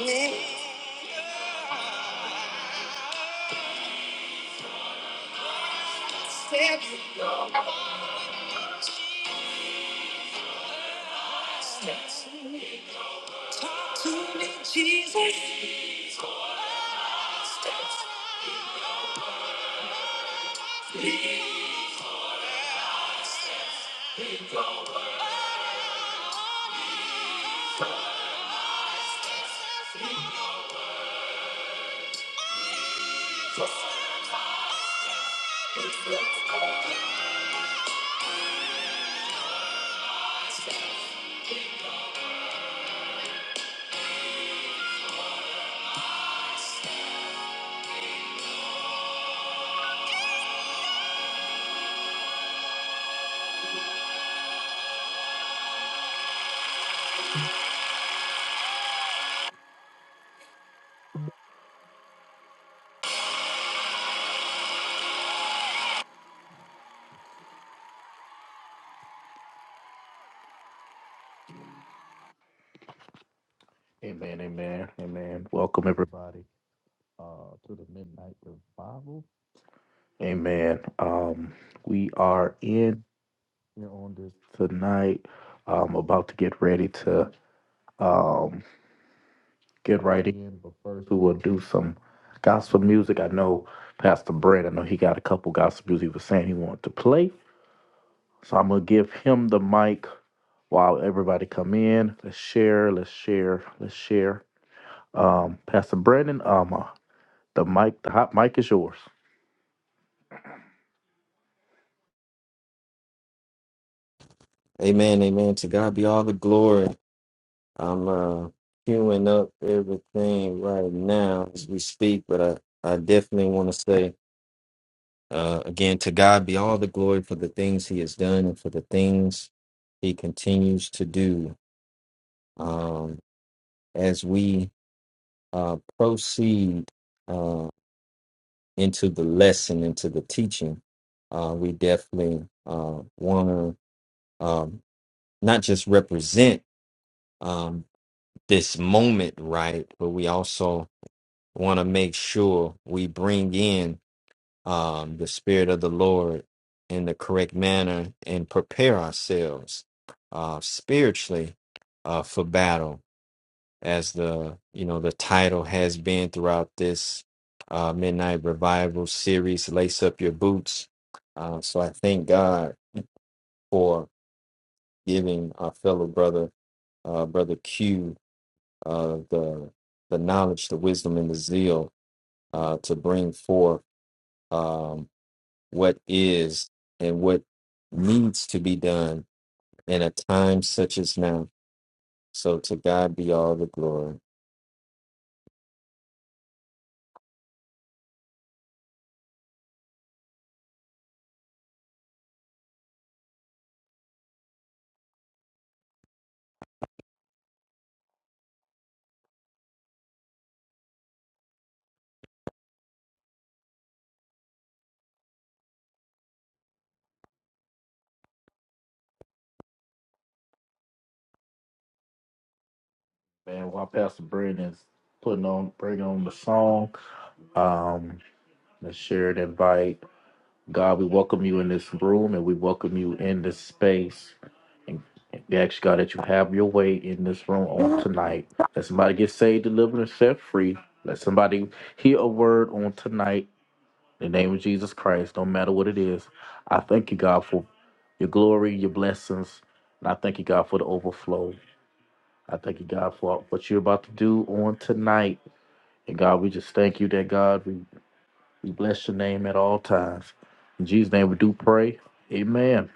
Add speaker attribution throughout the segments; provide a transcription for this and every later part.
Speaker 1: Amen, amen, amen. Welcome everybody uh, to the Midnight Revival. Amen. Um, we are in here on this tonight. I'm about to get ready to um, get right in, but first we will do some gospel music. I know Pastor Brent. I know he got a couple gospel music he was saying he wanted to play. So I'm gonna give him the mic while everybody come in. Let's share, let's share, let's share. Pastor Brandon, um, uh, the mic, the hot mic is yours.
Speaker 2: Amen, amen. To God be all the glory. I'm uh queuing up everything right now as we speak, but I, I definitely want to say uh again to God be all the glory for the things he has done and for the things he continues to do. Um as we uh proceed uh into the lesson, into the teaching, uh we definitely uh wanna um not just represent um, this moment right, but we also want to make sure we bring in um, the Spirit of the Lord in the correct manner and prepare ourselves uh, spiritually uh, for battle, as the you know the title has been throughout this uh, Midnight Revival series. Lace up your boots. Uh, so I thank God for giving our fellow brother, uh, brother Q uh, the the knowledge, the wisdom, and the zeal uh, to bring forth um, what is and what needs to be done in a time such as now. So to God be all the glory.
Speaker 1: Man, while Pastor Brandon's putting on, bringing on the song, um, let's share and invite. God, we welcome you in this room and we welcome you in this space. And we ask God that you have your way in this room on tonight. Let somebody get saved, delivered, and set free. Let somebody hear a word on tonight In the name of Jesus Christ, no matter what it is, I thank you, God, for your glory, your blessings. And I thank you, God, for the overflow. I thank you, God, for what you're about to do on tonight. And God, we just thank you that, God, we, we bless your name at all times. In Jesus' name, we do pray. Amen.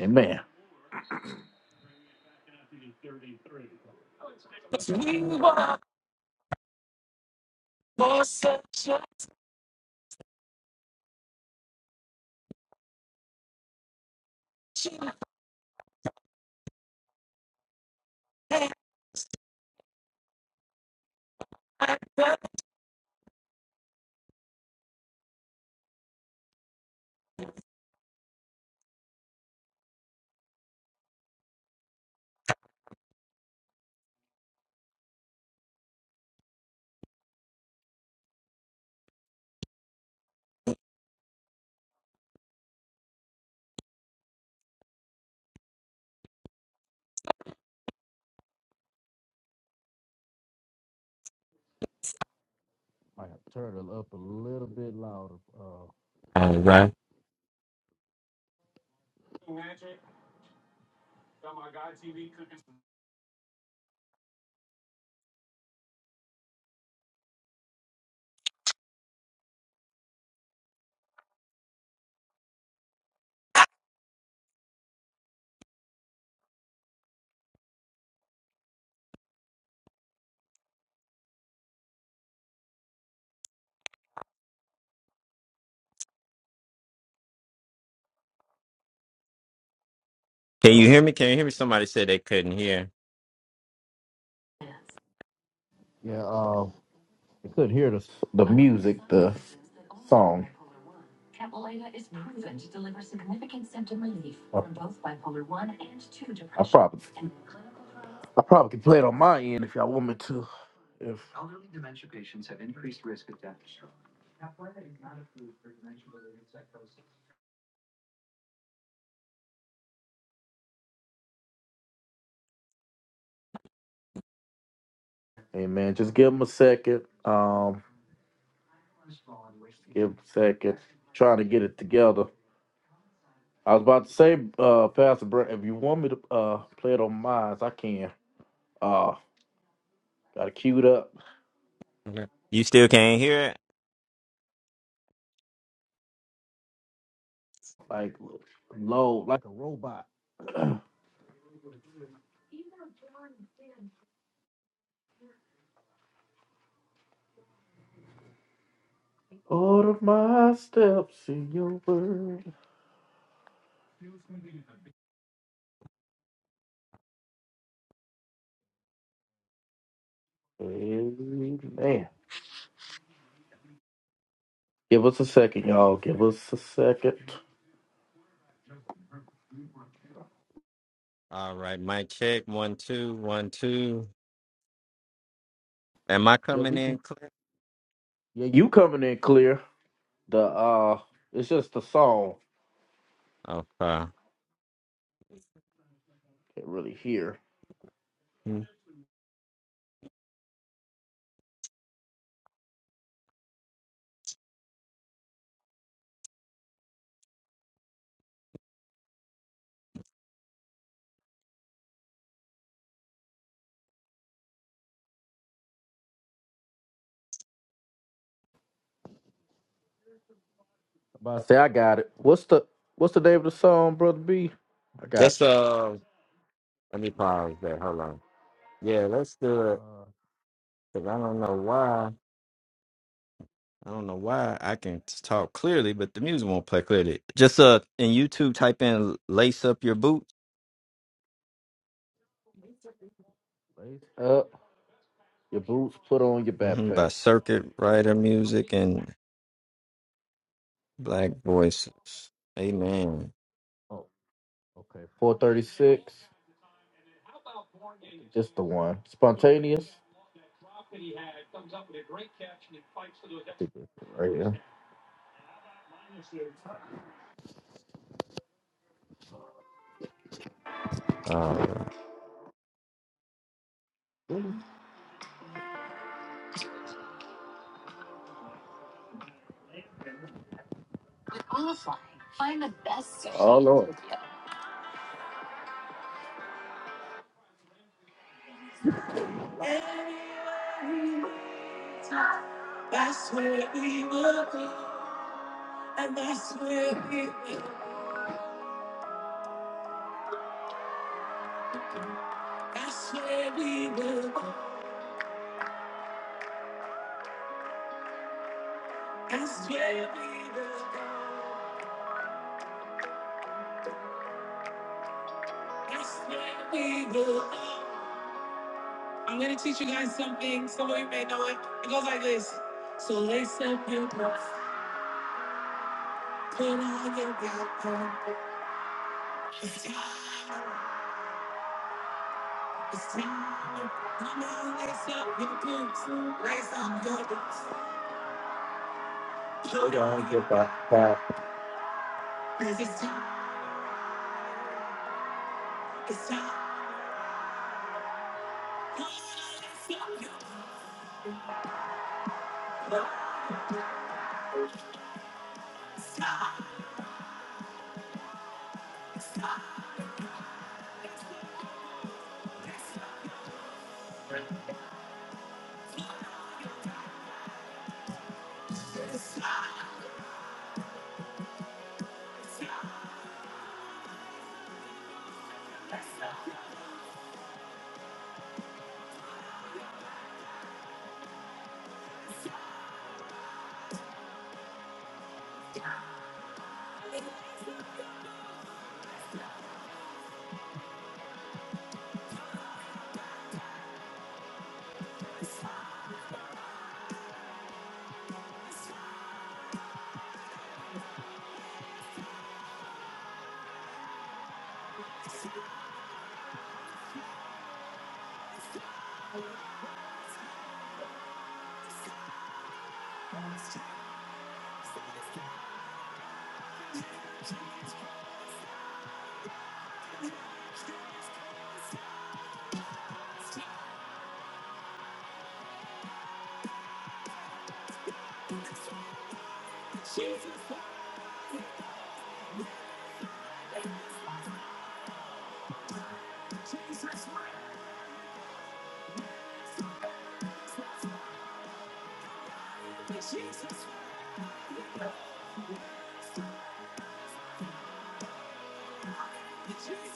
Speaker 1: Amen. I have to turn it up a little bit louder. Uh,
Speaker 2: All right. Can you hear me? Can you hear me? Somebody said they couldn't hear.
Speaker 1: yeah, uh, I couldn't hear the, the music, the song. I probably, I probably can play it on my end if y'all want me to. If, hey man, just give him a second. Um, give him a second. Trying to get it together. I was about to say, uh, Pastor Brent, if you want me to uh play it on mine, I can. Uh, got it queued up
Speaker 2: Okay. You still can't hear it?
Speaker 1: like low, like a robot. Order my steps in your word. Amen. Give us a second, y'all. Give us a second.
Speaker 2: All right. Mic check. One, two, one, two. Am I
Speaker 1: Yeah,
Speaker 2: coming
Speaker 1: we.
Speaker 2: in clear?
Speaker 1: Yeah, you coming in clear. The uh, it's just the song.
Speaker 2: Okay.
Speaker 1: Can't really hear.
Speaker 2: Hmm.
Speaker 1: But I say I got it. What's the What's the name of the song, brother B? I got
Speaker 2: Just
Speaker 1: you.
Speaker 2: uh, let me pause there. Hold on. Yeah, let's do it. Cause I don't know why. I don't know why I can talk clearly, but the music won't play clearly. Just uh, in YouTube, type in "Lace Up Your Boots"
Speaker 1: Lace Up your boots, put on your
Speaker 2: hmm by
Speaker 1: backpack.
Speaker 2: Circuit Rider Music and Black Voices. Amen.
Speaker 1: Oh, okay. Four thirty six. Just the one. Spontaneous. Right here.
Speaker 2: All right.
Speaker 1: I don't know it. That's what we do. I'm gonna teach you guys something. Some of you may know it. It goes like this. So lace up your boots, put on your backpack. It's time. It's time. Come on, lace up your boots, lace up your boots. Put on your boots. It's time. It's time. Come on, lace up your boots. Stop. Stop. Stop. Jesus, Jesus, Jesus, Jesus, Jesus. Jesus.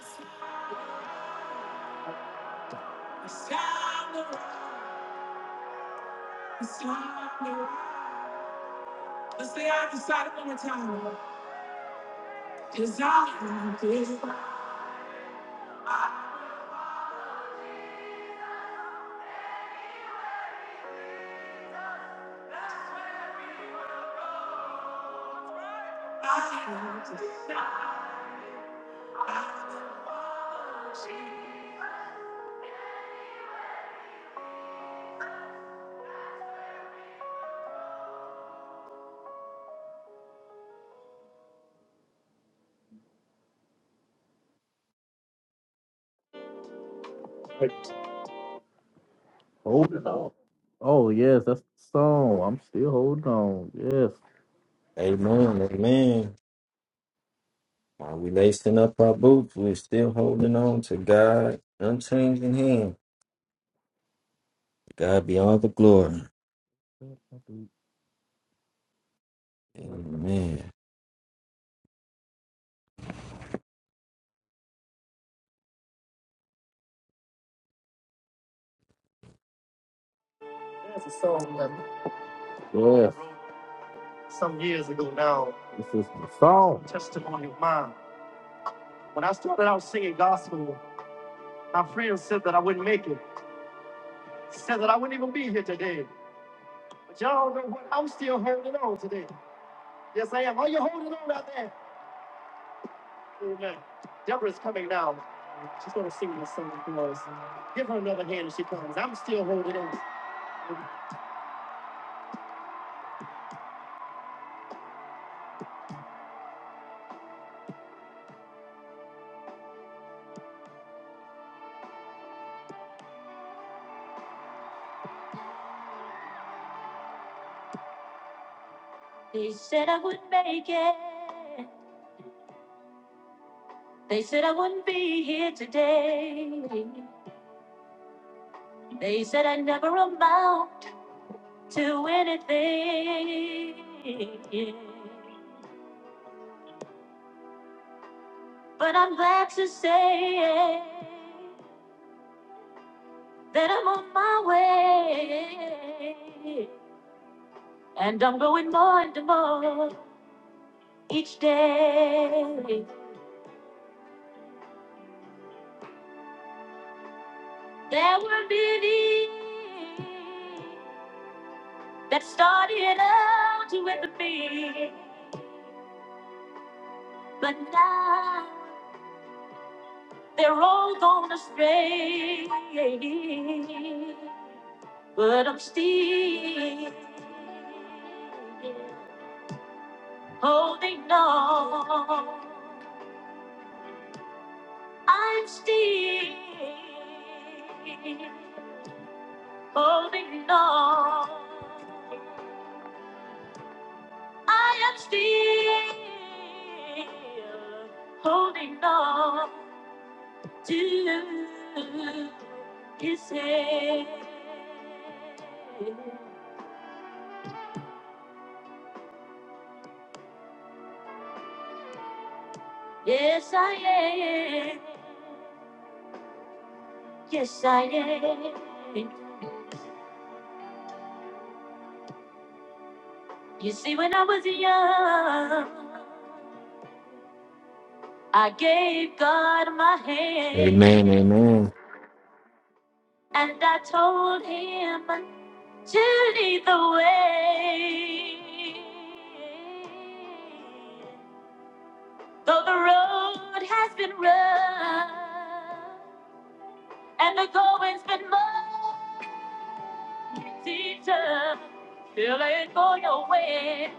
Speaker 1: It's time to rise. It's time to rise. Let's stay out the side one more time. Cause I have this. I have this. Like, Holding on. Oh yes, that's the song. I'm still holding on. Yes.
Speaker 2: Amen. Amen. While we lacing up our boots, we're still holding on to God, unchanging hand. God be all the glory.
Speaker 1: There's
Speaker 2: Amen.
Speaker 1: a song that I Yes. wrote some years ago now. This is the song. Testimony of mine. When I started out singing gospel, my friends said that I wouldn't make it. Said that I wouldn't even be here today. But y'all know what? I'm still holding on today. Yes, I am. Are you holding on out there? Amen. Deborah's coming now. She's going to sing this song for us. Give her another hand as she comes. I'm still holding on. They said I wouldn't make it. They said I wouldn't be here today. They said I never amount to anything. But I'm glad to say that I'm on my way. I gave God.
Speaker 2: Amen. Amen.
Speaker 1: And the going's been much been going away.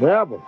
Speaker 1: Devil.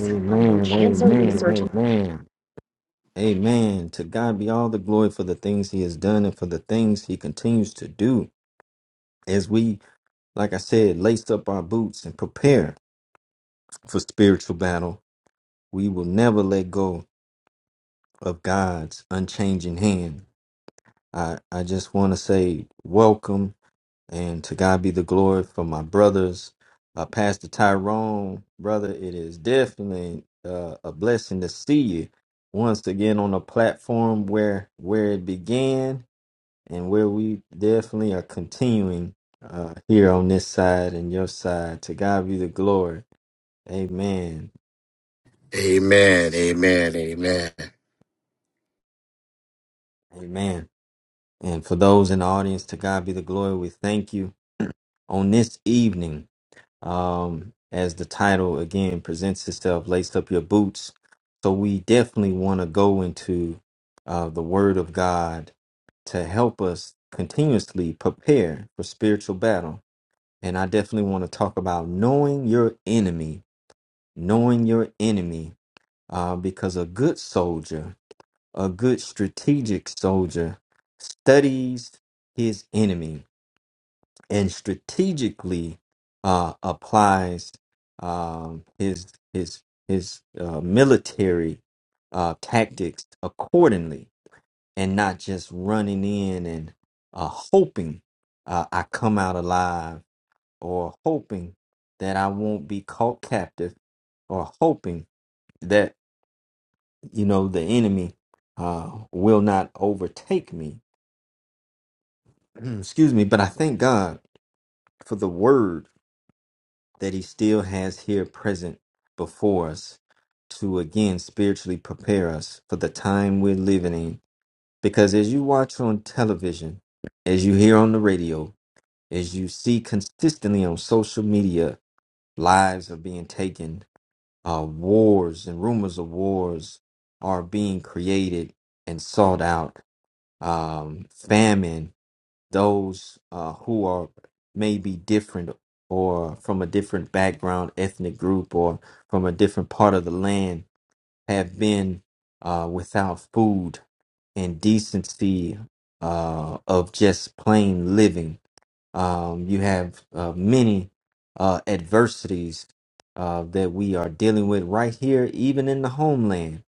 Speaker 2: Amen. Amen. Amen. Amen. To God be all the glory for the things He has done and for the things He continues to do as we, like I said, lace up our boots and prepare for spiritual battle. We will never let go of God's unchanging hand. I, I just want to say welcome and to God be the glory for my brothers. Uh, Pastor Tyrone, brother, it is definitely uh, a blessing to see you once again on a platform where where it began and where we definitely are continuing uh, here on this side and your side. To God be the glory. Amen.
Speaker 3: Amen. Amen. Amen.
Speaker 2: Amen. And for those in the audience, to God be the glory. We thank you on this evening. Um, as the title again presents itself, laced up your boots. So we definitely want to go into uh, the Word of God to help us continuously prepare for spiritual battle. And I definitely want to talk about knowing your enemy knowing your enemy, uh, because a good soldier, a good strategic soldier, studies his enemy and strategically uh, applies um, his his his uh, military uh, tactics accordingly, and not just running in and uh, hoping uh, I come out alive, or hoping that I won't be caught captive, or hoping that you know, the enemy uh, will not overtake me. Excuse me, but I thank God for the word that He still has here present before us to again spiritually prepare us for the time we're living in. Because as you watch on television, as you hear on the radio, as you see consistently on social media, lives are being taken, uh, wars and rumors of wars are being created and sought out um, famine, those uh, who are maybe different or from a different background, ethnic group, or from a different part of the land have been uh, without food and decency uh, of just plain living. Um, you have uh, many uh, adversities uh, that we are dealing with right here, even in the homeland.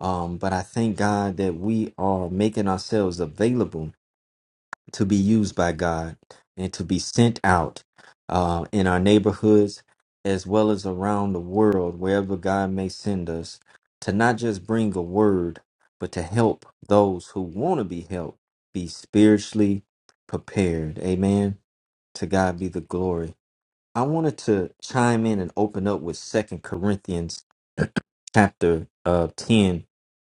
Speaker 2: Um, but I thank God that we are making ourselves available to be used by God and to be sent out uh, in our neighborhoods as well as around the world, wherever God may send us, to not just bring a word, but to help those who want to be helped be spiritually prepared. Amen. To God be the glory. I wanted to chime in and open up with Second Corinthians chapter uh, 10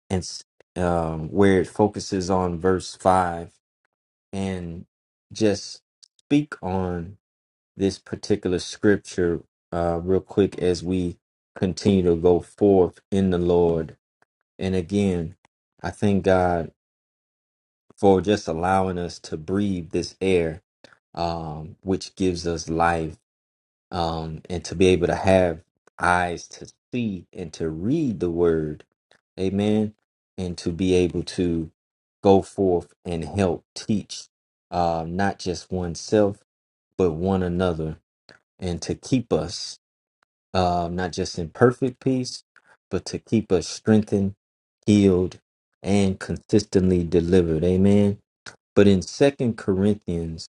Speaker 2: and s- um, where it focuses on verse 5 and just speak on this particular scripture uh, real quick as we continue to go forth in the Lord. And again, I thank God for just allowing us to breathe this air, um, which gives us life, um, and to be able to have eyes to see and to read the word. Amen. And to be able to go forth and help teach uh, not just oneself but one another, and to keep us uh, not just in perfect peace, but to keep us strengthened, healed, and consistently delivered. Amen. But in Second Corinthians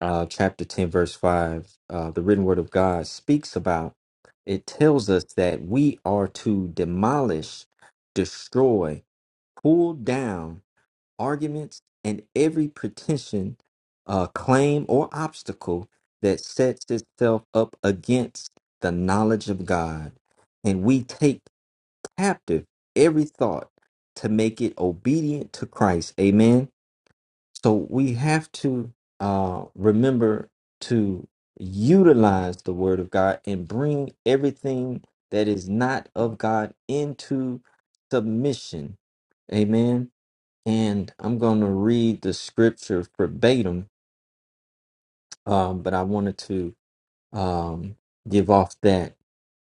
Speaker 2: uh, chapter 10, verse 5, uh, the written word of God speaks about it tells us that we are to demolish, destroy, pull down arguments, and every pretension, uh, claim, or obstacle that sets itself up against the knowledge of God. And we take captive every thought to make it obedient to Christ. Amen. So we have to uh, remember to utilize the Word of God and bring everything that is not of God into submission. Amen and I'm going to read the scripture verbatim, um, but I wanted to um, give off that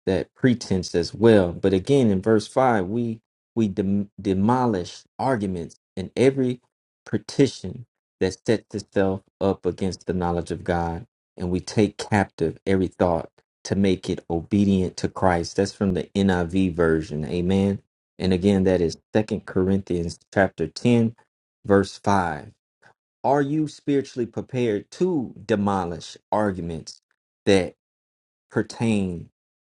Speaker 2: that pretense as well. But again, in verse five, we we dem- demolish arguments and every petition that sets itself up against the knowledge of God, and we take captive every thought to make it obedient to Christ. That's from the NIV version. Amen. And again, that is Second Corinthians chapter ten, verse five are you spiritually prepared to demolish arguments that pertain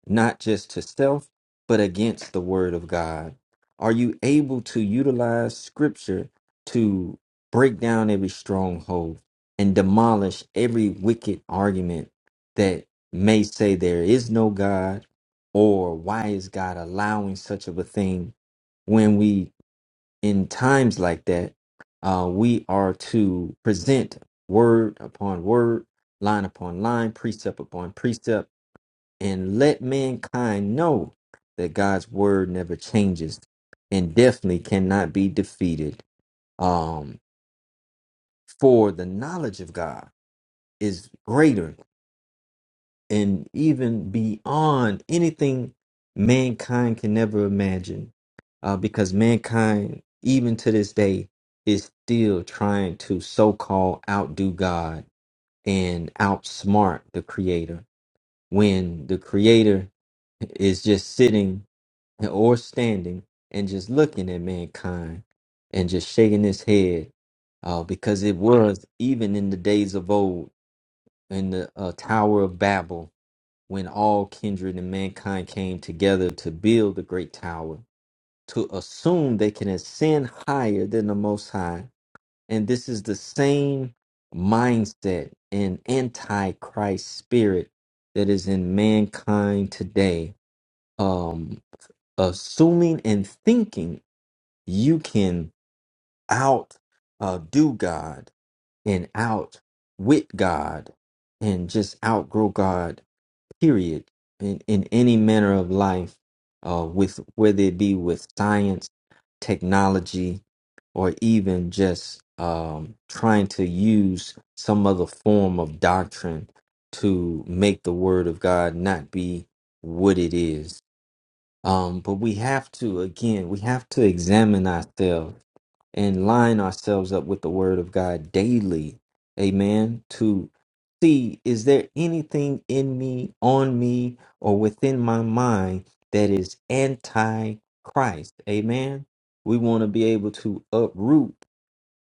Speaker 2: not just to self, but against the word of God? Are you able to utilize scripture to break down every stronghold and demolish every wicked argument that may say there is no God or why is God allowing such of a thing when we in times like that, uh, we are to present word upon word, line upon line, precept upon precept, and let mankind know that God's word never changes and definitely cannot be defeated. Um, for the knowledge of God is greater and even beyond anything mankind can never imagine. Uh, because mankind, even to this day, is still trying to so called outdo God and outsmart the Creator when the Creator is just sitting or standing and just looking at mankind and just shaking his head uh, because it was even in the days of old in the uh, Tower of Babel when all kindred and mankind came together to build the great tower, to assume they can ascend higher than the Most High. And this is the same mindset and antichrist spirit that is in mankind today. Um, assuming and thinking you can out uh, do God and out wit God and just outgrow God period in, in any manner of life uh, with whether it be with science technology or even just um, trying to use some other form of doctrine to make the word of god not be what it is um, but we have to again we have to examine ourselves and line ourselves up with the word of God daily. Amen. To see, is there anything in me, on me, or within my mind that is anti Christ? Amen. We want to be able to uproot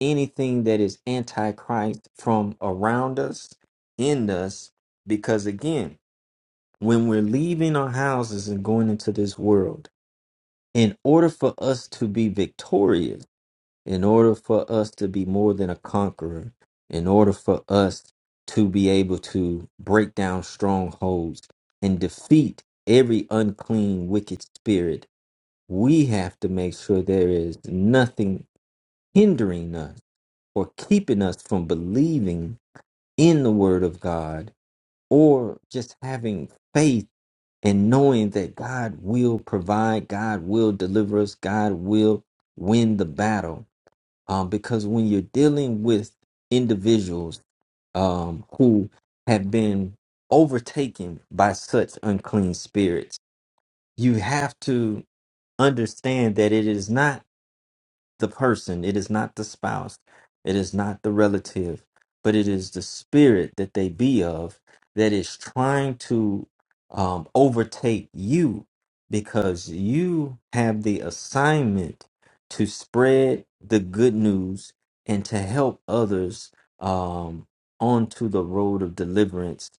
Speaker 2: anything that is anti Christ from around us, in us, because again, when we're leaving our houses and going into this world, in order for us to be victorious, in order for us to be more than a conqueror, in order for us to be able to break down strongholds and defeat every unclean, wicked spirit, we have to make sure there is nothing hindering us or keeping us from believing in the Word of God or just having faith and knowing that God will provide, God will deliver us, God will win the battle um, because when you're dealing with individuals um, who have been overtaken by such unclean spirits, you have to understand that it is not the person, it is not the spouse, it is not the relative, but it is the spirit that they be of that is trying to um, overtake you because you have the assignment to spread the good news and to help others um, onto the road of deliverance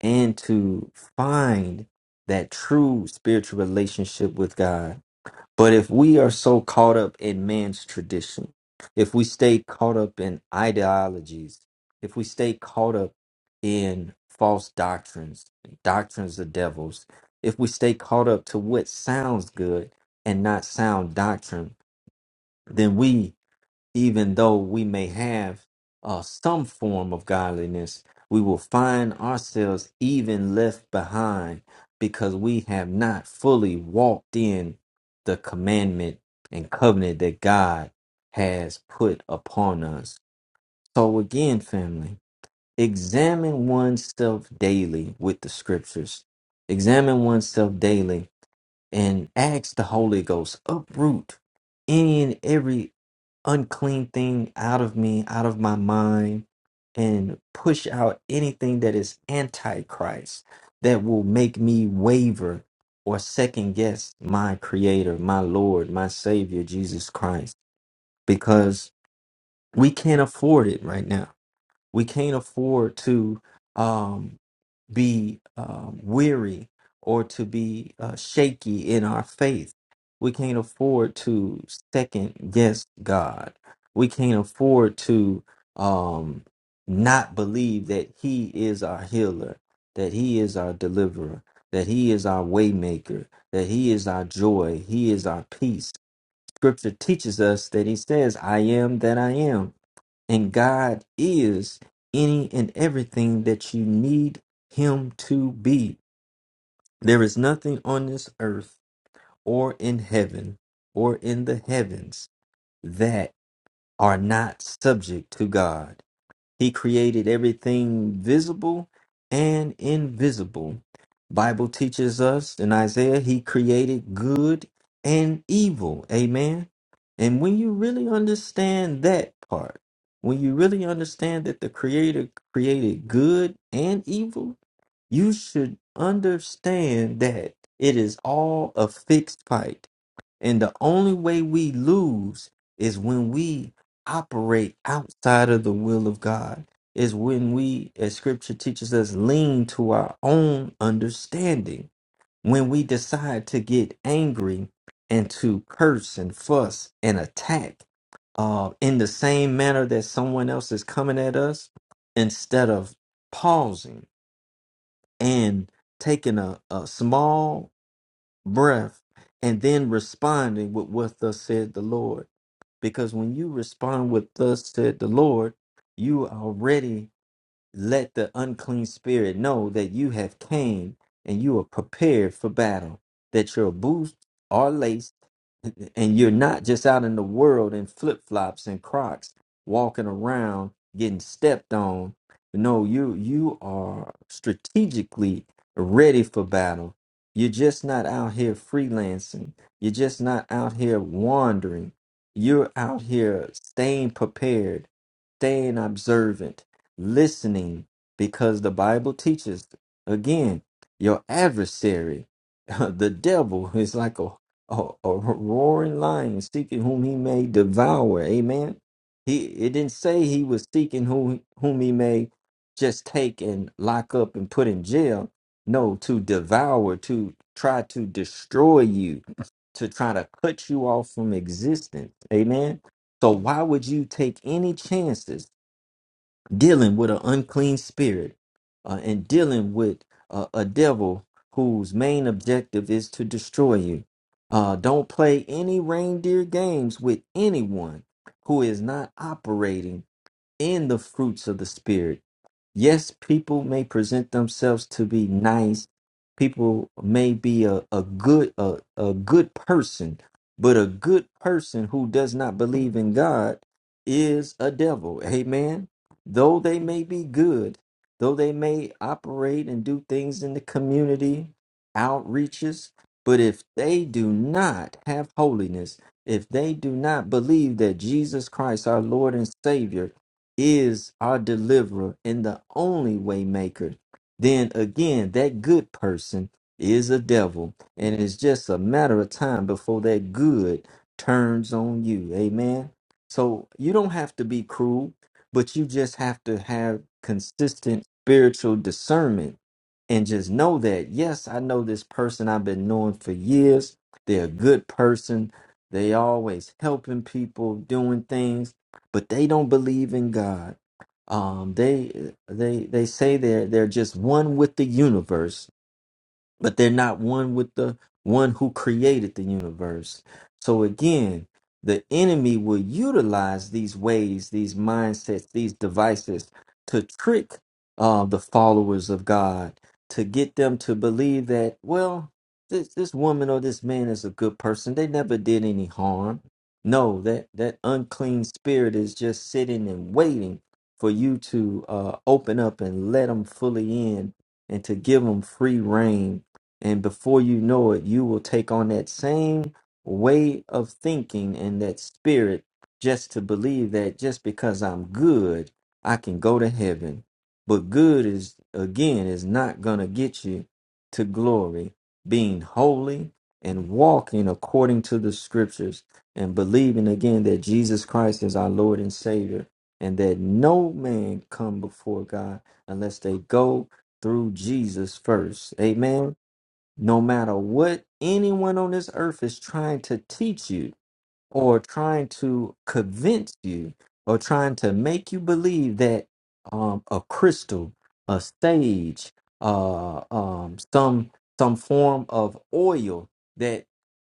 Speaker 2: and to find that true spiritual relationship with God but if we are so caught up in man's tradition, if we stay caught up in ideologies, if we stay caught up in false doctrines, doctrines of devils, if we stay caught up to what sounds good and not sound doctrine, then we even though we may have uh, some form of godliness, we will find ourselves even left behind because we have not fully walked in the commandment and covenant that God has put upon us. So, again, family, examine oneself daily with the scriptures, examine oneself daily and ask the Holy Ghost, uproot any and every unclean thing out of me, out of my mind, and push out anything that is antichrist that will make me waver or second guess my creator, my Lord, my Savior, Jesus Christ, because we can't afford it right now we can't afford to um, be um, weary or to be uh, shaky in our faith. We can't afford to second guess God. We can't afford to um, not believe that He is our healer, that He is our deliverer, that He is our waymaker, that He is our joy, He is our peace. Scripture teaches us that He says, "I am that I am." And God is any and everything that you need Him to be. There is nothing on this earth or in heaven or in the heavens that are not subject to God. He created everything visible and invisible. Bible teaches us in Isaiah he created good and evil. Amen. And when you really understand that part, when you really understand that the creator created good and evil, you should understand that it is all a fixed fight. And the only way we lose is when we operate outside of the will of God, is when we, as scripture teaches us, lean to our own understanding. When we decide to get angry and to curse and fuss and attack uh, in the same manner that someone else is coming at us, instead of pausing and taking a, a small breath and then responding with what thus said the Lord. Because when you respond with thus said the Lord, you already let the unclean spirit know that you have came and you are prepared for battle, that your boots are laced, and you're not just out in the world in flip flops and Crocs, walking around getting stepped on. No, you you are strategically ready for battle. You're just not out here freelancing. You're just not out here wandering. You're out here staying prepared, staying observant, listening because the Bible teaches again your adversary, the devil, is like a, a, a roaring lion seeking whom he may devour. Amen. He it didn't say he was seeking whom whom he may just take and lock up and put in jail. No, to devour, to try to destroy you, to try to cut you off from existence. Amen. So why would you take any chances dealing with an unclean spirit uh, and dealing with uh, a devil whose main objective is to destroy you. Uh, don't play any reindeer games with anyone who is not operating in the fruits of the Spirit. Yes, people may present themselves to be nice. People may be a, a good a, a good person, but a good person who does not believe in God is a devil. Amen. Though they may be good, though they may operate and do things in the community, outreaches, but if they do not have holiness, if they do not believe that Jesus Christ, our Lord and Savior, is our deliverer and the only waymaker, then again that good person is a devil, and it's just a matter of time before that good turns on you. Amen. So you don't have to be cruel, but you just have to have consistent spiritual discernment and just know that yes i know this person i've been knowing for years they're a good person they always helping people doing things but they don't believe in god um they they they say they're they're just one with the universe but they're not one with the one who created the universe. So again, the enemy will utilize these ways, these mindsets, these devices to trick uh, the followers of God to get them to believe that, well, this this woman or this man is a good person. They never did any harm. No, that that unclean spirit is just sitting and waiting for you to uh, open up and let them fully in and to give them free reign and before you know it, you will take on that same way of thinking and that spirit just to believe that just because I'm good, I can go to heaven. But good is, again, is not going to get you to glory. Being holy and walking according to the scriptures and believing again that Jesus Christ is our Lord and Savior and that no man come before God unless they go through Jesus first. Amen no matter what anyone on this earth is trying to teach you or trying to convince you or trying to make you believe that um, a crystal a sage uh, um, some some form of oil that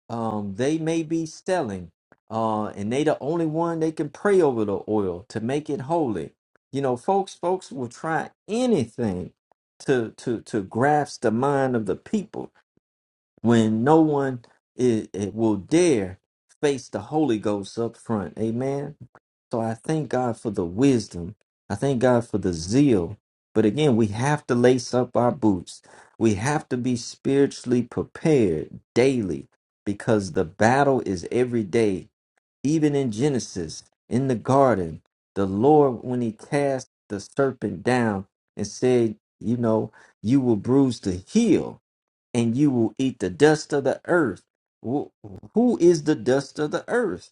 Speaker 2: um, they may be selling uh, and they the only one they can pray over the oil to make it holy you know folks folks will try anything to to to grasp the mind of the people when no one i- i- will dare face the Holy Ghost up front. Amen. So I thank God for the wisdom. I thank God for the zeal. But again, we have to lace up our boots. We have to be spiritually prepared daily because the battle is every day. Even in Genesis, in the garden, the Lord, when he cast the serpent down and said, You know, you will bruise the heel and you will eat the dust of the earth. Wh- Who is the dust of the earth?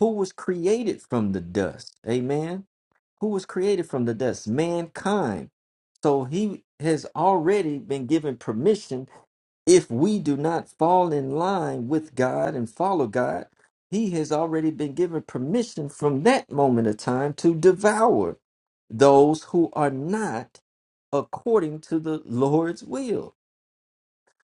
Speaker 2: Who was created from the dust? Amen. Who was created from the dust? Mankind. So he has already been given permission. If we do not fall in line with God and follow God, he has already been given permission from that moment of time to devour those who are not according to the Lord's will.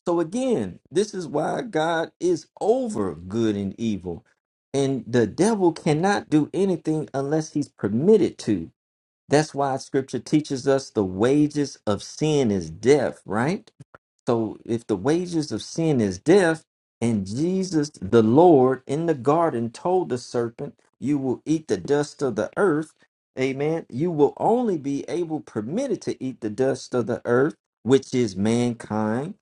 Speaker 2: So again, this is why God is over good and evil. And the devil cannot do anything unless he's permitted to. That's why scripture teaches us the wages of sin is death, right? So if the wages of sin is death, and Jesus the Lord in the garden told the serpent, You will eat the dust of the earth, amen. You will only be able permitted to eat the dust of the earth, which is mankind,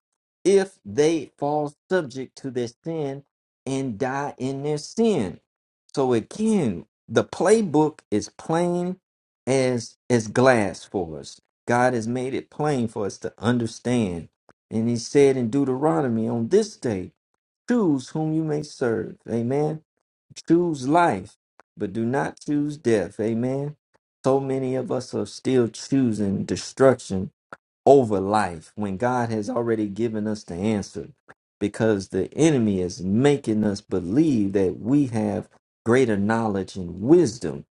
Speaker 2: if they fall subject to their sin and die in their sin. So again, the playbook is plain as as glass for us. God has made it plain for us to understand and he said in Deuteronomy, on this day, choose whom you may serve. Amen. Choose life, but do not choose death. Amen. So many of us are still choosing destruction over life when God has already given us the answer because the enemy is making us believe that we have greater knowledge and wisdom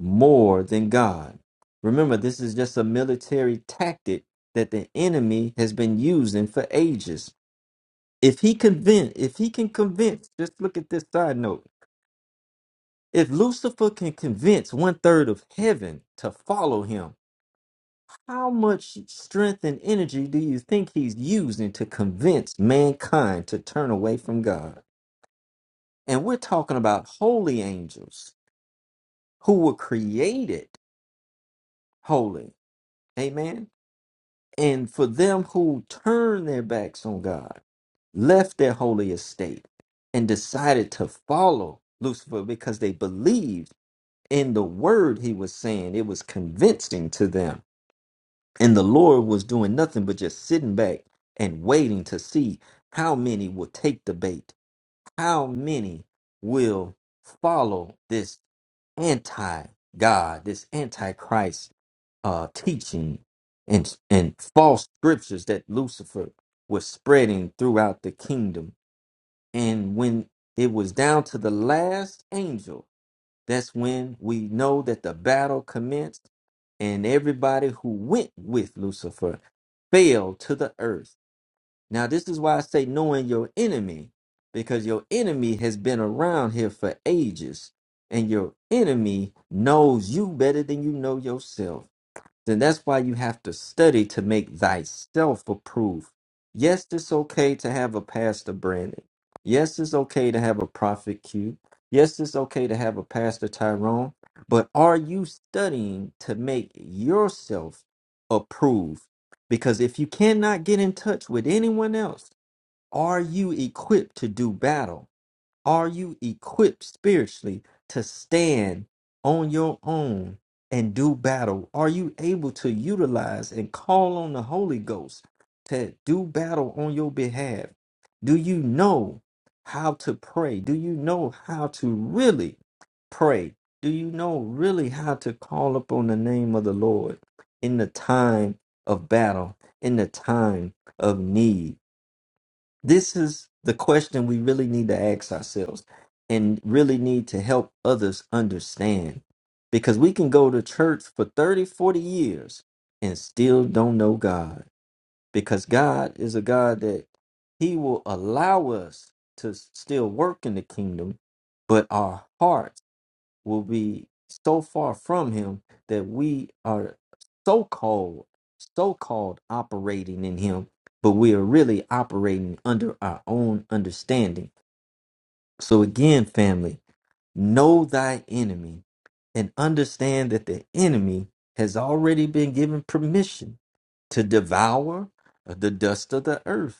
Speaker 2: more than God. Remember, this is just a military tactic that the enemy has been using for ages. If he convince, if he can convince, just look at this side note. If Lucifer can convince one third of heaven to follow him, how much strength and energy do you think he's using to convince mankind to turn away from God? And we're talking about holy angels who were created holy. Amen. And for them who turned their backs on God, left their holy estate, and decided to follow Lucifer because they believed in the word he was saying, it was convincing to them And the Lord was doing nothing but just sitting back and waiting to see how many will take the bait, how many will follow this anti God, this anti Christ uh, teaching and, and false scriptures that Lucifer was spreading throughout the kingdom. And when it was down to the last angel, that's when we know that the battle commenced and everybody who went with Lucifer fell to the earth. Now, this is why I say knowing your enemy, because your enemy has been around here for ages, and your enemy knows you better than you know yourself. Then that's why you have to study to make thyself approved. Yes, it's okay to have a Pastor Brandon. Yes, it's okay to have a Prophet Q. Yes, it's okay to have a Pastor Tyrone. But are you studying to make yourself approved? Because if you cannot get in touch with anyone else, are you equipped to do battle? Are you equipped spiritually to stand on your own and do battle? Are you able to utilize and call on the Holy Ghost to do battle on your behalf? Do you know how to pray? Do you know how to really pray? Do you know really how to call upon the name of the Lord in the time of battle, in the time of need? This is the question we really need to ask ourselves and really need to help others understand because we can go to church for 30, 40 years and still don't know God because God is a God that He will allow us to still work in the kingdom, but our hearts will be so far from him that we are so called, so called operating in him, but we are really operating under our own understanding. So, again, family, know thy enemy and understand that the enemy has already been given permission to devour the dust of the earth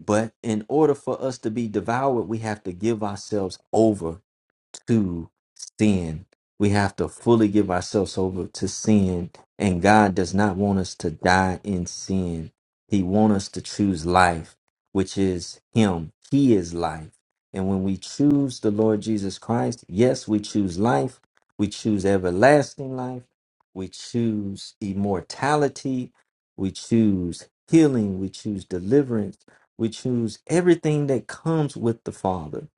Speaker 2: but in order for us to be devoured, we have to give ourselves over to sin. We have to fully give ourselves over to sin. And God does not want us to die in sin. He wants us to choose life, which is Him. He is life. And when we choose the Lord Jesus Christ, yes, we choose life. We choose everlasting life. We choose immortality. We choose healing. We choose deliverance we choose everything that comes with the Father.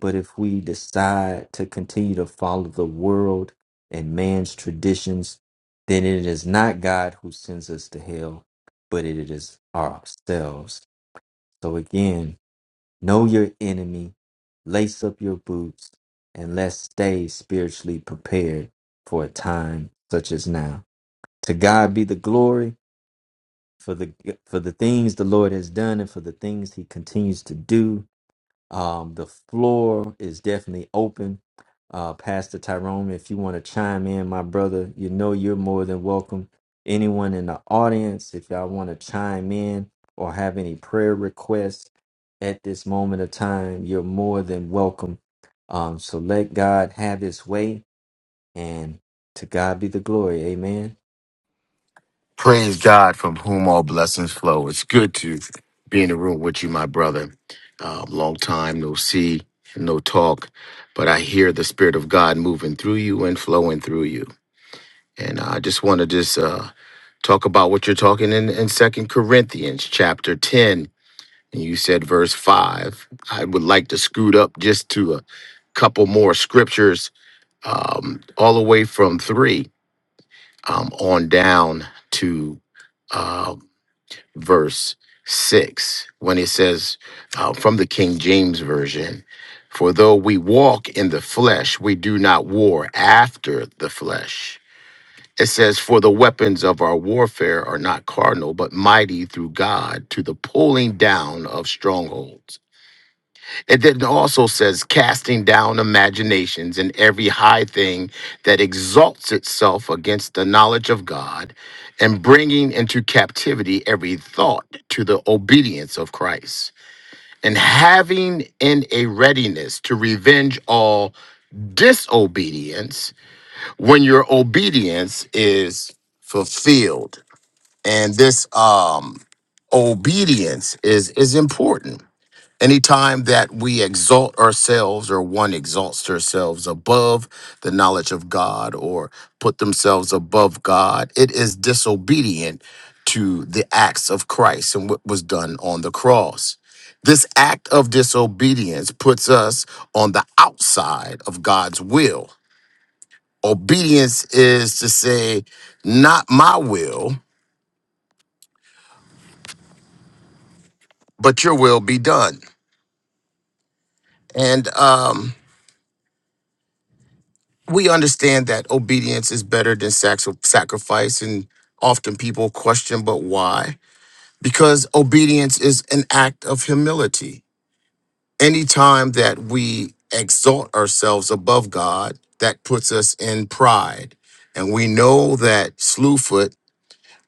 Speaker 2: But if we decide to continue to follow the world and man's traditions, then it is not God who sends us to hell, but it is ourselves. So again, know your enemy, lace up your boots, and let's stay spiritually prepared for a time such as now. To God be the glory for the for the things the Lord has done and for the things he continues to do um, the floor is definitely open. Uh, Pastor Tyrone, if you want to chime in, my brother, you know you're more than welcome. Anyone in the audience, if y'all want to chime in or have any prayer requests at this moment of time, you're more than welcome. Um, so let God have his way and to God be the glory. Amen.
Speaker 3: Praise God from whom all blessings flow. It's good to be in the room with you, my brother. Um, long time, no see, no talk, but I hear the Spirit of God moving through you and flowing through you. And I just want to just uh, talk about what you're talking in, in 2 Corinthians chapter 10. And you said verse 5. I would like to scoot up just to a couple more scriptures, um, all the way from 3 um, on down to uh, verse 6 when it says uh, from the King James Version, For though we walk in the flesh, we do not war after the flesh. It says, For the weapons of our warfare are not carnal, but mighty through God to the pulling down of strongholds it then also says, casting down imaginations and every high thing that exalts itself against the knowledge of God, and bringing into captivity every thought to the obedience of Christ, and having in a readiness to revenge all disobedience when your obedience is fulfilled. And this um, obedience is is important Anytime that we exalt ourselves or one exalts themselves above the knowledge of God or put themselves above God, it is disobedient to the acts of Christ and what was done on the cross. This act of disobedience puts us on the outside of God's will. Obedience is to say, not my will, but your will be done. And um, we understand that obedience is better than sacri- sacrifice, and often people question, but why? Because obedience is an act of humility. Anytime that we exalt ourselves above God, that puts us in pride. And we know that Slewfoot,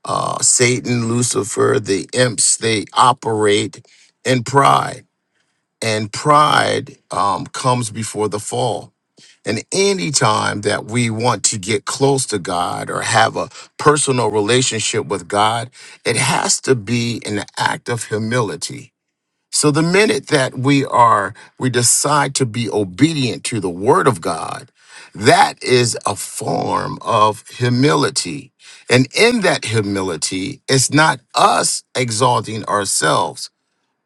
Speaker 3: uh, Satan, Lucifer, the imps, they operate in pride. And pride um, comes before the fall and anytime that we want to get close to God or have a personal relationship with God, it has to be an act of humility. So the minute that we are, we decide to be obedient to the word of God, that is a form of humility. And in that humility, it's not us exalting ourselves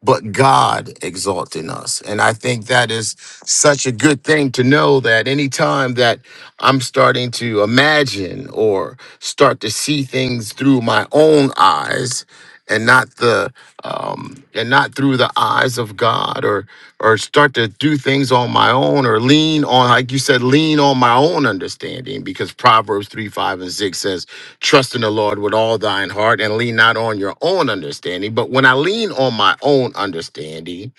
Speaker 3: but God exalting us. And I think that is such a good thing to know that anytime that I'm starting to imagine or start to see things through my own eyes and not the um, and not through the eyes of God or or start to do things on my own or lean on, like you said, lean on my own understanding because Proverbs 3, 5, and 6 says, Trust in the Lord with all thine heart and lean not on your own understanding. But when I lean on my own understanding,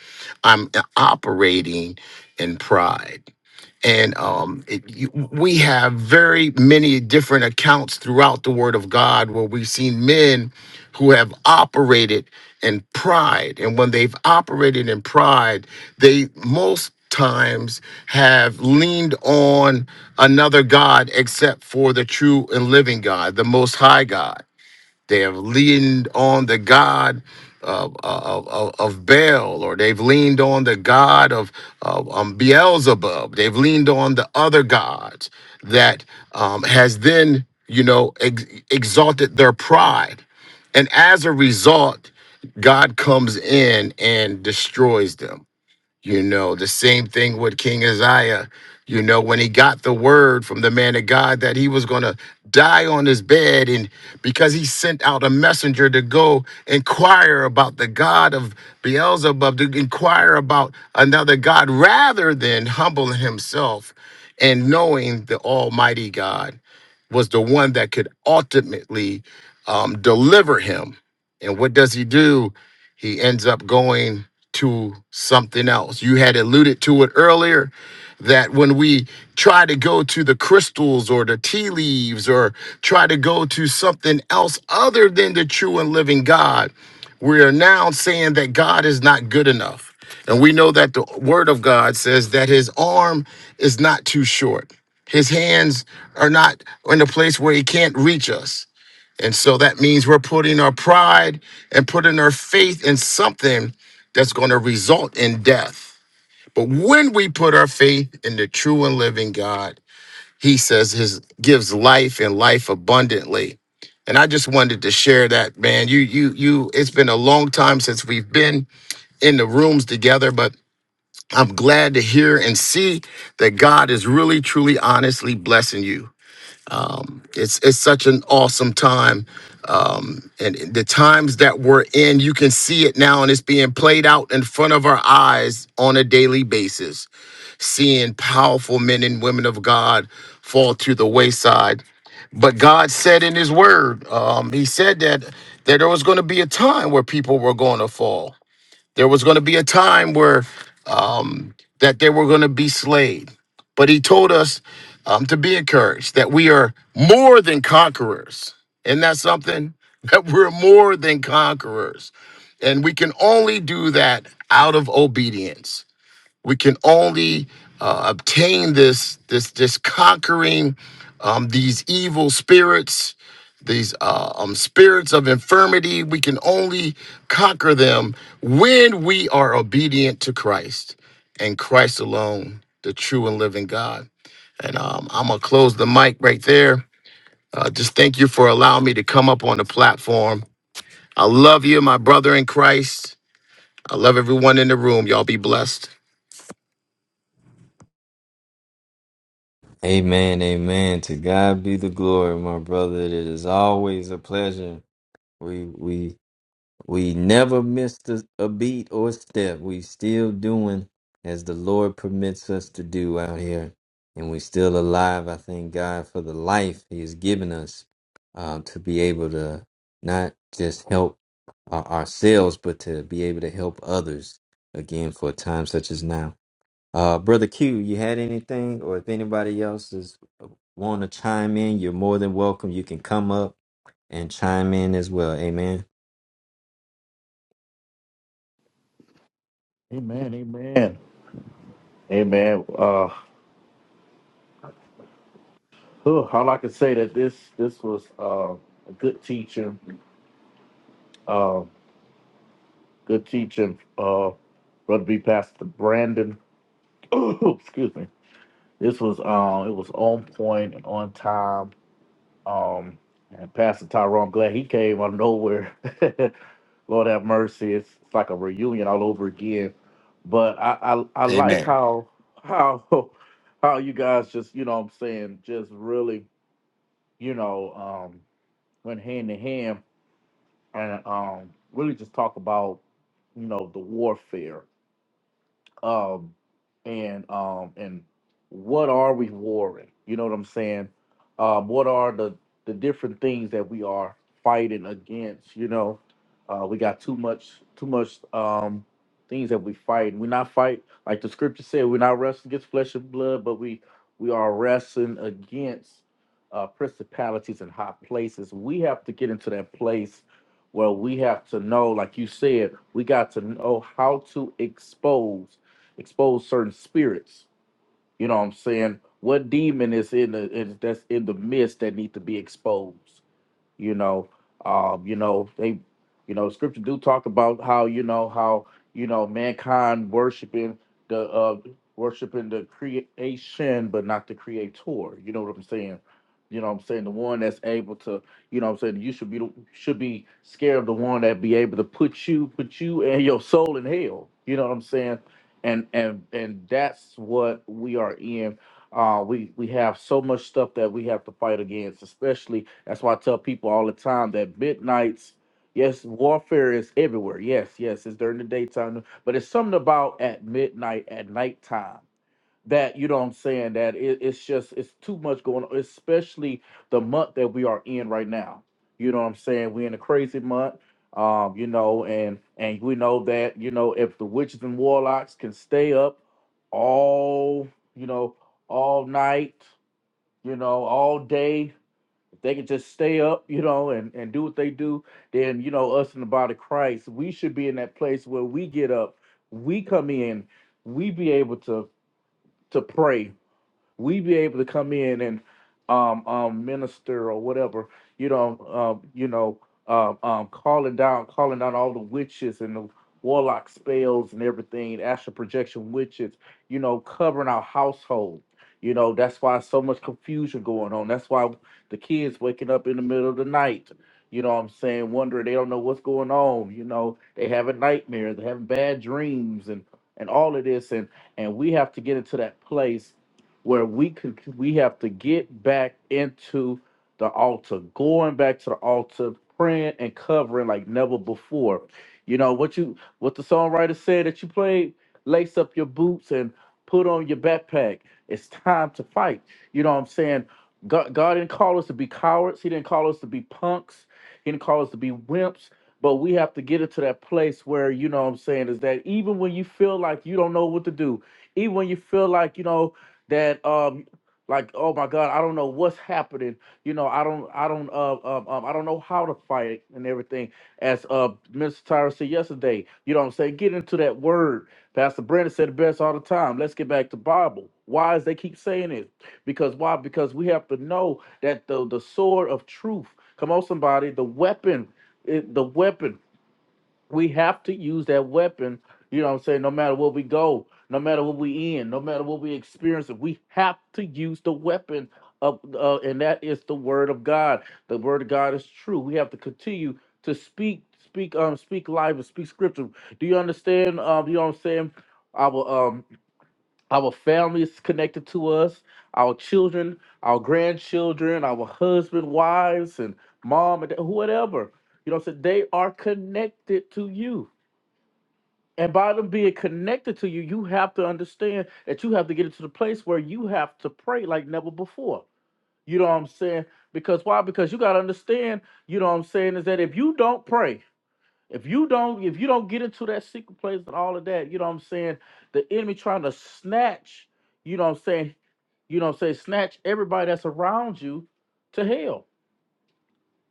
Speaker 3: I'm operating in pride and um, it, you, we have very many different accounts throughout the Word of God where we've seen men who have operated in pride, and when they've operated in pride, they most times have leaned on another god except for the true and living god the most high god they have leaned on the God of, of, of, of Baal, or they've leaned on the God of, of um, Beelzebub. They've leaned on the other gods that um, has then, you know, ex- exalted their pride. And as a result, God comes in and destroys them. You know, the same thing with King Isaiah. You know, when he got the word from the man of God that he was going to die on his bed, and because he sent out a messenger to go inquire about the God of Beelzebub, to inquire about another God rather than humbling himself and knowing the Almighty God was the one that could ultimately um, deliver him. And what does he do? He ends up going to something else. You had alluded to it earlier that when we try to go to the crystals or the tea leaves or try to go to something else other than the true and living God, we are now saying that God is not good enough. And we know that the word of God says that his arm is not too short. His hands are not in a place where he can't reach us. And so that means we're putting our pride and putting our faith in something that's going to result in death. But when we put our faith in the true and living God, he says his gives life and life abundantly. And I just wanted to share that, man. You you you it's been a long time since we've been in the rooms together, but I'm glad to hear and see that God is really truly honestly blessing you it's it's such an awesome time um and the times that we're in you can see it now and it's being played out in front of our eyes on a daily basis seeing powerful men and women of god fall to the wayside but god said in his word um he said that that there was going to be a time where people were going to fall there was going to be a time where um, that they were going to be slayed, but He told us um, to be encouraged that we are more than conquerors, and that's something that we're more than conquerors, and we can only do that out of obedience. We can only uh, obtain this this this conquering um, these evil spirits these uh, um, spirits of infirmity, we can only conquer them when we are obedient to Christ and Christ alone, the true and living God. And um, I'm going to close the mic right there. Uh, just thank you for allowing me to come up on the platform. I love you, my brother in Christ. I love everyone in the room. Y'all be blessed.
Speaker 2: Amen. Amen. To God be the glory, my brother. It is always a pleasure. We we We never missed a, a beat or a step. We still doing as the Lord permits us to do out here. And we still alive. I thank God for the life He has given us uh, to be able to not just help uh, ourselves, but to be able to help others again for a time such as now. Uh, Brother Q, you had anything, or if anybody else is want to chime in, you're more than welcome. You can come up and chime in as well. Amen.
Speaker 1: Amen. Amen. Amen. Uh, Huh, all I can say that this this was uh, a good teaching, uh, good teaching, uh, brother B Pastor Brandon. excuse me. This was um, it was on point and on time. Um, and Pastor Tyrone, glad he came out of nowhere. Lord have mercy. It's, it's like a reunion all over again. But I, I I like
Speaker 3: Amen.
Speaker 1: how how how you guys just you know what I'm saying just really you know um went hand in hand and um, really just talk about you know the warfare um and um and what are we warring you know what i'm saying um what are the the different things that we are fighting against you know uh we got too much too much um things that we fight we not fight like the scripture said we're not wrestling against flesh and blood but we we are wrestling against uh principalities and high places we have to get into that place where we have to know like you said we got to know how to expose expose certain spirits. You know what I'm saying? What demon is in the is, that's in the midst that need to be exposed? you know um you know they you know scripture do talk about how you know how you know mankind worshiping the uh worshiping the creation but not the creator you know what i'm saying you know what i'm saying the one that's able to you know what i'm saying you should be the- should be scared of the one that be able to put you put you and your soul in hell you know what i'm saying and and and that's what we are in uh, we we have so much stuff that we have to fight against. Especially that's why I tell people all the time that midnights. Yes, warfare is everywhere. Yes, yes, it's during the daytime, but it's something about at midnight, at nighttime that you know what i'm saying that it, it's just it's too much going on especially the month that we are in right now you know what i'm saying we're in a crazy month um you know and and we know that you know if the witches and warlocks can stay up all you know all night you know all day if they can just stay up you know and and do what they do then you know us in the body of christ we should be in that place where we get up we come in we be able to to pray we be able to come in and um, um, minister or whatever, you know, um, you know, um, um, calling down, calling down all the witches and the warlock spells and everything, astral projection witches, you know, covering our household. You know, that's why so much confusion going on. That's why the kids waking up in the middle of the night. You know what I'm saying? Wondering they don't know what's going on. You know, they having nightmares, they having bad dreams and and all of this. And and we have to get into that place where we could we have to get back into the altar, going back to the altar, praying and covering like never before. You know what you what the songwriter said that you played, lace up your boots and put on your backpack. It's time to fight. You know what I'm saying? God, God didn't call us to be cowards. He didn't call us to be punks. He didn't call us to be wimps. But we have to get into that place where, you know what I'm saying, is that even when you feel like you don't know what to do, even when you feel like, you know, that um like oh my god i don't know what's happening you know i don't i don't uh um, um i don't know how to fight and everything as uh mr tyra said yesterday you know what i'm saying get into that word pastor brandon said it best all the time let's get back to bible why is they keep saying it because why because we have to know that the the sword of truth come on somebody the weapon it, the weapon we have to use that weapon, you know what I'm saying, no matter where we go, no matter what we in, no matter what we experience, we have to use the weapon of uh, and that is the word of God. The word of God is true. We have to continue to speak, speak, um, speak life and speak scripture. Do you understand? Um, you know what I'm saying? Our um our family is connected to us, our children, our grandchildren, our husband, wives, and mom and dad, whatever. You know what I'm saying? They are connected to you. And by them being connected to you, you have to understand that you have to get into the place where you have to pray like never before. You know what I'm saying? Because why? Because you gotta understand, you know what I'm saying, is that if you don't pray, if you don't, if you don't get into that secret place and all of that, you know what I'm saying, the enemy trying to snatch, you know what I'm saying, you know what I'm saying, snatch everybody that's around you to hell.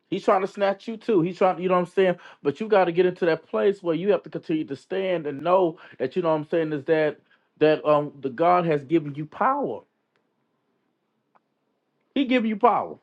Speaker 1: He's trying to snatch you too. He's trying, you know what I'm saying? But you got to get into that place where you have to continue to stand and know that you know what I'm saying is that that um the God has given you power. He giving you power.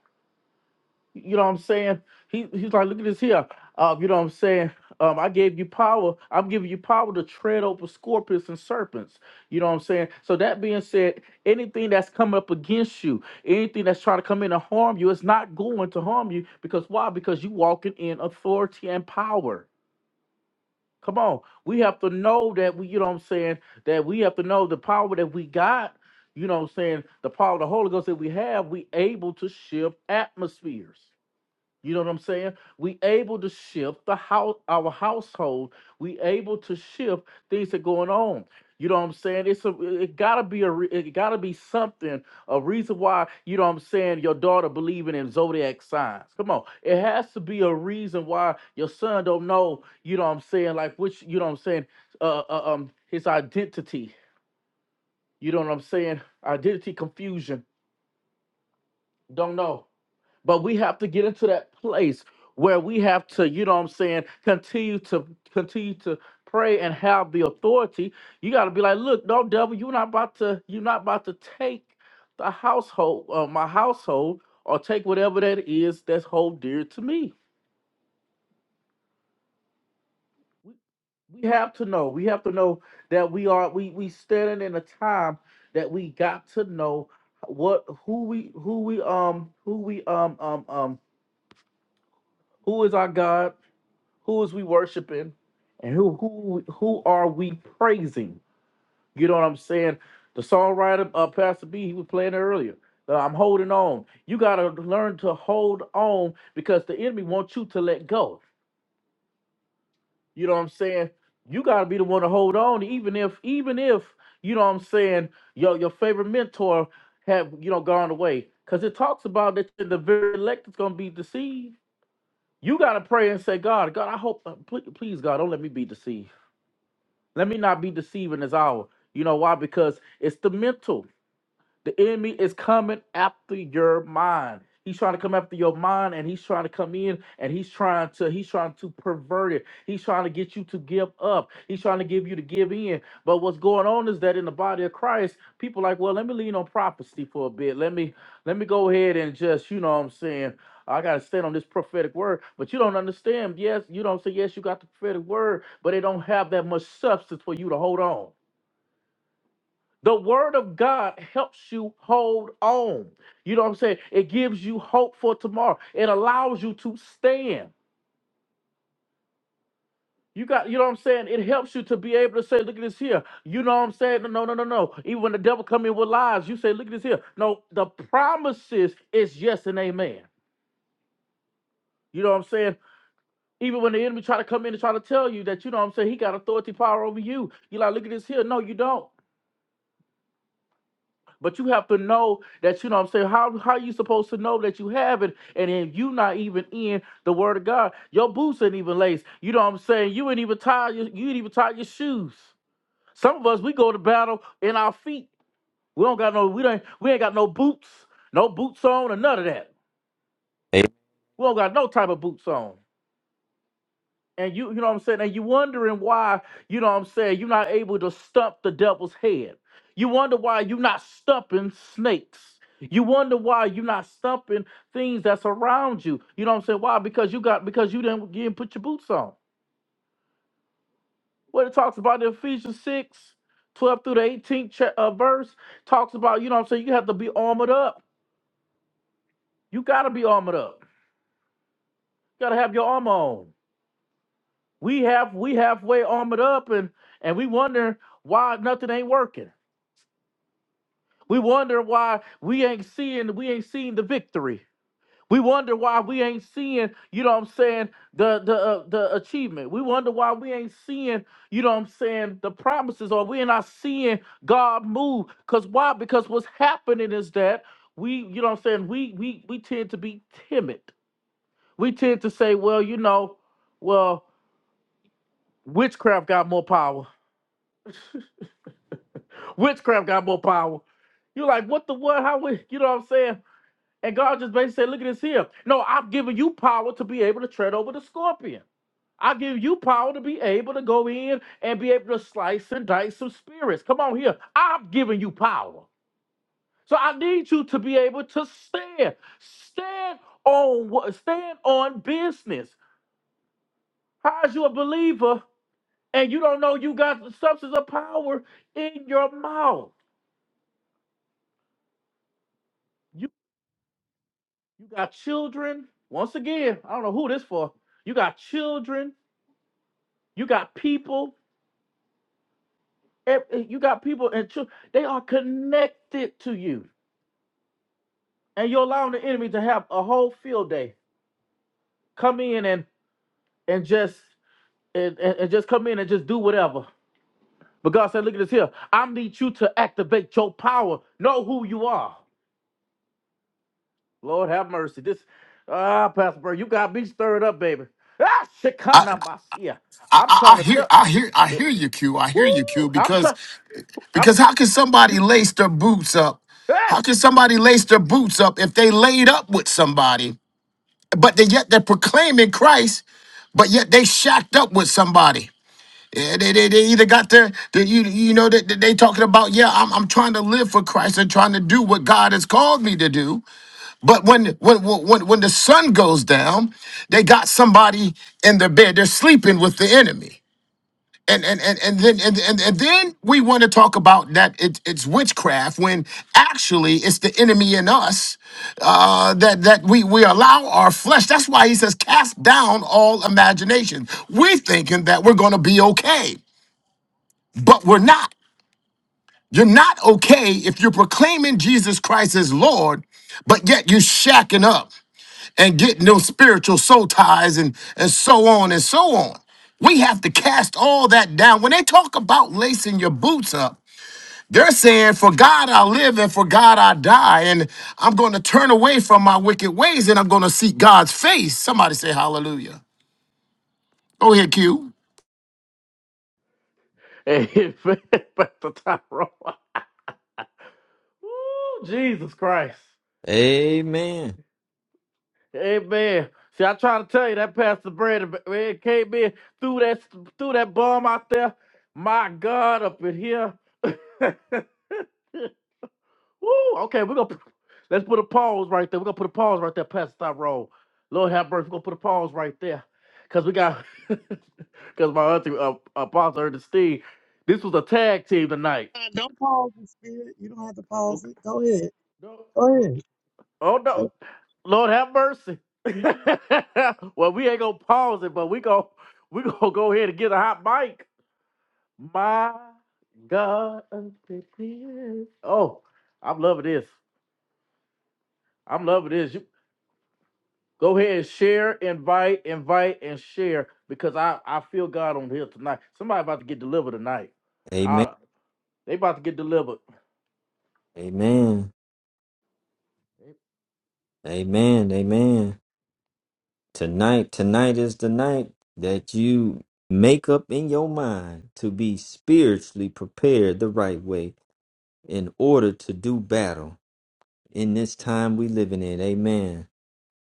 Speaker 1: You know what I'm saying? He he's like, look at this here. Uh, you know what I'm saying? Um, I gave you power. I'm giving you power to tread over scorpions and serpents. You know what I'm saying? So that being said, anything that's coming up against you, anything that's trying to come in and harm you, it's not going to harm you because why? Because you walking in authority and power. Come on. We have to know that we, you know what I'm saying, that we have to know the power that we got, you know what I'm saying, the power of the Holy Ghost that we have, we able to shift atmospheres. You know what I'm saying? We able to shift the house, our household. We able to shift things that going on. You know what I'm saying? It's a, it gotta be a, re- it gotta be something, a reason why. You know what I'm saying? Your daughter believing in zodiac signs. Come on, it has to be a reason why your son don't know. You know what I'm saying? Like which, you know what I'm saying? Uh, uh, um, his identity. You know what I'm saying? Identity confusion don't know. But we have to get into that place where we have to, you know what I'm saying, continue to continue to pray and have the authority. You gotta be like, look, no devil, you're not about to, you're not about to take the household, uh, my household, or take whatever that is that's hold dear to me. We we have to know. We have to know that we are we we standing in a time that we got to know what who we who we um who we um um um who is our God Who is we worshiping? And who who who are we praising? You know what I'm saying? The songwriter uh, Pastor B, he was playing it earlier. Uh, I'm holding on. You gotta learn to hold on because the enemy wants you to let go. You know what I'm saying? You gotta be the one to hold on, even if even if you know what I'm saying your your favorite mentor have you know gone away. Cause it talks about that the very elect is gonna be deceived. You gotta pray and say, God, God, I hope, please, please, God, don't let me be deceived. Let me not be deceived in this hour. You know why? Because it's the mental. The enemy is coming after your mind. He's trying to come after your mind and he's trying to come in and he's trying to he's trying to pervert it. He's trying to get you to give up. He's trying to give you to give in. But what's going on is that in the body of Christ, people like, well, let me lean on prophecy for a bit. Let me let me go ahead and just, you know what I'm saying? I gotta stand on this prophetic word. But you don't understand. Yes, you don't say yes, you got the prophetic word, but it don't have that much substance for you to hold on. The word of God helps you hold on. You know what I'm saying? It gives you hope for tomorrow. It allows you to stand. You got, you know what I'm saying? It helps you to be able to say, look at this here. You know what I'm saying? No, no, no, no. no. Even when the devil come in with lies, you say, look at this here. No, the promises is yes and amen. You know what I'm saying? Even when the enemy try to come in and try to tell you that, you know what I'm saying, he got authority power over you. You like, look at this here. No, you don't. But you have to know that you know what I'm saying. How how you supposed to know that you have it? And then you not even in the word of God. Your boots ain't even laced. You know what I'm saying? You ain't even tie your you ain't even tie your shoes. Some of us we go to battle in our feet. We don't got no we don't we ain't got no boots, no boots on or none of that.
Speaker 2: Hey,
Speaker 1: We don't got no type of boots on. and you you know what I'm saying, and you wondering why, you know what I'm saying, you're not able to stump the devil's head. You wonder why you're not stumping snakes. You wonder why you're not stumping things that's around you. You know what I'm saying? Why? Because you got because you didn't you didn't put your boots on. What it talks about in Ephesians 6 12 through the 18th cha- uh, verse, talks about, you know what I'm saying, you have to be armored up. You gotta be armored up. You gotta have your armor on. We have we halfway armored up and and we wonder why nothing ain't working. We wonder why we ain't seeing we ain't seeing the victory. We wonder why we ain't seeing, you know what I'm saying, the the uh, the achievement. We wonder why we ain't seeing, you know what I'm saying, the promises or we're not seeing God move. Cuz why? Because what's happening is that we, you know what I'm saying, we we we tend to be timid. We tend to say, well, you know, well, witchcraft got more power. Witchcraft got more power. You're like, what the what? How we, you know what I'm saying? And God just basically said, Look at this here. No, I'm giving you power to be able to tread over the scorpion. I give you power to be able to go in and be able to slice and dice some spirits. Come on here. I'm giving you power. So I need you to be able to stand. Stand on what stand on business. How's you a believer and you don't know you got the substance of power in your mouth? You you got children. Once again, I don't know who this for. You got children You got people, eh, eh, you got people and chil- they are connected to you. And you're allowing the enemy to have a whole field day. Come in and and just and, and, just come in and just do whatever. But God said, look at this here. I need you to activate your power. Know who you are. Lord have mercy. This ah, uh, Pastor Bird, you got me stirred up, baby. Ah,
Speaker 3: I,
Speaker 1: Shekinah Masia.
Speaker 3: I
Speaker 1: I'm
Speaker 3: I
Speaker 1: trying
Speaker 3: I
Speaker 1: to
Speaker 3: hear
Speaker 1: tell.
Speaker 3: I hear I hear you,
Speaker 1: Woo!
Speaker 3: Q. I hear you, Q.
Speaker 1: I'm
Speaker 3: Because
Speaker 1: trying. I'm
Speaker 3: Because how can somebody
Speaker 1: you.
Speaker 3: lace their boots up? How
Speaker 1: Ah.
Speaker 3: can somebody lace their boots up if they laid up with somebody, but they yet they're proclaiming Christ, but yet they shacked up with somebody? Yeah, they, they, they either got their, they, you, you know, they, they talking about, yeah, I'm, I'm trying to live for Christ and trying to do what God has called me to do. But when, when, when, when the sun goes down, they got somebody in their bed. They're sleeping with the enemy and and and and then and, and, and then we want to talk about that it, it's witchcraft when actually it's the enemy in us uh, that that we we allow our flesh. That's why he says cast down all imagination. We're thinking that we're going to be okay, but we're not. You're not okay if you're proclaiming Jesus Christ as Lord, but yet you're shacking up and getting those spiritual soul ties and, and so on and so on. We have to cast all that down. When they talk about lacing your boots up, they're saying, For God I live and for God I die. And I'm going to turn away from my wicked ways and I'm going to seek God's face. Somebody say hallelujah. Go ahead, Q.
Speaker 1: Amen. Pastor Tyrone. Woo, Jesus Christ.
Speaker 2: Amen.
Speaker 1: Amen. See, I try to tell you that Pastor Brandon man, came in threw that threw that bomb out there. My God, up in here. Woo. Okay, we're gonna let's put a pause right there. We're gonna put a pause right there, Pastor Tyrone. Lord have mercy. We're gonna put a pause right there. Cause we got cause my auntie uh, apostle Ernestine. This was a tag team tonight.
Speaker 4: Uh, don't pause the spirit. You don't have to pause
Speaker 1: Okay.
Speaker 4: it. Go ahead.
Speaker 1: No.
Speaker 4: Go ahead.
Speaker 1: Oh no, Lord have mercy. well, we ain't gonna pause it, but we going we gonna go ahead and get a hot mic. My God, unprepared. oh, I'm loving this. I'm loving this. You go ahead and share, invite, invite, and share because I I feel God on here tonight. Somebody about to get delivered tonight.
Speaker 2: Amen.
Speaker 1: I, they about to get delivered.
Speaker 2: Amen. Amen. Amen. Tonight, tonight is the night that you make up in your mind to be spiritually prepared the right way in order to do battle in this time we living in. Amen.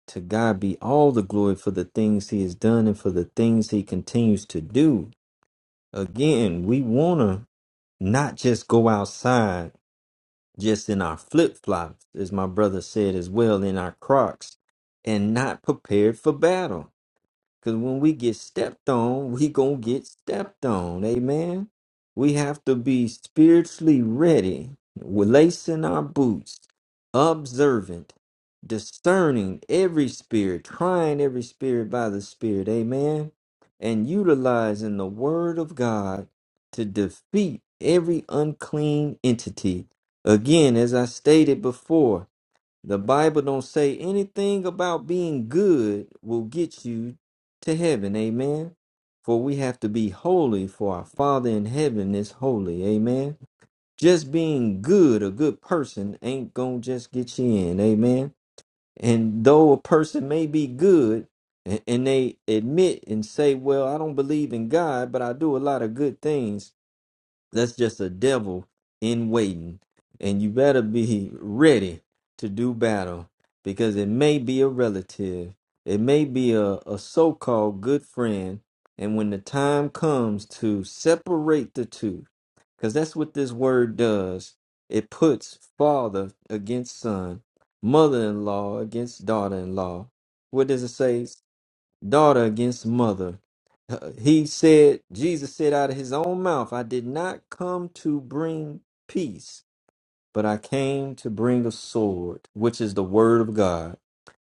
Speaker 2: To God be all the glory for the things he has done and for the things he continues to do. Again, we want to not just go outside just in our flip flops, as my brother said as well, in our crocs, and not prepared for battle. Because when we get stepped on, we going to get stepped on. Amen. We have to be spiritually ready, we lacing our boots, observant, discerning every spirit, trying every spirit by the Spirit. Amen. And utilizing the Word of God to defeat every unclean entity. Again, as I stated before, the Bible don't say anything about being good will get you to heaven. Amen. For we have to be holy for our Father in heaven is holy. Amen. Just being good, a good person ain't going to just get you in. Amen. And though a person may be good a- and they admit and say, well, I don't believe in God, but I do a lot of good things that's just a devil in waiting. And you better be ready to do battle because it may be a relative, it may be a, a so called good friend. And when the time comes to separate the two, because that's what this word does it puts father against son, mother in law against daughter in law. What does it say? daughter against mother. Uh, He said, Jesus said out of his own mouth, I did not come to bring peace, but I came to bring a sword, which is the word of God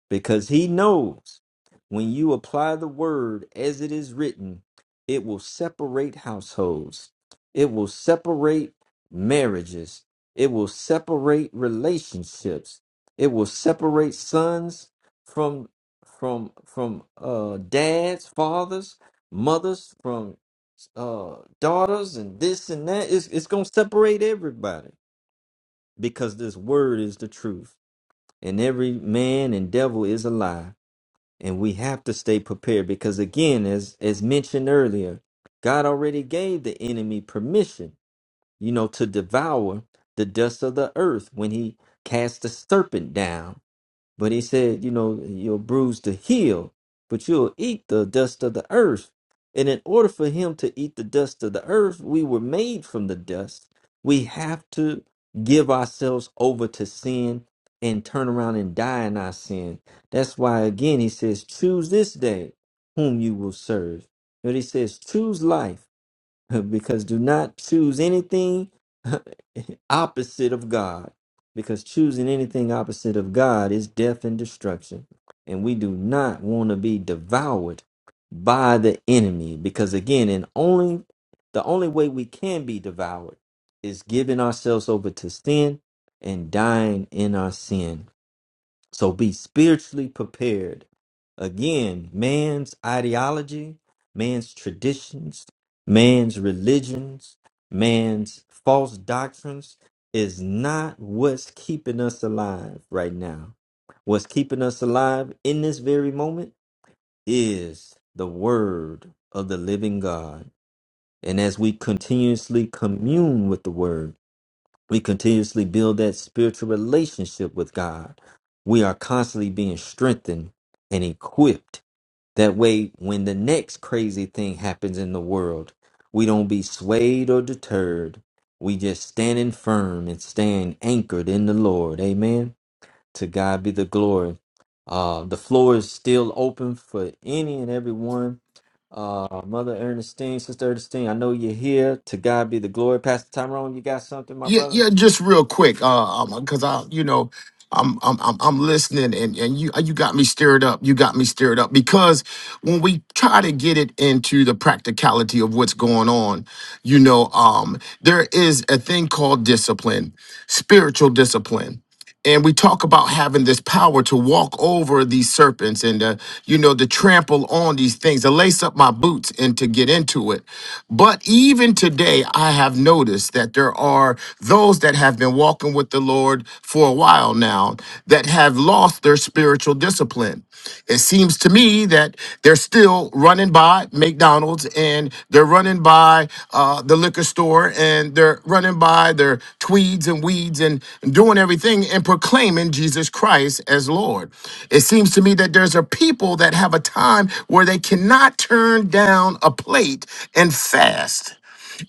Speaker 2: because he knows when you apply the word as it is written, it will separate households, it will separate marriages, it will separate relationships, it will separate sons from from from uh dads, fathers, mothers, from uh daughters and this and that. It's it's gonna separate everybody because this word is the truth. And every man and devil is a lie and we have to stay prepared because again as as mentioned earlier god already gave the enemy permission you know to devour the dust of the earth when he cast the serpent down but he said, you know, you'll bruise the heel, but you'll eat the dust of the earth. And in order for him to eat the dust of the earth, we were made from the dust. We have to give ourselves over to sin and turn around and die in our sin. That's why, again, he says, choose this day whom you will serve. But he says, choose life because do not choose anything opposite of God, because choosing anything opposite of God is death and destruction. And we do not want to be devoured by the enemy, because again, and only the only way we can be devoured is giving ourselves over to sin and dying in our sin. So be spiritually prepared. Again, man's ideology, man's traditions, man's religions, man's false doctrines is not what's keeping us alive right now. What's keeping us alive in this very moment is the word of the living God. And as we continuously commune with the word, we continuously build that spiritual relationship with God. We are constantly being strengthened and equipped. That way, when the next crazy thing happens in the world, we don't be swayed or deterred. We just standing firm and stand anchored in the Lord. Amen. To God be the glory. Uh, the floor is still open for any and everyone. Uh, Mother Ernestine, Sister Ernestine, I know you're here. To God be the glory. Pastor Tyrone, you got something, my
Speaker 3: Yeah,
Speaker 2: brother?
Speaker 3: yeah, just real quick, uh, um, cause I, you know, I'm, I'm, I'm, I'm listening, and and you, you got me stirred up. You got me stirred up because when we try to get it into the practicality of what's going on, you know, um, there is a thing called discipline, spiritual discipline and we talk about having this power to walk over these serpents and uh, you know to trample on these things to lace up my boots and to get into it but even today i have noticed that there are those that have been walking with the lord for a while now that have lost their spiritual discipline it seems to me that they're still running by mcdonald's and they're running by uh, the liquor store and they're running by their tweeds and weeds and doing everything and proclaiming Jesus Christ as Lord. It seems to me that there's a people that have a time where they cannot turn down a plate and fast.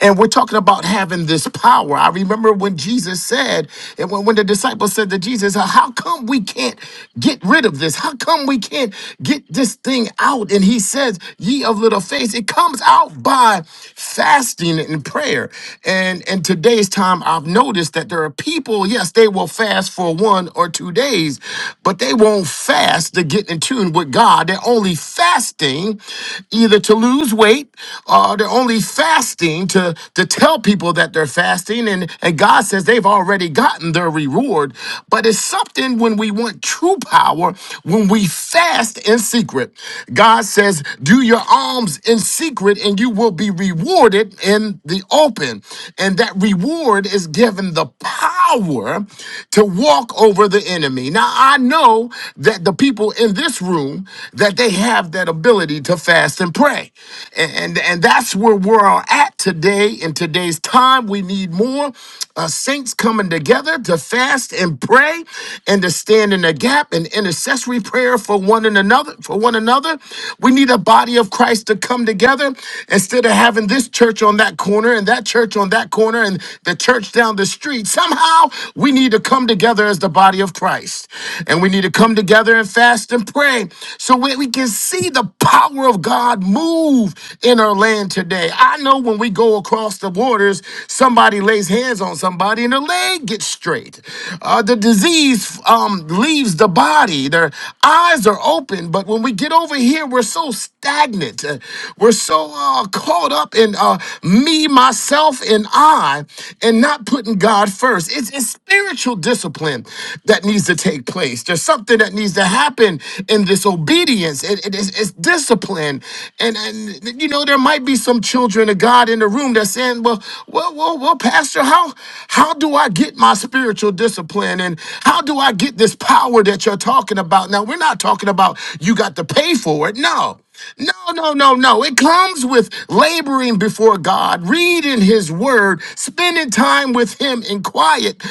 Speaker 3: And we're talking about having this power. I remember when Jesus said, and when, when the disciples said to Jesus, How come we can't get rid of this? How come we can't get this thing out? And he says, Ye of little faith, it comes out by fasting and prayer. And in today's time, I've noticed that." that there are people, yes, they will fast for one or two days, but they won't fast to get in tune with God. They're only fasting either to lose weight or they're only fasting to, to tell people that they're fasting. And, and God says they've already gotten their reward. But it's something when we want true power, when we fast in secret. God says, do your alms in secret and you will be rewarded in the open. And that reward Lord is given the power to walk over the enemy. Now, I know that the people in this room that they have that ability to fast and pray. And and, and that's where we're at today in today's time. We need more uh, saints coming together to fast and pray and to stand in the gap and intercessory prayer for one and another for one another. We need a body of Christ to come together instead of having this church on that corner and that church on that corner and the church down the street. Somehow we need to come together as the body of Christ. And we need to come together and fast and pray so we, we can see the power of God move in our land today. I know when we go go across the waters, somebody lays hands on somebody and their leg gets straight. Uh, the disease um, leaves the body, their eyes are open. But when we get over here, we're so stagnant. Uh, we're so uh, caught up in uh, me, myself, and I, and not putting God first. It's, it's spiritual discipline that needs to take place. There's something that needs to happen in this obedience. It, it is, it's discipline. And and, and you know there might be some children of God in the room that's saying, well, well, well, well, Pastor, how how do I get my spiritual discipline and how do I get this power that you're talking about? Now we're not talking about you got to pay for it. No. No, no, no, no. It comes with laboring before God, reading His Word, spending time with Him in quiet.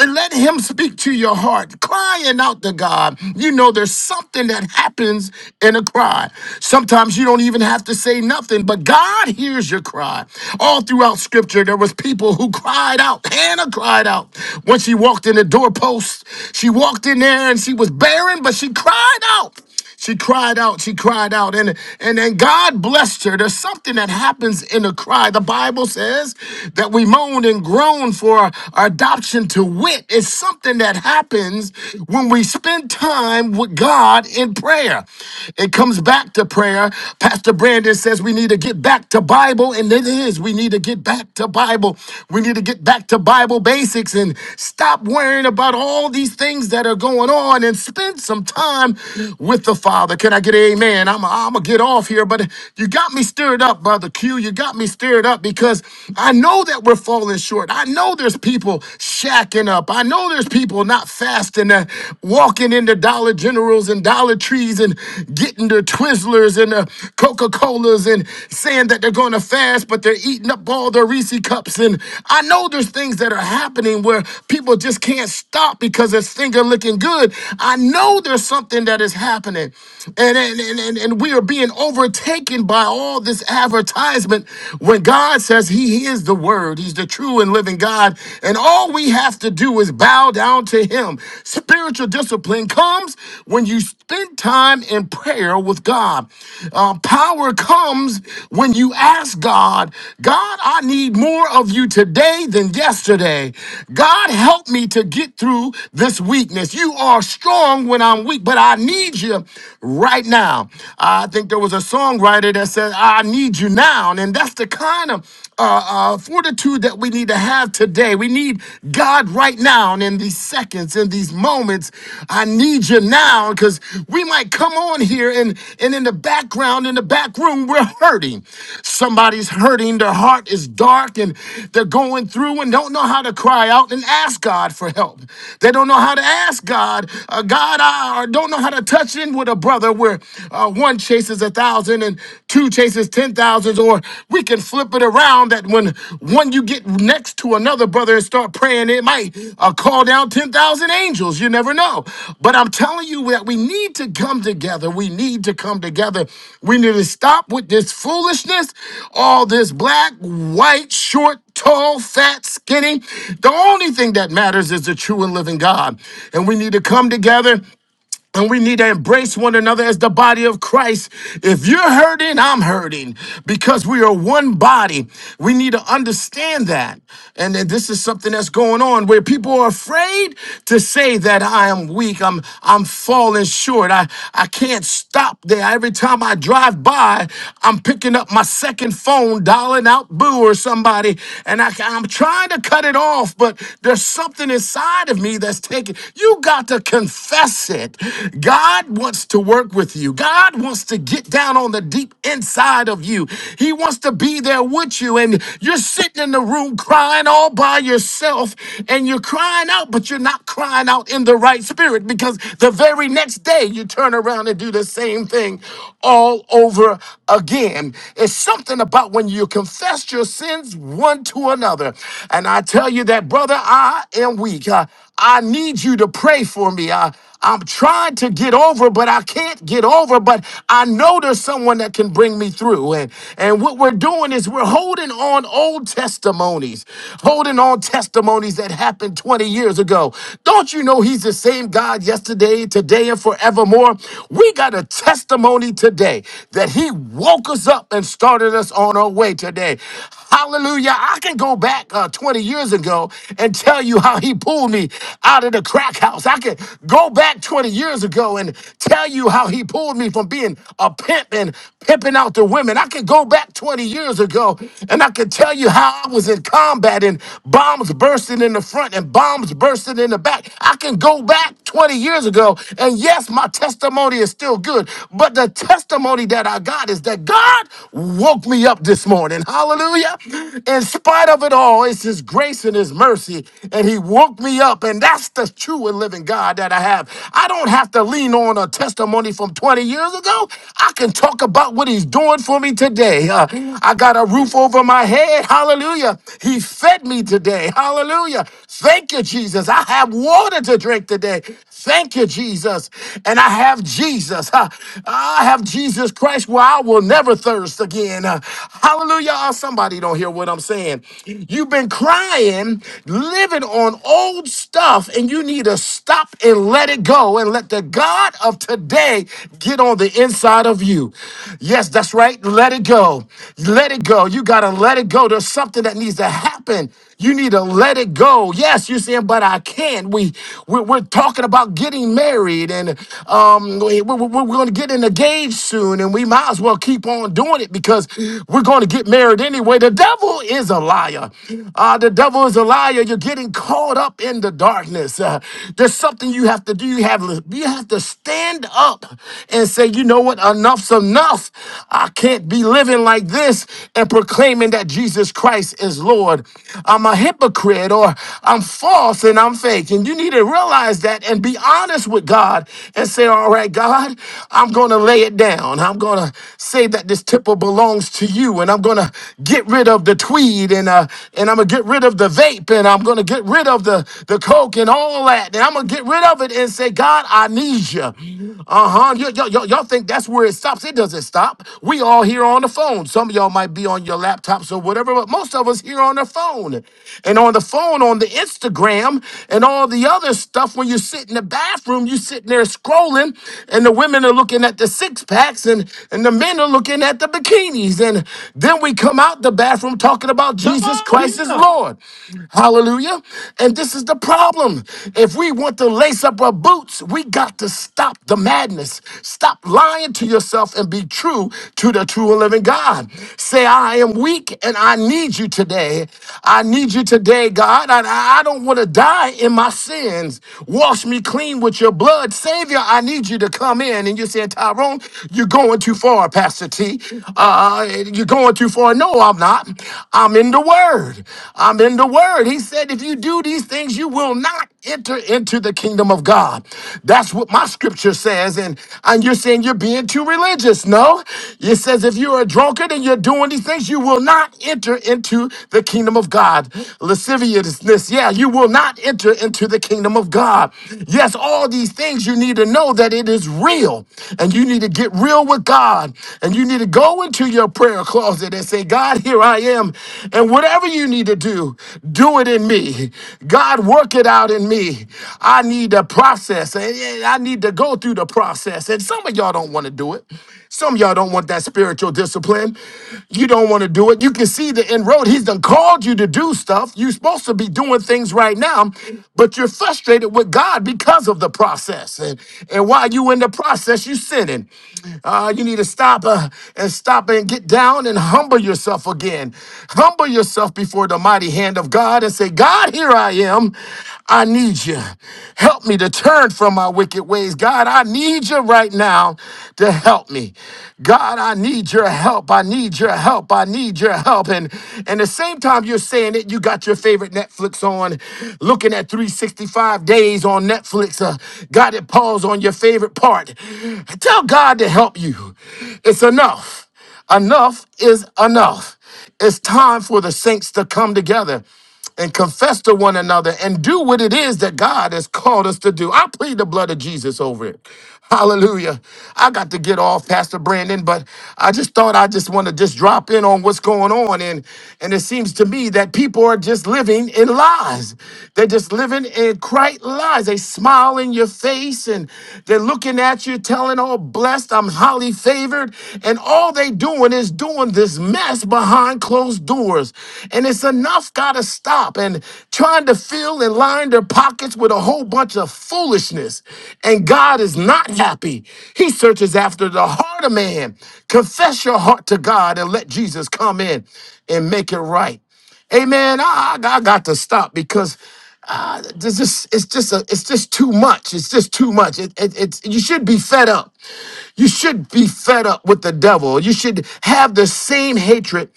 Speaker 3: and Let Him speak to your heart, crying out to God. You know, there's something that happens happens in a cry. Sometimes you don't even have to say nothing, but God hears your cry. All throughout scripture, there was people who cried out. Hannah cried out. When she walked in the doorpost, she walked in there and she was barren, but she cried out. She cried out, she cried out, and, and then God blessed her. There's something that happens in a cry. The Bible says that we moan and groan for our adoption to wit. It's something that happens when we spend time with God in prayer. It comes back to prayer. Pastor Brandon says we need to get back to Bible, and it is. We need to get back to Bible. We need to get back to Bible basics and stop worrying about all these things that are going on and spend some time with the Father. Can I get an amen? I'm, I'm going to get off here, but you got me stirred up, Brother Q. You got me stirred up because I know that we're falling short. I know there's people shacking up. I know there's people not fasting, uh, walking into Dollar Generals and Dollar Trees and getting their Twizzlers and uh, Coca Colas and saying that they're going to fast, but they're eating up all their Reese cups. And I know there's things that are happening where people just can't stop because it's finger looking good. I know there's something that is happening, and and and, and, and we are being overtaken by all this advertisement when God says He is the the Word. He's the true and living God. And all we have to do is bow down to Him. Spiritual discipline comes when you spend time in prayer with God. Uh, power comes when you ask God, God, I need more of you today than yesterday. God, help me to get through this weakness. You are strong when I'm weak, but I need you right now. I think there was a songwriter that said, I need need you now. And that's the kind of uh, uh, fortitude that we need to have today. We need God right now and in these seconds, in these moments. I need you now because we might come on here and, and in the background, in the back room, we're hurting. Somebody's hurting. Their heart is dark and they're going through and don't know how to cry out and ask God for help. They don't know how to ask God, uh, God, I, or don't know how to touch in with a brother where uh, one chases a thousand and two chases ten thousands, or we can flip it around that when one you get next to another brother and start praying, it might uh, call down ten thousand angels. You never know. But I'm telling you that we need to come together. We need to come together. We need to stop with this foolishness, all this black, white, short, tall, fat, skinny. The only thing that matters is the true and living God. And we need to come together and we need to embrace one another as the body of Christ. If you're hurting, I'm hurting because we are one body. We need to understand that. And then this is something that's going on where people are afraid to say that I am weak. I'm I'm falling short. I, I can't stop there. Every time I drive by, I'm picking up my second phone, dialing out boo or somebody, and I, I'm trying to cut it off, but there's something inside of me that's taking. You got to confess confess it, God wants to work with you. God wants to get down on the deep inside of you. He wants to be there with you. And you're sitting in the room crying all by yourself and you're crying out, but you're not crying out in the right spirit because the very next day you turn around and do the same thing all over again. It's something about when you confess your sins one to another. And I tell you that, brother, I am weak. I, I need you to pray pray for me. I, I'm trying to get over, but I can't get over. But I know there's someone that can bring me through. And, and what we're doing is we're holding on old testimonies, holding on testimonies that happened 20 years ago. Don't you know he's the same God yesterday, today, and forevermore? We got a testimony today that he woke us up and started us on our way today. Hallelujah. I can go back uh, 20 years ago and tell you how he pulled me out of the crack house. I can go back 20 years ago and tell you how he pulled me from being a pimp and pimping out the women. I can go back 20 years ago and I can tell you how I was in combat and bombs bursting in the front and bombs bursting in the back. I can go back 20 years ago. And yes, my testimony is still good, but the testimony that I got is that God woke me up this morning. Hallelujah. In spite of it all, it's His grace and His mercy. And He woke me up. And that's the true and living God that I have. I don't have to lean on a testimony from 20 years ago. I can talk about what He's doing for me today. Uh, I got a roof over my head. Hallelujah. He fed me today. Hallelujah. Thank you you, Jesus. I have water to drink today. Thank you, Jesus. And I have Jesus. Huh. I have Jesus Christ where I will never thirst again. Uh, Hallelujah. Oh, Somebody don't hear what I'm saying. You've been crying, living on old stuff, and you need to stop and let it go and let the God of today get on the inside of you. Yes, that's right. Let it go. Let it go. You got to let it go. There's something that needs to happen happen. You need to let it go. Yes, you're saying, but I can't. We, we we're talking about getting married, and um, we, we, we're going to get engaged soon, and we might as well keep on doing it because we're going to get married anyway. The devil is a liar. Uh, the devil is a liar. You're getting caught up in the darkness. Uh, there's something you have to do. You have you have to stand up and say, you know what? Enough's enough. I can't be living like this. And and proclaiming that Jesus Christ is Lord. I'm a hypocrite or I'm false and I'm fake. And you need to realize that and be honest with God and say, All right, God, I'm going to lay it down. I'm going to say that this tipple belongs to you and I'm going to get rid of the tweed and, uh, and I'm going to get rid of the vape and I'm going to get rid of the, the coke and all that. And I'm going to get rid of it and say, God, I need you. Uh huh. y'all think that's where it stops? It doesn't stop laptop. We all here on the phone. Some of y'all might be on your laptops or whatever, but most of us here on the phone. And on the phone, on the Instagram, and all the other stuff, when you sit in the bathroom, you sitting there scrolling, and the women are looking at the six packs, and, and the men are looking at the bikinis. And then we come out the bathroom talking about
Speaker 1: Come
Speaker 3: Jesus
Speaker 1: on
Speaker 3: Christ is
Speaker 1: here.
Speaker 3: Lord. Hallelujah. And this is the problem. If we want to lace up our boots, we got to stop the madness. Stop lying to yourself and be true to the true and living God. Say, I am weak and I need you today. I need you today, God. I, I I don't want to die in my sins. Wash me clean with your blood. Savior, I need you to come in. And you said, Tyrone, you're going too far, Pastor T. Uh, you're going too far. No, I'm not. I'm in the Word. I'm in the Word. He said, if you do these things, you will not enter into the kingdom of God. That's what my scripture says. And, and you're saying you're being too religious. No, it says if you're a drunkard and you're doing these things, you will not enter into the kingdom of God. Lasciviousness, yeah, you will not enter into the kingdom of God. Yes, all these things you need to know that it is real and you need to get real with God and you need to go into your prayer closet and say, God, here I am. And whatever you need to do, do it in in me. God, work it out in me. I need a process. and- and I need to go through the process. And some of y'all don't want to do it. Some of y'all don't want that spiritual discipline. You don't want to do it. You can see the inroad. He's done called you to do stuff. You're supposed to be doing things right now, but you're frustrated with God because of the process. And, and while you in the process, you sinning. Uh, you need to stop uh, and stop and get down and humble yourself again. Humble yourself yourself before the mighty hand of God and say, God, here I am. I need you. Help me to turn from my wicked ways. God, I need you right now to help me. God, I need your help. I need your help. I need your help. And and the same time you're saying it, you got your favorite Netflix on, looking at 365 days on Netflix. Uh, got it pause on your favorite part. Tell God to help you. It's enough. Enough is enough. It's time for the saints to come together and confess to one another and do what it is that God has called us to do. I plead the blood of Jesus over it. Hallelujah. I got to get off, Pastor Brandon, but I just thought I just want to just drop in on what's going on. And and it seems to me that people are just living in lies. They're just living in quite lies. They smile in your face and they're looking at you, telling all blessed, I'm highly favored, and all all they doing is doing this mess behind closed doors. And it's enough gotta stop and trying to fill and line their pockets with a whole bunch of foolishness. And God is not happy. He searches after the heart of man. Confess your heart to God and let Jesus come in and make it right. Amen. I, I I got to stop because uh, this is it's just a, it's just too much. It's just too much. It, it, it's you should be fed up. You should be fed up with the devil. You should have the same hatred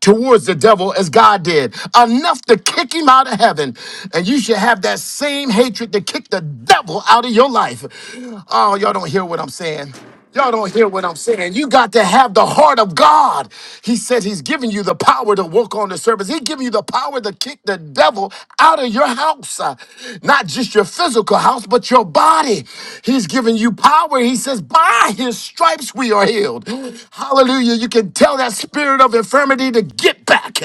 Speaker 3: towards the devil as God did, enough to kick him out of heaven. And you should have that same hatred to kick the devil out of your life. Oh, y'all don't hear what I'm saying. Y'all don't hear what I'm saying. You got to have the heart of God. He said he's giving you the power to walk on the surface. He's giving you the power to kick the devil out of your house house, uh, not just your physical house, but your body. He's given you power. He says, by his stripes we are healed. Hallelujah. You can tell that spirit of infirmity to get back.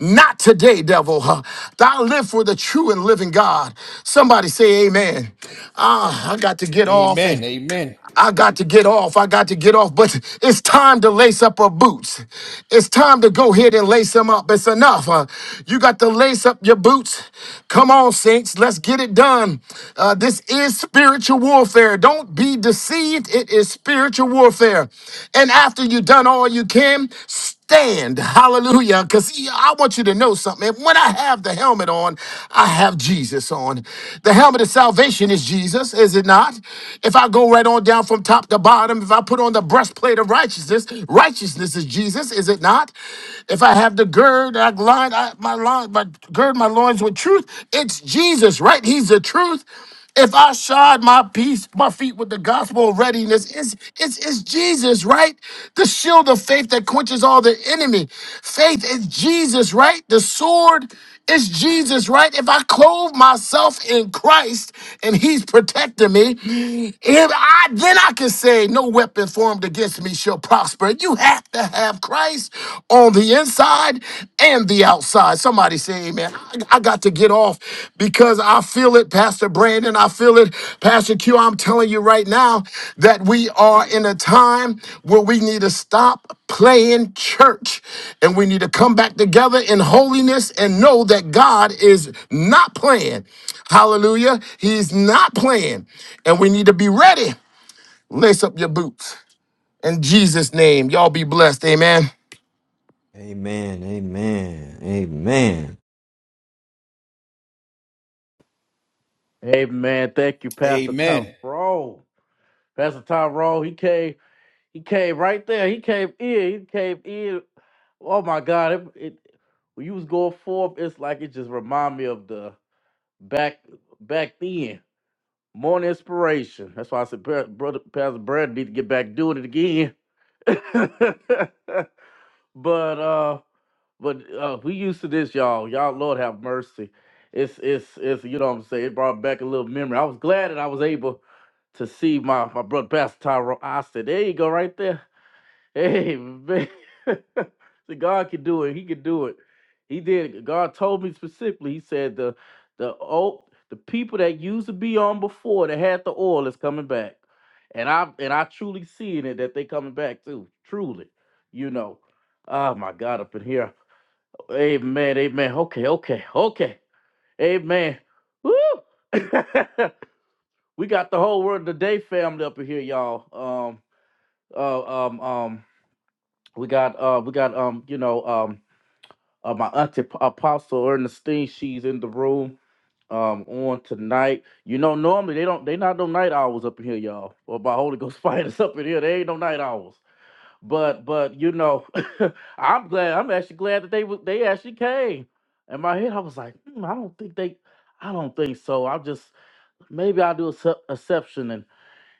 Speaker 3: Not today, devil. huh? I live for the true and living God. Somebody say amen. Ah, I got to get off and
Speaker 5: Amen. Amen.
Speaker 3: I got to get off. I got to get off. But it's time to lace up her boots. It's time to go ahead and lace them up. It's enough. Uh, you got to lace up your boots. Come on, saints. Let's get it done. Uh, this is spiritual warfare. Don't be deceived. It is spiritual warfare. And after you've done all you can, stand. Hallelujah. Because I want you to know something. When I have the helmet on, I have Jesus on. The helmet of salvation is Jesus, is it not? If I go right on down from top to bottom, if I put on the breastplate of righteousness, righteousness is Jesus, is it not? If I have the gird, I line, I, my line, my gird my loins with truth, it's Jesus, right? He's the truth. If I shod my peace, my feet with the gospel of readiness, it's, it's, it's Jesus, right? The shield of faith that quenches all the enemy. Faith is Jesus, right? The sword is Jesus, right? If I clothe myself in Christ and he's protecting me, if I, then I can say, no weapon formed against me shall prosper. You have to have Christ on the inside inside and the outside. Somebody say, Amen. I, I got to get off because I feel it, Pastor Brandon. I feel it, Pastor Q. I'm telling you right now that we are in a time where we need to stop playing church and we need to come back together in holiness and know that God is not playing. Hallelujah. He's not playing. And we need to be ready. Lace up your boots. In Jesus' name, y'all be blessed. Amen.
Speaker 2: Amen. Amen. Amen.
Speaker 1: Hey man, thank you, Pastor
Speaker 5: Amen.
Speaker 1: Tyrone. Pastor Tyrone, he came. He came right there. He came in. He came in. Oh my God! It, it when you was going forth, it's like it just remind me of the back back then. Morning inspiration. That's why I said, "Bro- brother Pastor Brad need to get back doing it again. but uh, but uh, we used to this, y'all. Y'all, Lord have mercy. It's it's it's you know what I'm saying. It brought back a little memory. I was glad that I was able to see my my brother Pastor Tyrone. I said, there you go, right there. Hey, man. See, God can do it. He can do it. He did. God told me specifically. He said the the oh the people that used to be on before that had the oil is coming back, and I and I truly seeing it that they coming back too. Truly, you know. Oh my God, up in here. Amen. Amen. Okay. Okay. Okay. Amen. Woo. we got the whole world today family up in here, y'all. Um. Uh, um. Um we got uh we got um you know um uh, my auntie P- apostle ernestine she's in the room um on tonight you know normally they don't they not no night owls up in here y'all or by holy ghost fighters up in here they ain't no night owls but but you know i'm glad i'm actually glad that they was they actually came in my head i was like hmm, i don't think they i don't think so i just maybe i'll do a sep- exception and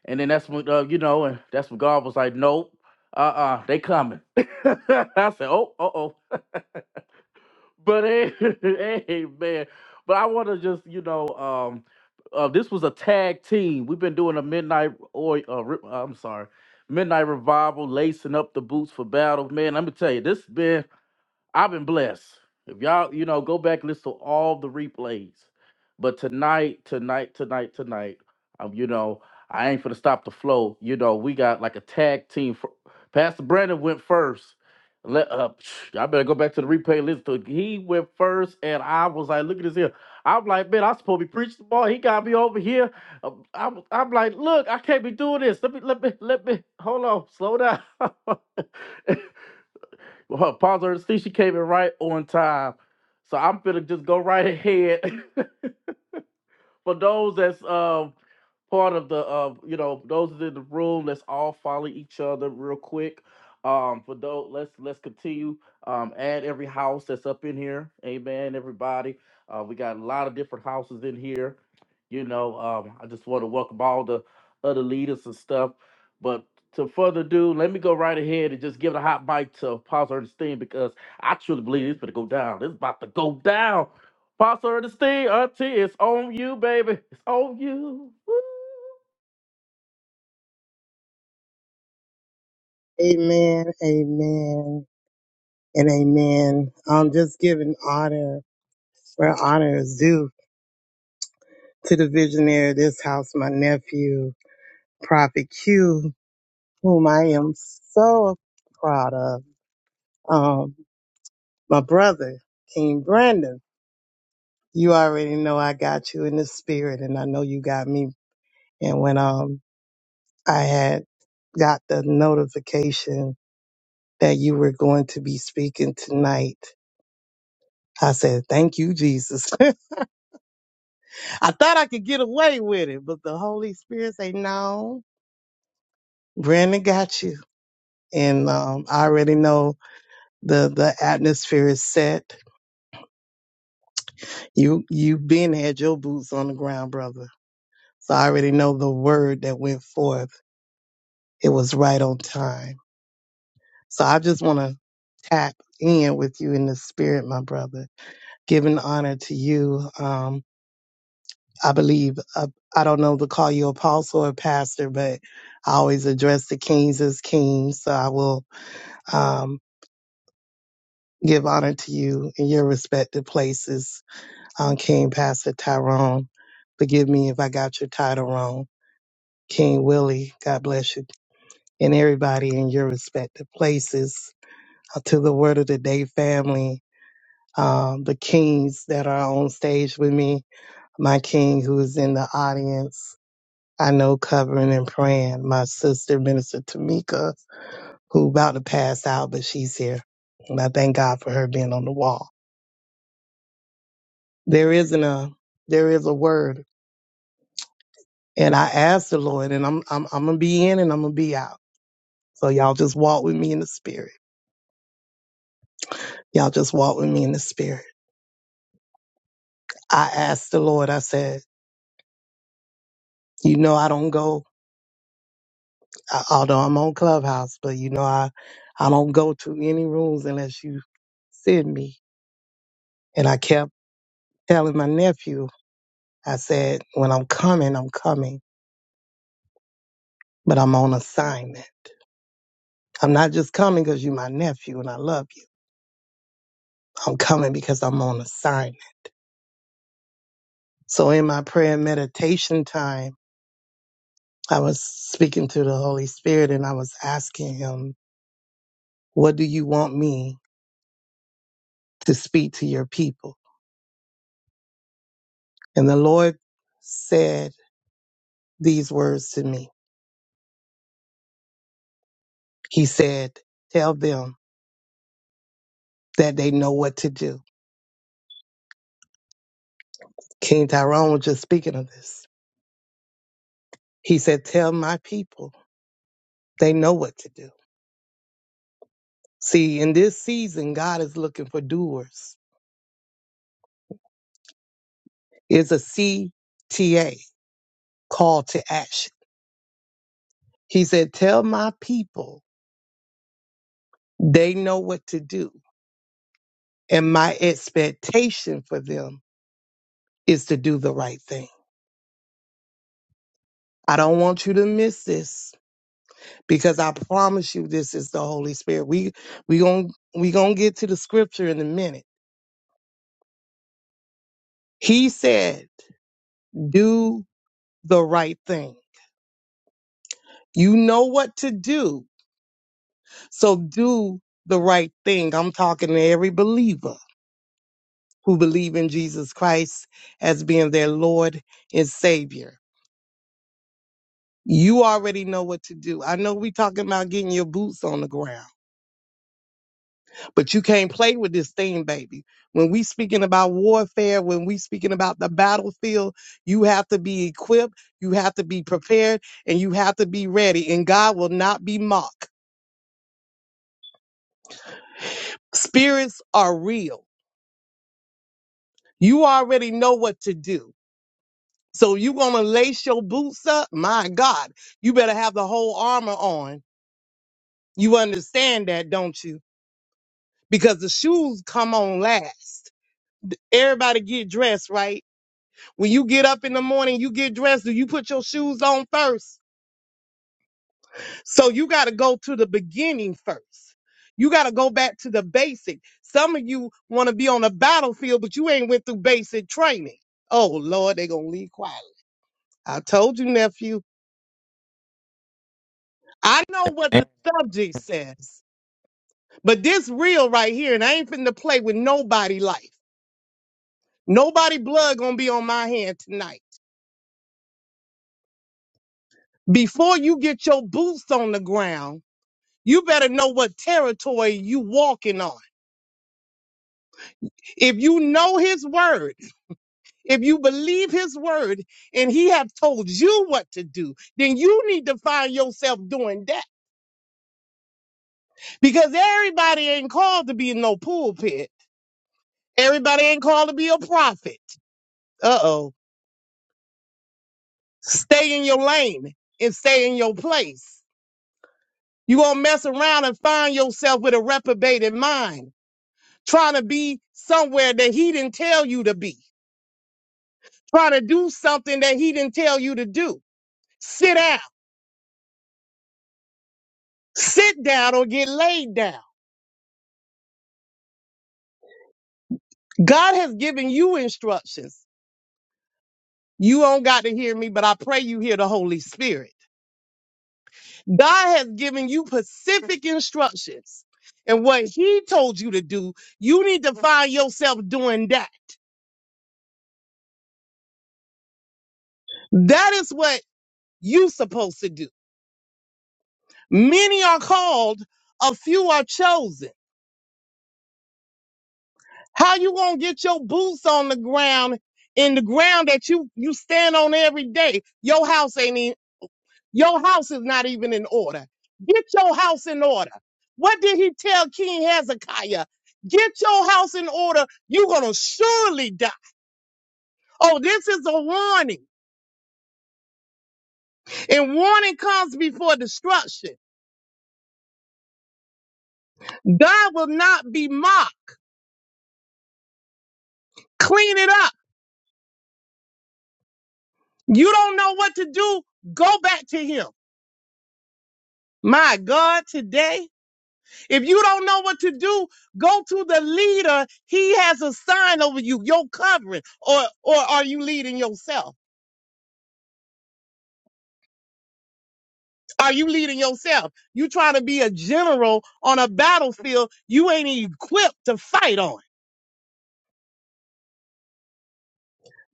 Speaker 1: and then that's when uh, you know, and that's when God was like, "Nope, uh, uh they coming." I said, "Oh, uh oh." But hey, hey, man. But I want to just you know, um, uh, this was a tag team. We've been doing a midnight or uh, re- I'm sorry, midnight revival, lacing up the boots for battle. Man, let me tell you, this been I've been blessed. If y'all, you know, go back listen to all the replays. But tonight, tonight, tonight, tonight, um, you know, I ain't finna stop the flow. You know, we got like a tag team. For, Pastor Brandon went first. Let uh, y'all better go back to the replay. Listen to it. He went first, and I was like, look at this here. I'm like, man, I supposed to be preaching the ball. He got me over here. Um, I'm, I'm like, look, I can't be doing this. Let me, let me, let me. Hold on, slow down. Well, Pause her. See, she came in right on time. So I'm gonna just go right ahead for those that's um part of the uh you know those in the room let's all follow each other real quick um for those let's let's continue um add every house that's up in here amen everybody uh we got a lot of different houses in here you know um i just want to welcome all the other leaders and stuff but to further ado let me go right ahead and just give it a hot mic to Pastor Ernestine because I truly believe it's going to go down. It's about to go down. Pastor the Steve, auntie, it's on you, baby. It's on you. Woo.
Speaker 4: Amen. Amen. And amen. I'm just giving honor where honor is due to the visionary of this house, my nephew, Prophet Q, whom I am so proud of. Um, my brother, King Brandon. You already know I got you in the spirit, and I know you got me. And when um I had got the notification that you were going to be speaking tonight. I said, Thank you, Jesus. I thought I could get away with it, but the Holy Spirit said, No, Brandon got you. And um, I already know the, the atmosphere is set. You you been had your boots on the ground, brother. So I already know the word that went forth. It was right on time. So I just want to tap in with you in the spirit, my brother. Giving honor to you. Um, I believe, uh, I don't know to call you apostle or pastor, but I always address the kings as kings. So I will um, give honor to you in your respective places, um, King Pastor Tyrone. Forgive me if I got your title wrong. King Willie, God bless you. And everybody in your respective places. Uh, to the Word of the Day family, um, the kings that are on stage with me, my king who is in the audience. I know covering and praying. My sister, Minister Tamika, who about to pass out, but she's here. And I thank God for her being on the wall. There isn't a, there is a word. And I asked the Lord and I'm, I'm, I'm going to be in and I'm going to be out. So y'all just walk with me in the spirit. Y'all just walk with me in the spirit. I asked the Lord, I said, you know, I don't go, I- although I'm on Clubhouse, but you know, I, I don't go to any rooms unless you send me. And I kept telling my nephew I said, when I'm coming, I'm coming, but I'm on assignment. I'm not just coming because you're my nephew and I love you. I'm coming because I'm on assignment. So in my prayer and meditation time, I was speaking to the Holy Spirit and I was asking him, what do you want me to speak to your people? And the Lord said these words to me. He said, tell them that they know what to do. King Tyrone was just speaking of this. He said, tell my people they know what to do See, in this season, God is looking for doers. It's a C T A call to action. He said, Tell my people they know what to do. And my expectation for them is to do the right thing. I don't want you to miss this because I promise you this is the Holy Spirit. We we going we going to get to the scripture in a minute. He said, "Do the right thing." You know what to do So do the right thing. I'm talking to every believer who believe in Jesus Christ as being their Lord and Savior. You already know what to do. I know we talking about getting your boots on the ground, but you can't play with this thing, baby. When we speaking about warfare, when we speaking about the battlefield, you have to be equipped, you have to be prepared, and you have to be ready. And God will not be mocked. Spirits are real. You already know what to do. So you gonna lace your boots up? My God, you better have the whole armor on. You understand that, don't you? Because the shoes come on last. Everybody get dressed, right? When you get up in the morning, you get dressed. Do you put your shoes on first? So you gotta go to the beginning first. You gotta go back to the basic. Some of you wanna be on the battlefield, but you ain't went through basic training. Oh Lord, they gonna leave quietly. I told you, nephew. I know what the subject says. But this real right here, and I ain't finna play with nobody life. Nobody blood gonna be on my hand tonight. Before you get your boots on the ground, you better know what territory you walking on. If you know his word, if you believe his word, and he have told you what to do, then you need to find yourself doing that. Because everybody ain't called to be in no pulpit. Everybody ain't called to be a prophet. Uh-oh. Stay in your lane and stay in your place. You're going to mess around and find yourself with a reprobated mind, trying to be somewhere that he didn't tell you to be, trying to do something that he didn't tell you to do. Sit down, sit down or get laid down. God has given you instructions. You don't got to hear me, but I pray you hear the Holy Spirit. God has given you specific instructions. And what he told you to do, you need to find yourself doing that. That is what you supposed to do. Many are called, a few are chosen. How you gonna get your boots on the ground in the ground that you you stand on every day? Your house ain't even your house is not even in order. Get your house in order. What did he tell King Hezekiah? Get your house in order. You're gonna surely die. Oh, this is a warning, and warning comes before destruction. God will not be mocked. Clean it up. You don't know what to do. Go back to him. My God, today, if you don't know what to do, go to the leader. He has a sign over you, your covering. Or, or are you leading yourself? Are you leading yourself? You trying to be a general on a battlefield you ain't equipped to fight on.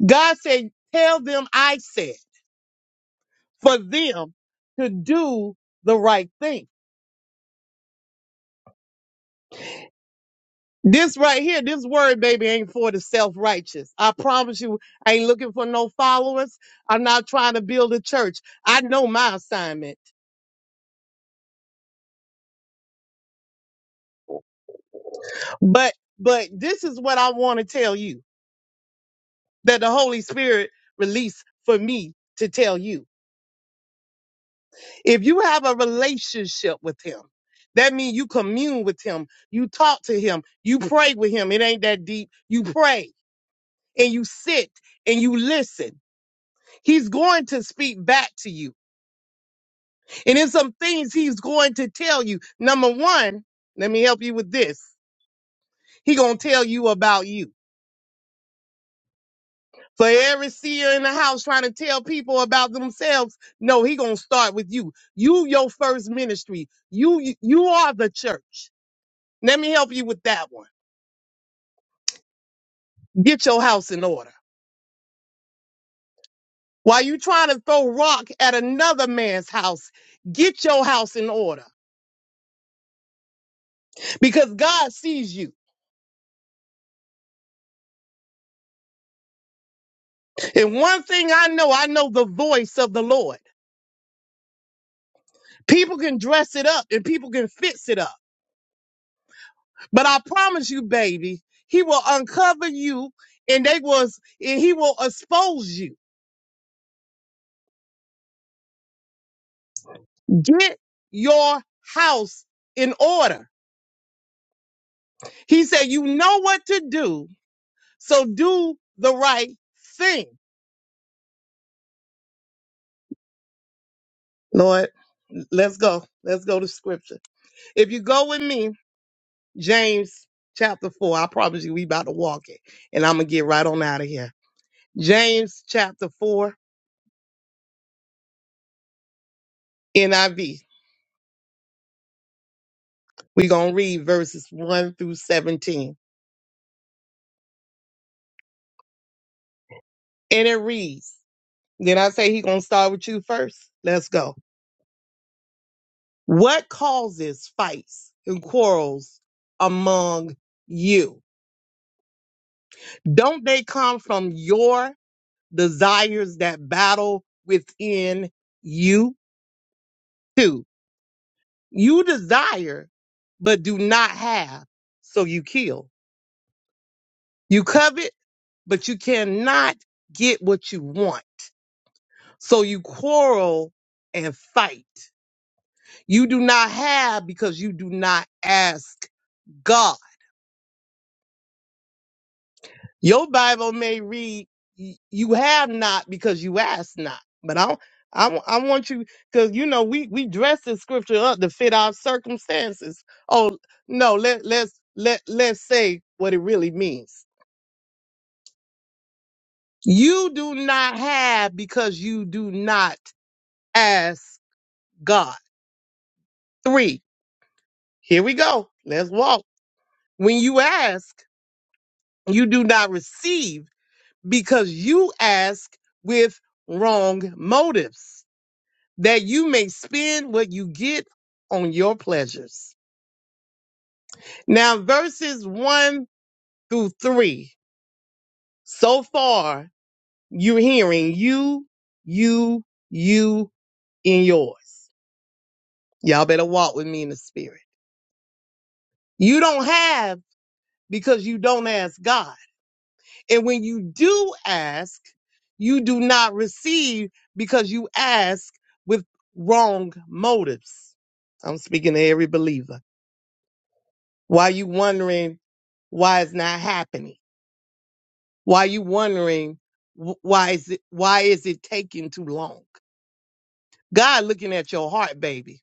Speaker 4: God said, tell them I said for them to do the right thing. This right here, this word baby ain't for the self righteous. I promise you, I ain't looking for no followers. I'm not trying to build a church. I know my assignment. But but this is what I want to tell you that the Holy Spirit released for me to tell you. If you have a relationship with him, that means you commune with him, you talk to him, you pray with him. It ain't that deep. You pray and you sit and you listen. He's going to speak back to you. And in some things he's going to tell you. Number one, let me help you with this. He gonna tell you about you. For every seer in the house trying to tell people about themselves, no, he gonna start with you. You your first ministry. You you are the church. Let me help you with that one. Get your house in order. While you trying to throw rock at another man's house, get your house in order because God sees you. And one thing I know, I know the voice of the Lord. People can dress it up and people can fix it up. But I promise you, baby, he will uncover you and they was and he will expose you. Get your house in order. He said, you know what to do, so do the right thing. Lord, let's go. Let's go to scripture. If you go with me, James chapter four, I promise you we about to walk it. And I'm gonna get right on out of here. James chapter four, NIV. We're going to read verses 1 through 17. And it reads, then I say he going to start with you first. Let's go. What causes fights and quarrels among you? Don't they come from your desires that battle within you? too? you desire, but do not have, so you kill. You covet, but you cannot get what you want. So you quarrel and fight. You do not have because you do not ask God. Your Bible may read, y- "You have not because you ask not." But I, I, I want you because you know we we dress the scripture up to fit our circumstances. Oh no, let let's let let's say what it really means. You do not have because you do not ask God. Three. Here we go. Let's walk. When you ask. you do not receive because you ask with wrong motives, that you may spend what you get on your pleasures. Now, verses one through three. So far, you're hearing you, you, you, in yours. Y'all better walk with me in the spirit. You don't have because you don't ask God. And when you do ask, you do not receive because you ask with wrong motives. I'm speaking to every believer. Why you wondering why it's not happening? Why you wondering wh- why is it why is it taking too long? God looking at your heart, baby.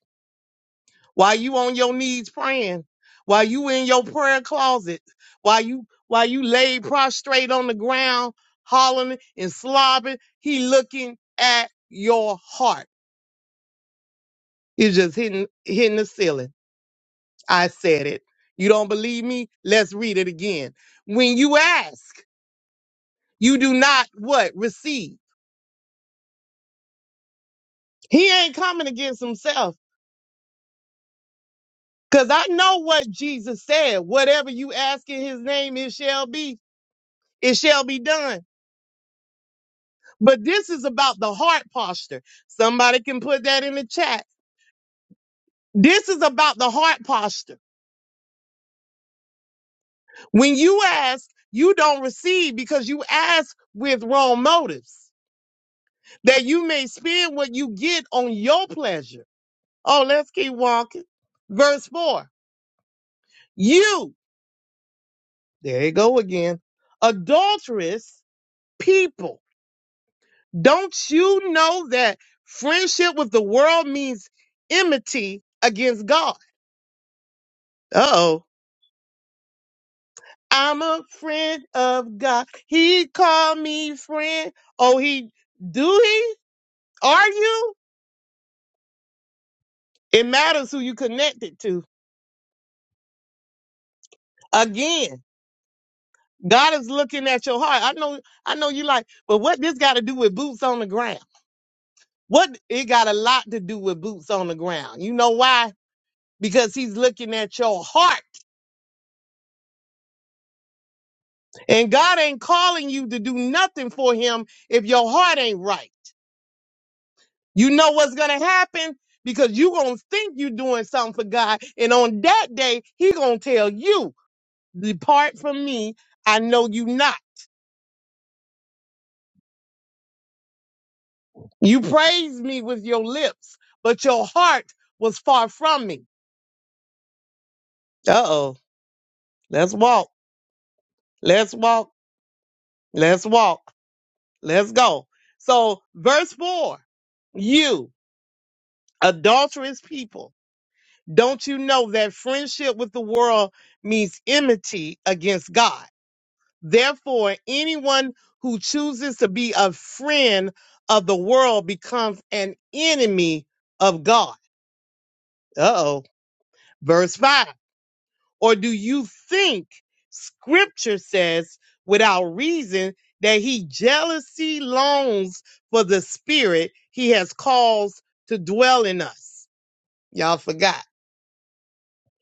Speaker 4: while you on your knees praying, while you in your prayer closet, while you while you lay prostrate on the ground, hollering and slobbering, he looking at your heart. It's just hitting hitting the ceiling. I said it. You don't believe me? Let's read it again. When you ask, you do not what? Receive. He ain't coming against himself. Cause I know what Jesus said. Whatever you ask in his name, it shall be. It shall be done. But this is about the heart posture. Somebody can put that in the chat. This is about the heart posture. When you ask, you don't receive because you ask with wrong motives, that you may spend what you get on your pleasure. Oh, let's keep walking. Verse 4 You, there you go again, adulterous people. Don't you know that friendship with the world means enmity against God? Uh oh. I'm a friend of God. He called me friend. Oh, he do he? Are you? It matters who you connected to. Again, God is looking at your heart. I know, I know you like, but what this got to do with boots on the ground? What it got a lot to do with boots on the ground. You know why? Because he's looking at your heart. And God ain't calling you to do nothing for him if your heart ain't right. You know what's gonna happen because you gonna think you doing something for God, and on that day He gonna tell you, "Depart from me, I know you not." You praised me with your lips, but your heart was far from me. Uh oh. Let's walk. Let's walk. Let's walk. Let's go. So, verse four, you adulterous people, don't you know that friendship with the world means enmity against God? Therefore, anyone who chooses to be a friend of the world becomes an enemy of God. Uh oh. Verse 5. Or do you think scripture says without reason that he jealously longs for the spirit he has caused to dwell in us? Y'all forgot.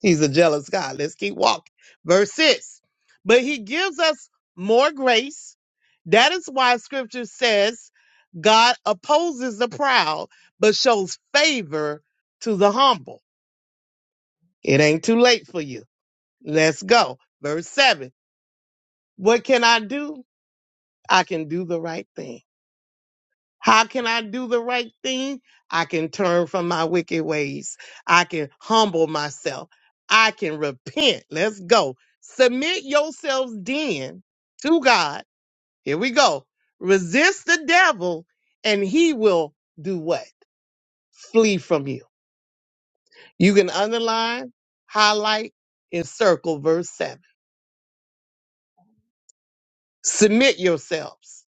Speaker 4: He's a jealous God. Let's keep walking. Verse 6. But he gives us more grace. That is why scripture says God opposes the proud, but shows favor to the humble. It ain't too late for you. Let's go. Verse 7. What can I do? I can do the right thing. How can I do the right thing? I can turn from my wicked ways. I can humble myself. I can repent. Let's go. Submit yourselves then to God. Here we go. Resist the devil and he will do what? Flee from you. You can underline, highlight, and circle verse 7. Submit yourselves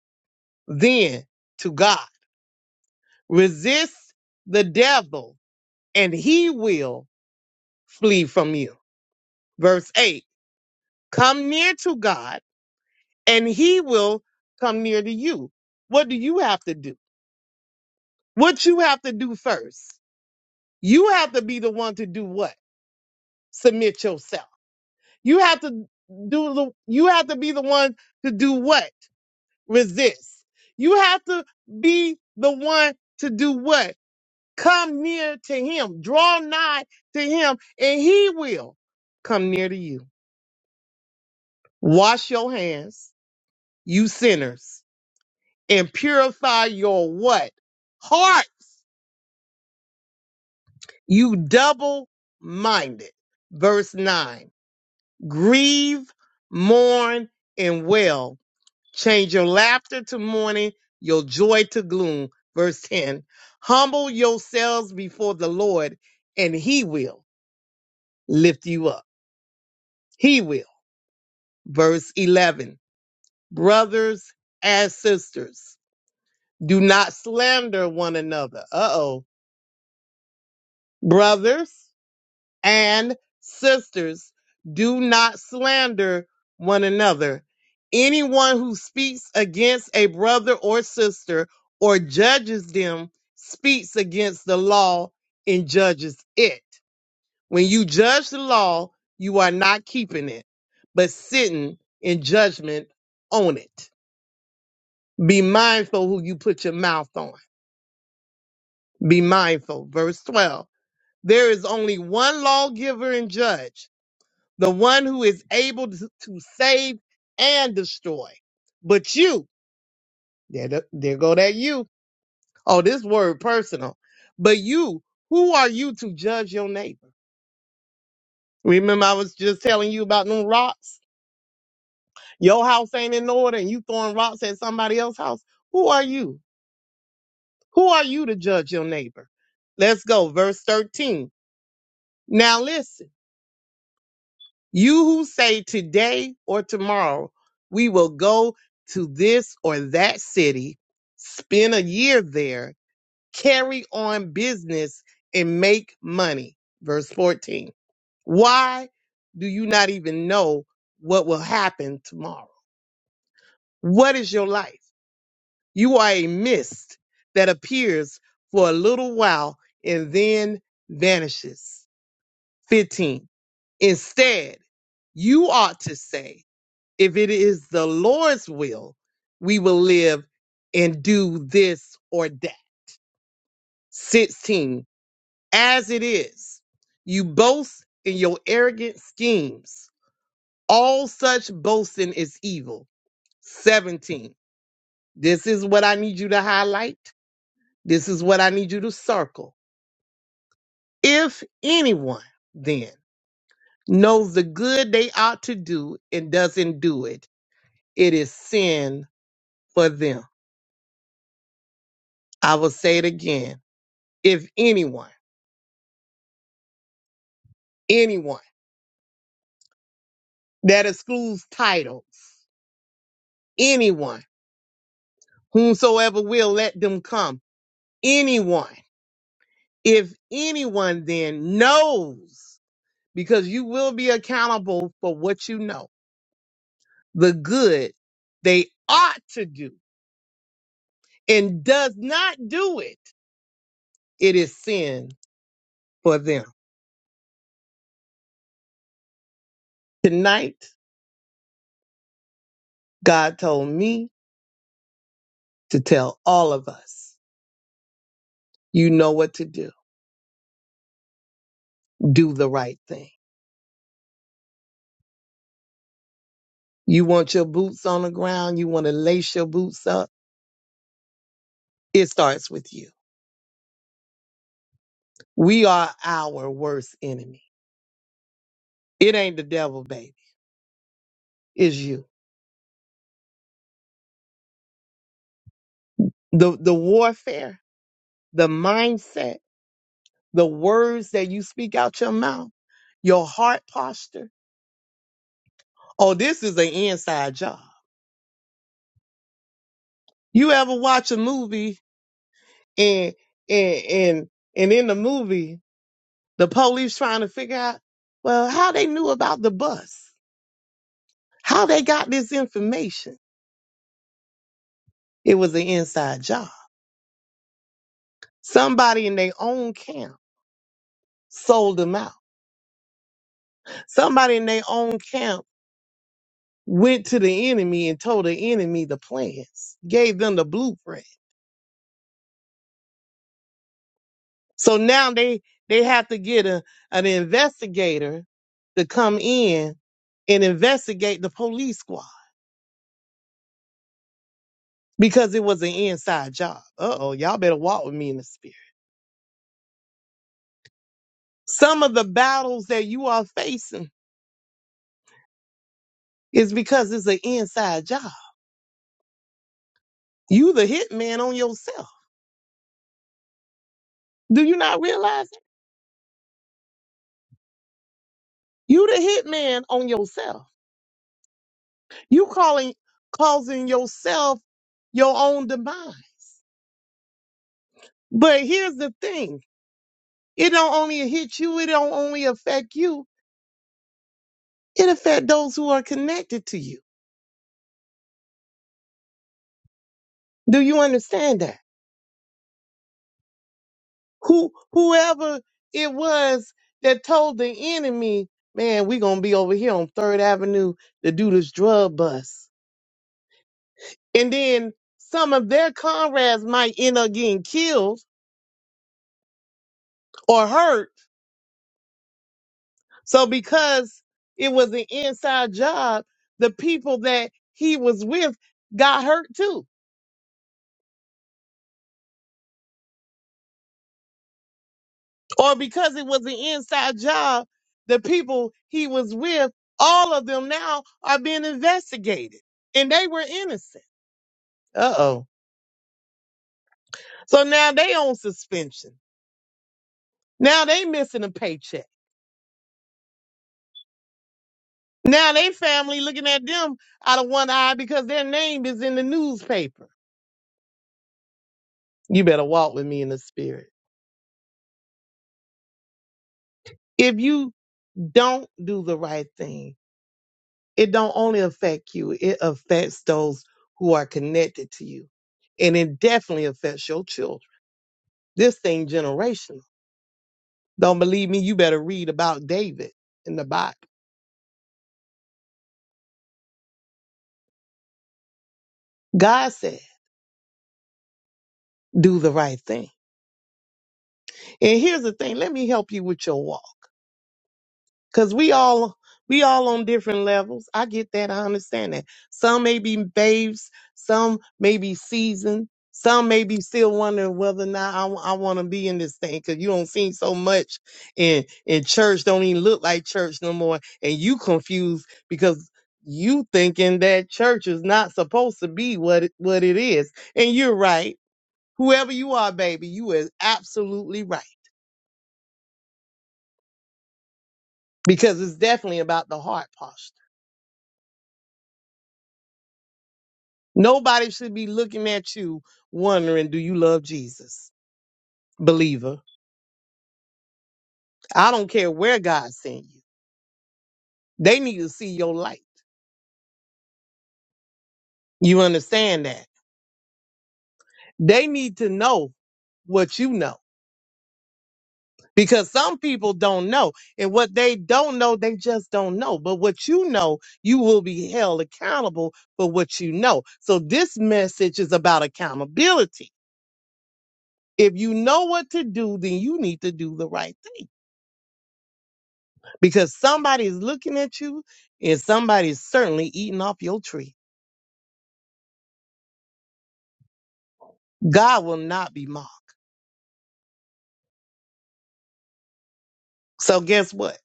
Speaker 4: then to God. Resist the devil and he will flee from you. Verse 8 Come near to God, and he will come near to you. What do you have to do? What you have to do first? You have to be the one to do what? Submit yourself. You have to do the you have to be the one to do what? Resist. You have to be the one to do what? Come near to him. Draw nigh to him and he will come near to you. Wash your hands, you sinners and purify your what? Hearts. You double minded. Verse 9. Grieve, mourn, and wail. Change your laughter to mourning, your joy to gloom. Verse 10. Humble yourselves before the Lord, and he will lift you up. He will. Verse 11. Brothers and sisters, do not slander one another. Uh oh. Brothers and sisters, do not slander one another. Anyone who speaks against a brother or sister or judges them speaks against the law and judges it. When you judge the law, you are not keeping it, but sitting in judgment on it. Be mindful who you put your mouth on. Be mindful. Verse 12. There is only one lawgiver and judge the one who is able to, to save and destroy. But you, there, th- there go that you. Oh, this word personal. But you, who are you to judge your neighbor? Remember, I was just telling you about them rocks. Your house ain't in order, and you throwing rocks at somebody else's house. Who are you? Who are you to judge your neighbor? Let's go, verse thirteen. Now listen. You who say today or tomorrow, we will go to this or that city, spend a year there, carry on business, and make money. Verse 14. Why do you not even know what will happen tomorrow? What is your life? You are a mist that appears for a little while and then vanishes. 15. Instead, you ought to say, if it is the Lord's will, we will live and do this or that. 16. As it is, you boast in your arrogant schemes. All such boasting is evil. 17. This is what I need you to highlight. This is what I need you to circle. If anyone then knows the good they ought to do and doesn't do it, it is sin for them. I will say it again if anyone, anyone that excludes titles, anyone, whomsoever will let them come, anyone, if anyone then knows, because you will be accountable for what you know, the good they ought to do and does not do it, it is sin for them. Tonight, God told me to tell all of us, you know what to do. Do the right thing You want your boots on the ground. You want to lace your boots up. It starts with you. We are our worst enemy. It ain't the devil, baby. It's you. The, the warfare, the mindset, the words that you speak out your mouth, your heart posture. Oh, this is an inside job. You ever watch a movie and, and, and, and in the movie, the police trying to figure out, well, how they knew about the bus, how they got this information It was an inside job. Somebody in their own camp sold them out. Somebody in their own camp went to the enemy and told the enemy the plans, gave them the blueprint. So now they they have to get a, an investigator to come in and investigate the police squad because it was an inside job. Uh oh, y'all better walk with me in the spirit. Some of the battles that you are facing is because it's an inside job. You the hitman on yourself. Do you not realize it? You the hitman on yourself. You calling causing yourself your own demise. But here's the thing. It don't only hit you, it don't only affect you. It affect those who are connected to you. Do you understand that? Who whoever it was that told the enemy, man, we gonna be over here on Third Avenue to do this drug bust. And then some of their comrades might end up getting killed or hurt So because it was an inside job, the people that he was with got hurt too. Or because it was an inside job, the people he was with, all of them now are being investigated and they were innocent. Uh oh. So now they on suspension. Now they missing a paycheck. Now they family looking at them out of one eye because their name is in the newspaper. You better walk with me in the spirit. If you don't do the right thing, It don't only affect you, it affects those who are connected to you. And it definitely affects your children. This thing generational. Don't believe me, you better read about David in the Bible. God said, do the right thing. And here's the thing, let me help you with your walk. Cause we all we all on different levels. I get that. I understand that. Some may be babes, some may be seasoned, some may be still wondering whether or not I, want to be in this thing. Cause you don't see so much in in church. Don't even look like church no more. And you confused because you thinking that church is not supposed to be what it, what it is. And you're right. Whoever you are, baby, you is absolutely right. Because it's definitely about the heart posture. Nobody should be looking at you wondering, do you love Jesus? Believer. I don't care where God sent you. They need to see your light. You understand that? They need to know what you know because some people don't know. And what they don't know, they just don't know. But what you know, you will be held accountable for what you know. So this message is about accountability. If you know what to do, then you need to do the right thing. because somebody's looking at you and somebody's certainly eating off your tree. God will not be mocked. So guess what?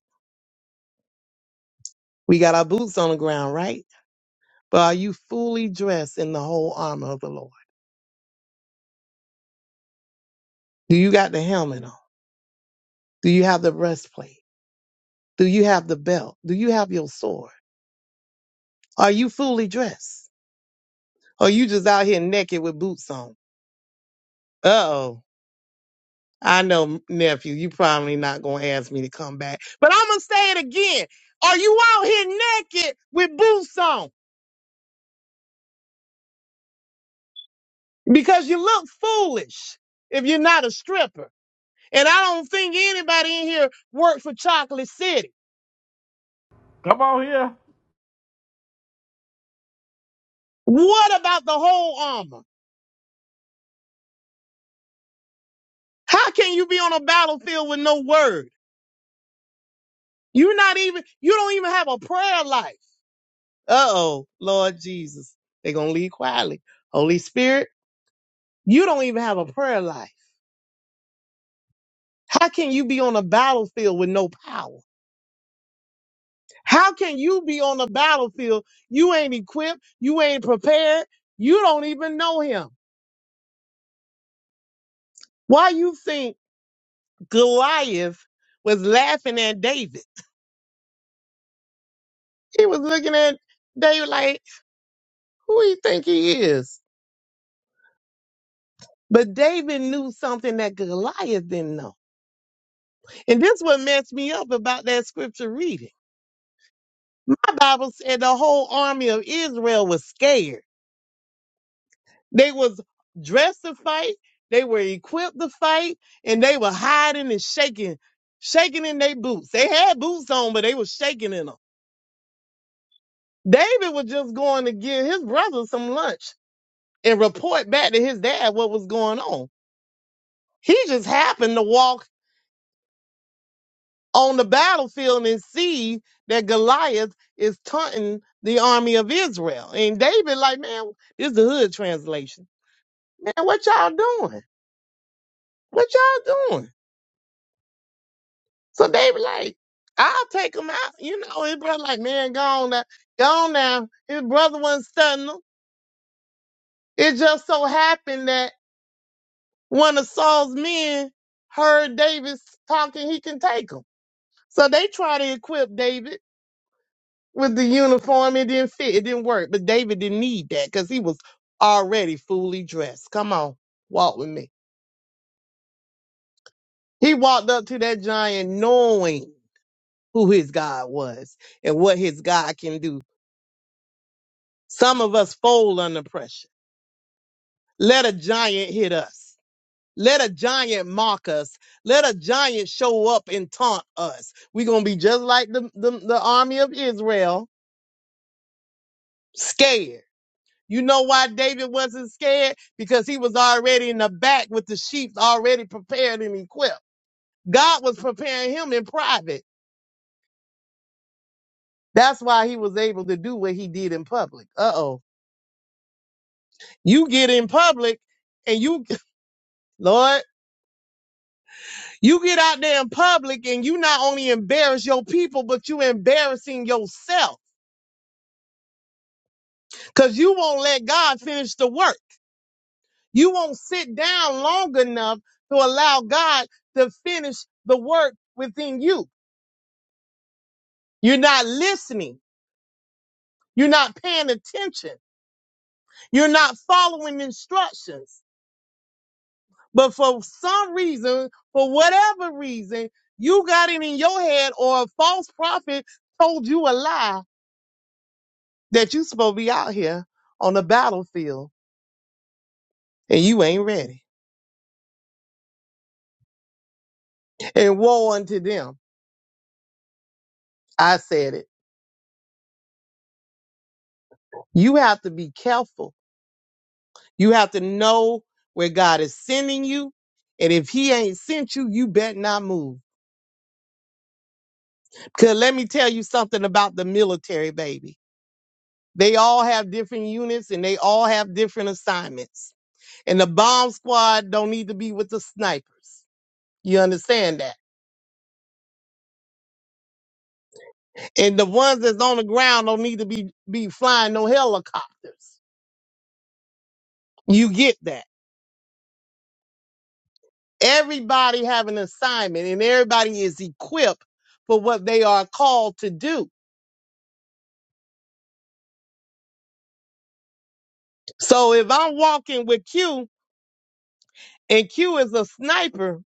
Speaker 4: We got our boots on the ground, right? But are you fully dressed in the whole armor of the Lord? Do you got the helmet on? Do you have the breastplate? Do you have the belt? Do you have your sword? Are you fully dressed? Or you just out here naked with boots on? Uh oh. I know, nephew, you probably not gonna ask me to come back, but I'm gonna say it again. Are you out here naked with boots on? Because you look foolish if you're not a stripper. And I don't think anybody in here worked for Chocolate City.
Speaker 1: Come on here.
Speaker 4: What about the whole armor? How can you be on a battlefield with no word? You're not even, you don't even have a prayer life. Uh oh, Lord Jesus. They're gonna leave quietly. Holy Spirit, you don't even have a prayer life. How can you be on a battlefield with no power? How can you be on the battlefield? You ain't equipped, you ain't prepared, you don't even know him. Why you think Goliath was laughing at David? He was looking at David like, who he think he is? But David knew something that Goliath didn't know. And this what messed me up about that scripture reading. My Bible said the whole army of Israel was scared. They was dressed to fight, they were equipped to fight, and they were hiding and shaking, shaking in their boots. They had boots on, but they was shaking in them. David was just going to give his brother some lunch and report back to his dad what was going on. He just happened to walk on the battlefield and see that Goliath is taunting the army of Israel. And David, like, man, this is the hood translation. Man, what y'all doing? What y'all doing? So they were like, I'll take him out. You know, his brother like, man, go on now. Go on now. His brother wasn't stunning him. It just so happened that one of Saul's men heard David talking he can take him. So they tried to equip David with the uniform. It didn't fit. It didn't work. But David didn't need that because he was already fully dressed. Come on, walk with me. He walked up to that giant knowing who his God was and what his God can do. Some of us fold under pressure. Let a giant hit us. Let a giant mock us. Let a giant show up and taunt us. We're going to be just like the, the, the army of Israel, scared. You know why David wasn't scared? Because he was already in the back with the sheep already prepared and equipped. God was preparing him in private. That's why he was able to do what he did in public. Uh oh. You get in public and you, Lord. You get out there in public and you not only embarrass your people, but you embarrassing yourself because you won't let God finish the work. You won't sit down long enough to allow God to finish the work within you. You're not listening. You're not paying attention. You're not following instructions. But for some reason, for whatever reason, you got it in your head or a false prophet told you a lie that you supposed to be out here on the battlefield and you ain't ready. And woe unto them. I said it. You have to be careful. You have to know where God is sending you. And if he ain't sent you, you bet not move. Because let me tell you something about the military, baby. They all have different units and they all have different assignments. And the bomb squad don't need to be with the snipers. You understand that? And the ones that's on the ground don't need to be, be flying no helicopters. You get that. Everybody have an assignment and everybody is equipped for what they are called to do. So if I'm walking with Q and Q is a sniper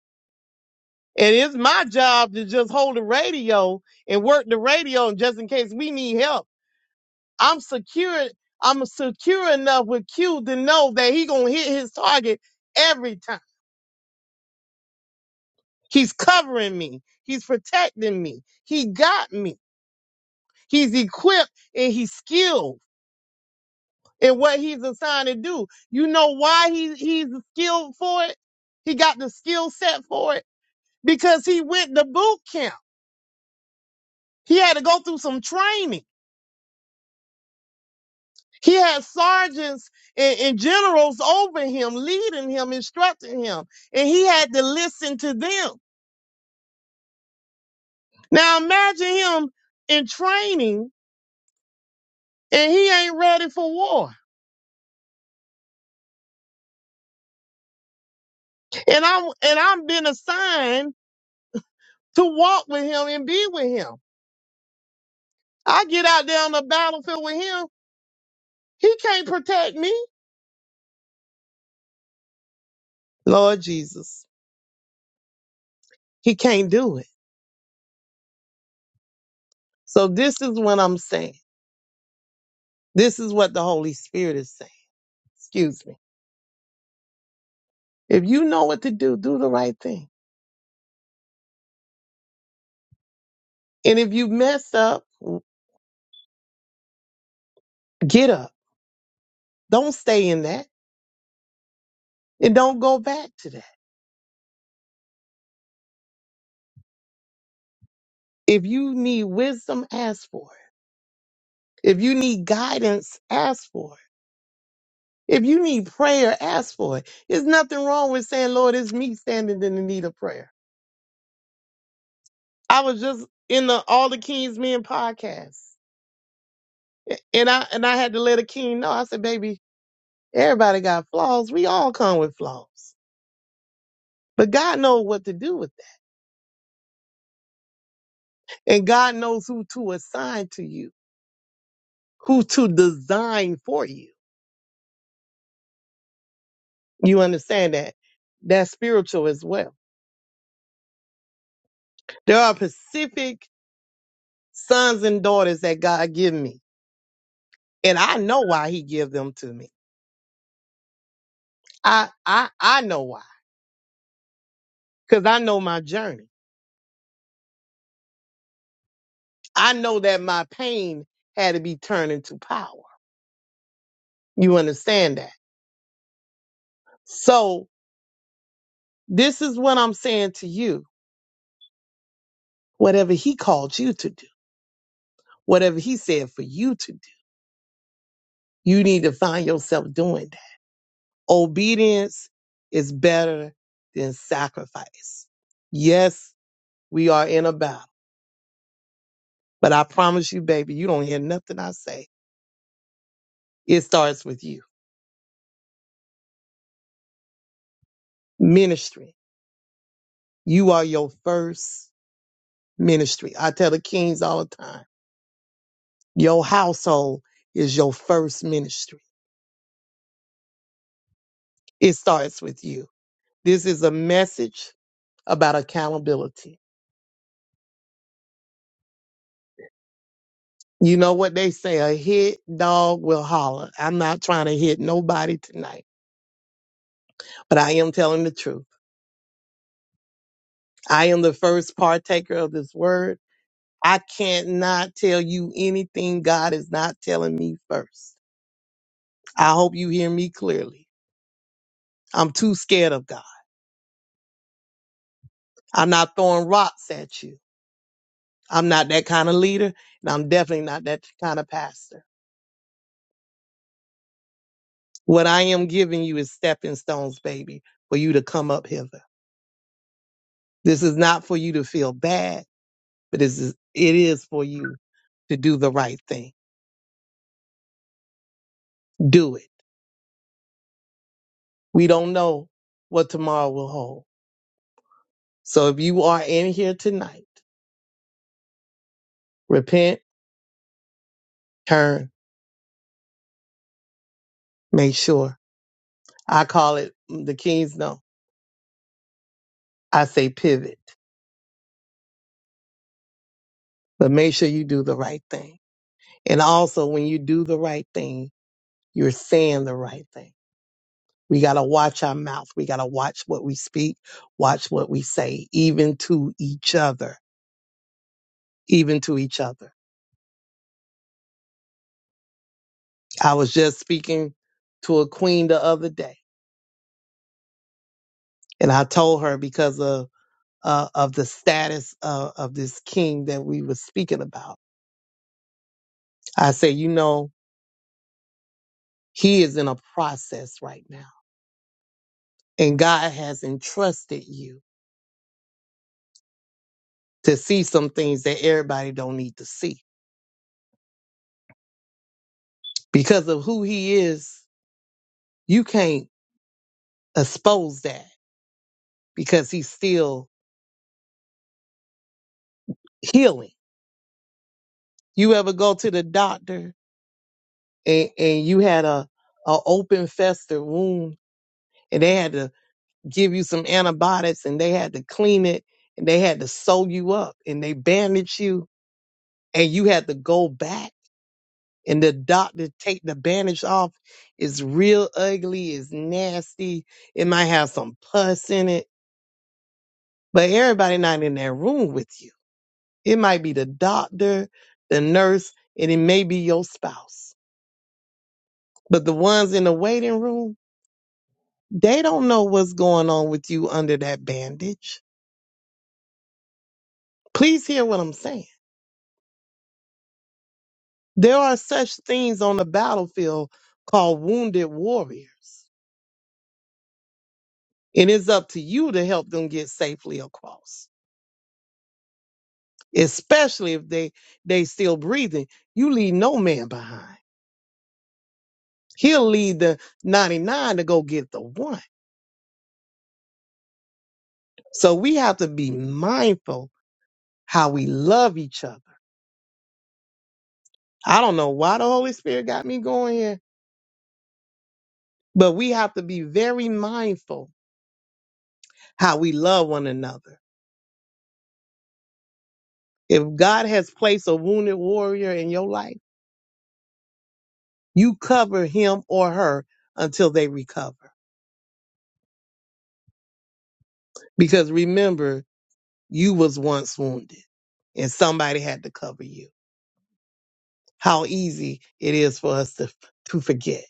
Speaker 4: and it's my job to just hold the radio and work the radio just in case we need help, I'm secure. I'm secure enough with Q to know that he gonna hit his target every time. He's covering me. He's protecting me. He got me. He's equipped and he's skilled in what he's assigned to do. You know why he, he's skilled for it? He got the skill set for it because he went to boot camp. He had to go through some training. He had sergeants and, and generals over him, leading him, instructing him, and he had to listen to them. Now imagine him in training and he ain't ready for war and I'm and I'm been assigned to walk with him and be with him. I get out there on the battlefield with him. He can't protect me. Lord Jesus. He can't do it. So this is what I'm saying. This is what the Holy Spirit is saying. Excuse me. If you know what to do, do the right thing. And if you mess up, get up. Don't stay in that. And don't go back to that. If you need wisdom, ask for it. If you need guidance, ask for it. If you need prayer, ask for it. There's nothing wrong with saying, Lord, it's me standing in the need of prayer. I was just in the All the Kings Men podcast. And I and I had to let a king know. I said, baby, everybody got flaws. We all come with flaws. But God knows what to do with that. And God knows who to assign to you, who to design for you. You understand that? That's spiritual as well. There are specific sons and daughters that God give me. And I know why he give them to me. I I I know why. Cause I know my journey. I know that my pain had to be turned into power. You understand that? So this is what I'm saying to you. Whatever he called you to do, whatever he said for you to do, you need to find yourself doing that. Obedience is better than sacrifice. Yes, we are in a battle, but I promise you, baby, you don't hear nothing I say. It starts with you. Ministry. You are your first ministry. I tell the kings all the time, your household is your first ministry. It starts with you. This is a message about accountability. You know what they say, a hit dog will holler. I'm not trying to hit nobody tonight, but I am telling the truth. I am the first partaker of this word. I can't not tell you anything God is not telling me first. I hope you hear me clearly. I'm too scared of God. I'm not throwing rocks at you. I'm not that kind of leader, and I'm definitely not that kind of pastor. What I am giving you is stepping stones, baby, for you to come up hither. This is not for you to feel bad, but this is, it is for you to do the right thing. Do it. We don't know what tomorrow will hold. So if you are in here tonight, repent, turn, make sure. I call it mm, the king's no. I say pivot, but make sure you do the right thing. And also when you do the right thing, You're saying the right thing. We got to watch our mouth. We got to watch what we speak, watch what we say, even to each other, even to each other. I was just speaking to a queen the other day, and I told her because of uh, of the status of, of this king that we were speaking about. I said, you know, he is in a process right now, and God has entrusted you to see some things that everybody don't need to see because of who he is. You can't. expose that because he's still healing. You ever go to the doctor and, and you had a, a open fester wound and they had to give you some antibiotics and they had to clean it and they had to sew you up and they bandage you and you had to go back and the doctor take the bandage off. It's real ugly. It's nasty. It might have some pus in it, but everybody not in that room with you It might be the doctor, the nurse, and it may be your spouse. But the ones in the waiting room, they don't know what's going on with you under that bandage. Please hear what I'm saying. There are such things on the battlefield called wounded warriors. And it's up to you to help them get safely across, especially if they they still breathing. You leave no man behind. He'll leave the 99 to go get the one. So we have to be mindful how we love each other. I don't know why the Holy Spirit got me going here, but we have to be very mindful how we love one another. If God has placed a wounded warrior in your life, you cover him or her until they recover. Because remember, you was once wounded and somebody had to cover you. How easy it is for us to, to forget.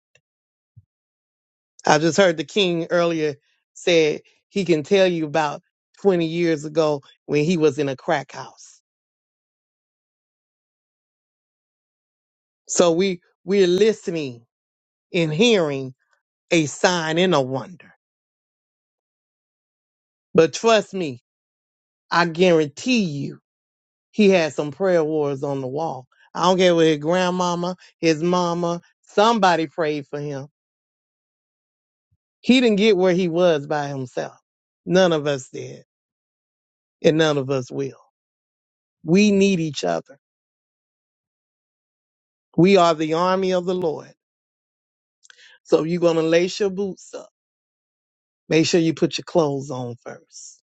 Speaker 4: I just heard the king earlier said he can tell you about 20 years ago when he was in a crack house. So we we're listening and hearing a sign and a wonder. But trust me, I guarantee you, he had some prayer warriors on the wall. I don't care what his grandmama, his mama, somebody prayed for him. He didn't get where he was by himself. None of us did, and none of us will. We need each other. We are the army of the Lord So you're going to lace your boots up. Make sure you put your clothes on first.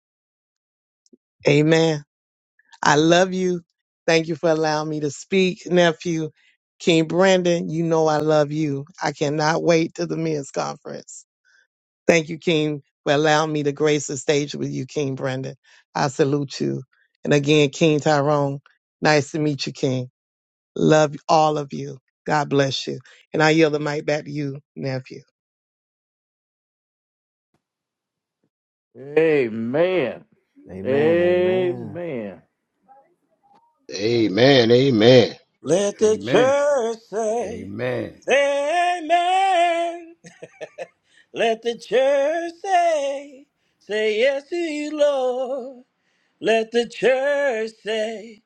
Speaker 4: Amen. I love you. Thank you for allowing me to speak, nephew. King Brandon, you know I love you. I cannot wait to the men's conference. Thank you, King, for allowing me to grace the stage with you, King Brandon. I salute you. And again, King Tyrone, nice to meet you, King. Love all of you. God bless you. And I yield the mic back to you, nephew.
Speaker 1: Amen.
Speaker 2: Amen. Amen.
Speaker 1: Amen.
Speaker 3: Amen. Amen.
Speaker 6: Let the
Speaker 5: Amen.
Speaker 6: church say,
Speaker 5: Amen.
Speaker 6: Amen. Let the church say, Say yes to you, Lord. Let the church say,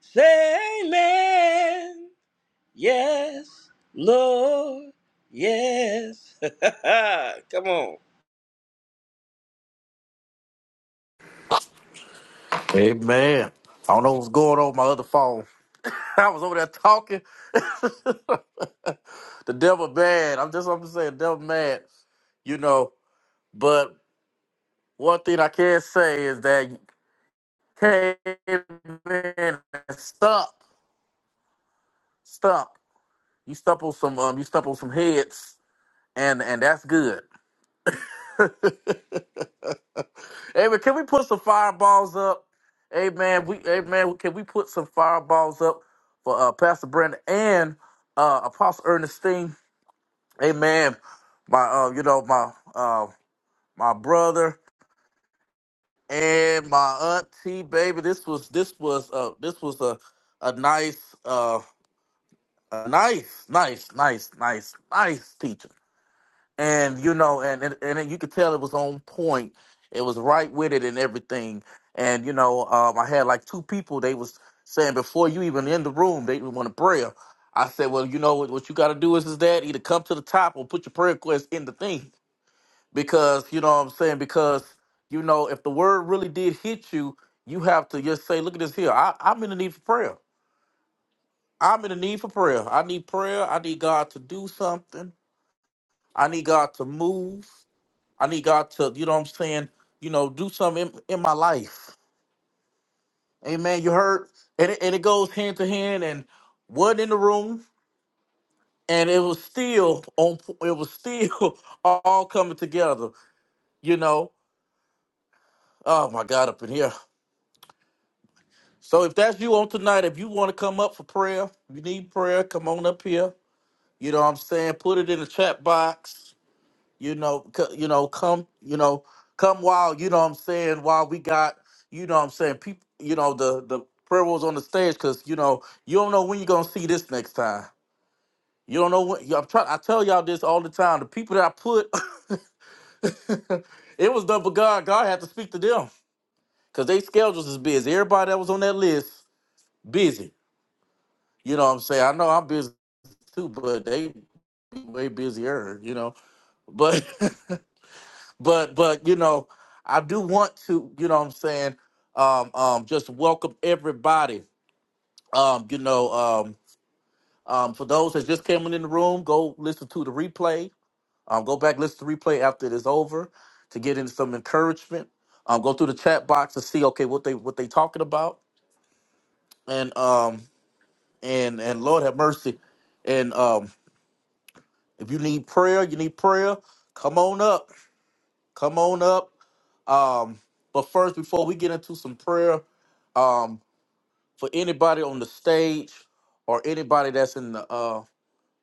Speaker 6: Say Amen. Yes, Lord. Yes. Come on.
Speaker 7: Hey man, I don't know what's going on with my other phone. I was over there talking. the devil bad. I'm just I'm just saying, devil mad. You know, but one thing I can say is that you came in and stump, stump. You stump on some um, you stump on some heads, and and that's good. Hey man, can we put some fireballs up? Hey man, we hey man, can we put some fireballs up for uh, Pastor Brandon and uh, Apostle Ernestine? Hey man, my uh, you know my uh, my brother and my auntie, baby. This was this was uh this was a a nice uh a nice nice nice nice nice teacher. and you know, and and, and you could tell it was on point. It was right with it and everything. And you know, um, I had like two people. They was saying before you even in the room, they want a prayer. I said, well, you know what? What you got to do is is that either come to the top or put your prayer request in the thing because you know what I'm saying because you know if the word really did hit you, you have to just say, look at this here. I, I'm in the need for prayer. I'm in the need for prayer. I need prayer. I need God to do something. I need God to move. I need God to, you know what I'm saying, you know, do something in, in my life. Amen. You heard? And it, and it goes hand to hand and wasn't in the room and it was still on it was still all coming together, you know. Oh my God up in here. So if that's you on tonight, if you want to come up for prayer, you need prayer, come on up here. You know what I'm saying? Put it in the chat box. you know c- you know come you know come while you know what i'm saying while we got you know what i'm saying people you know the the plurals on the stage because you know you don't know when you're gonna see this next time you don't know when i'm trying i tell y'all this all the time the people that i put it was done for god god had to speak to them because they schedules is busy everybody that was on that list busy you know what i'm saying i know i'm busy too but they way busier you know but but but you know i do want to you know what i'm saying um um just welcome everybody um you know um um for those that just came in the room go listen to the replay um go back listen to the replay after it is over to get in some encouragement um go through the chat box to see okay what they what they talking about and um and and lord have mercy and um if you need prayer you need prayer come on up come on up Um, but first, before we get into some prayer, um, for anybody on the stage or anybody that's in the uh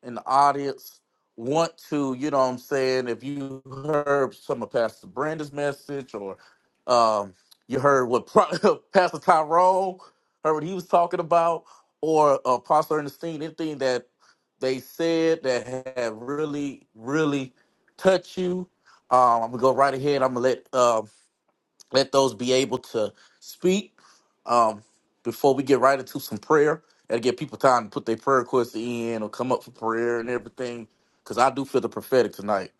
Speaker 7: in the audience, want to, you know what I'm saying, if you heard some of Pastor Brandon's message or um you heard what Pro- Pastor Tyrone heard what he was talking about, or uh Pastor Ernestine, anything that they said that had really, really touched you. Um, I'm gonna go right ahead. I'm gonna let um let those be able to speak um, before we get right into some prayer and give people time to put their prayer requests in or come up for prayer and everything. Because I do feel the prophetic tonight,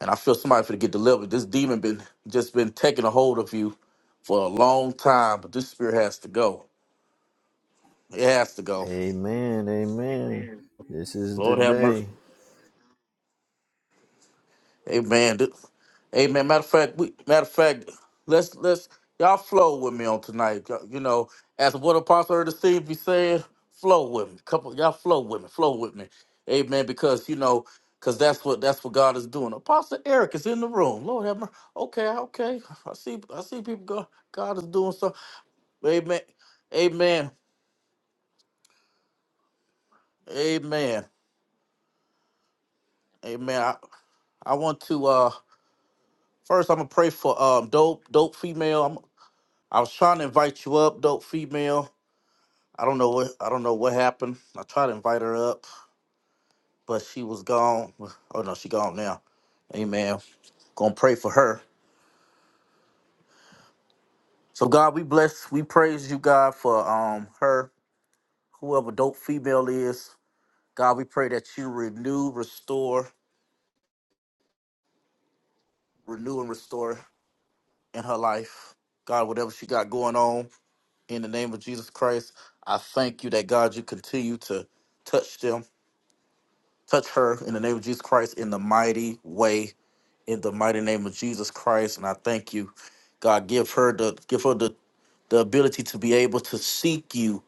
Speaker 7: and I feel somebody for to get delivered. This demon been just been taking a hold of you for a long time, but this spirit has to go. It has to go.
Speaker 2: Amen. Amen. This is the
Speaker 7: Lord have mercy.
Speaker 2: day.
Speaker 7: Amen. Th- Amen. Matter of fact, we, matter of fact, let's let's y'all flow with me on tonight. Y- You know, as what Apostle Ernest Steve be saying, flow with me. Couple y'all flow with me, flow with me. Amen. Because you know, because that's what that's what God is doing. Apostle Eric is in the room. Lord have mercy. Okay, okay. I see I see people go God is doing so. Amen. Amen. Amen. Amen. I, I want to uh first I'm gonna pray for um dope dope female. I was trying to invite you up, dope female. I don't know what I don't know what happened. I tried to invite her up, but she was gone. Oh no, she gone now. Amen. Gonna pray for her. So God, we bless, we praise you, God, for um her, whoever dope female is. God, we pray that you renew, restore, renew and restore in her life. God, whatever she got going on, in the name of Jesus Christ, I thank you that God, you continue to touch them Touch her in the name of Jesus Christ in the mighty way, in the mighty name of Jesus Christ. And I thank you, God. Give her the give her the, the ability to be able to seek you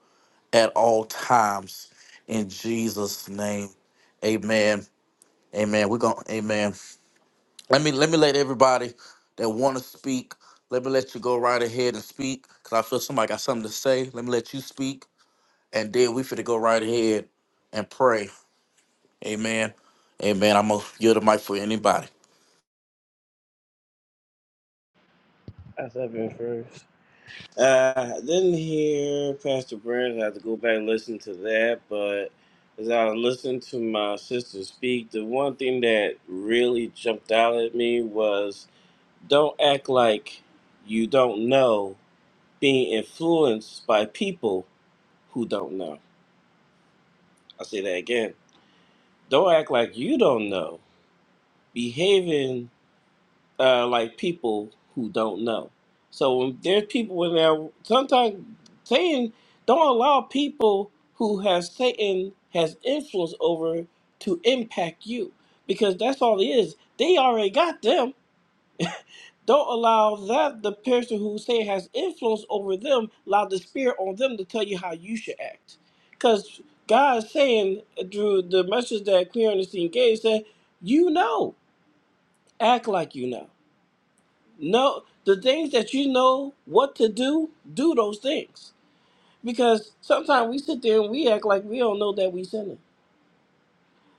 Speaker 7: at all times. In Jesus' name. Amen. Amen. We're gonna amen. Let me let me let everybody that wanna speak, let me let you go right ahead and speak. Cause I feel somebody got something to say. Let me let you speak. And then we finna go right ahead and pray. Amen. Amen. I'm gonna give the mic for anybody.
Speaker 6: That's up in first. Uh, I didn't hear Pastor Burns. I have to go back and listen to that. But as I listened to my sister speak, the one thing that really jumped out at me was don't act like you don't know being influenced by people who don't know. I'll say that again. Don't act like you don't know behaving uh, like people who don't know. So when there's people in there, sometimes Satan don't allow people who has Satan has influence over to impact you because that's all it is. They already got them. Don't allow that the person who Satan has influence over them allow the spirit on them to tell you how you should act. Because God is saying through the message that Clear Understanding gave said, you know, act like you know. No, the things that you know what to do, do those things. Because sometimes we sit there and we act like we don't know that we sinning.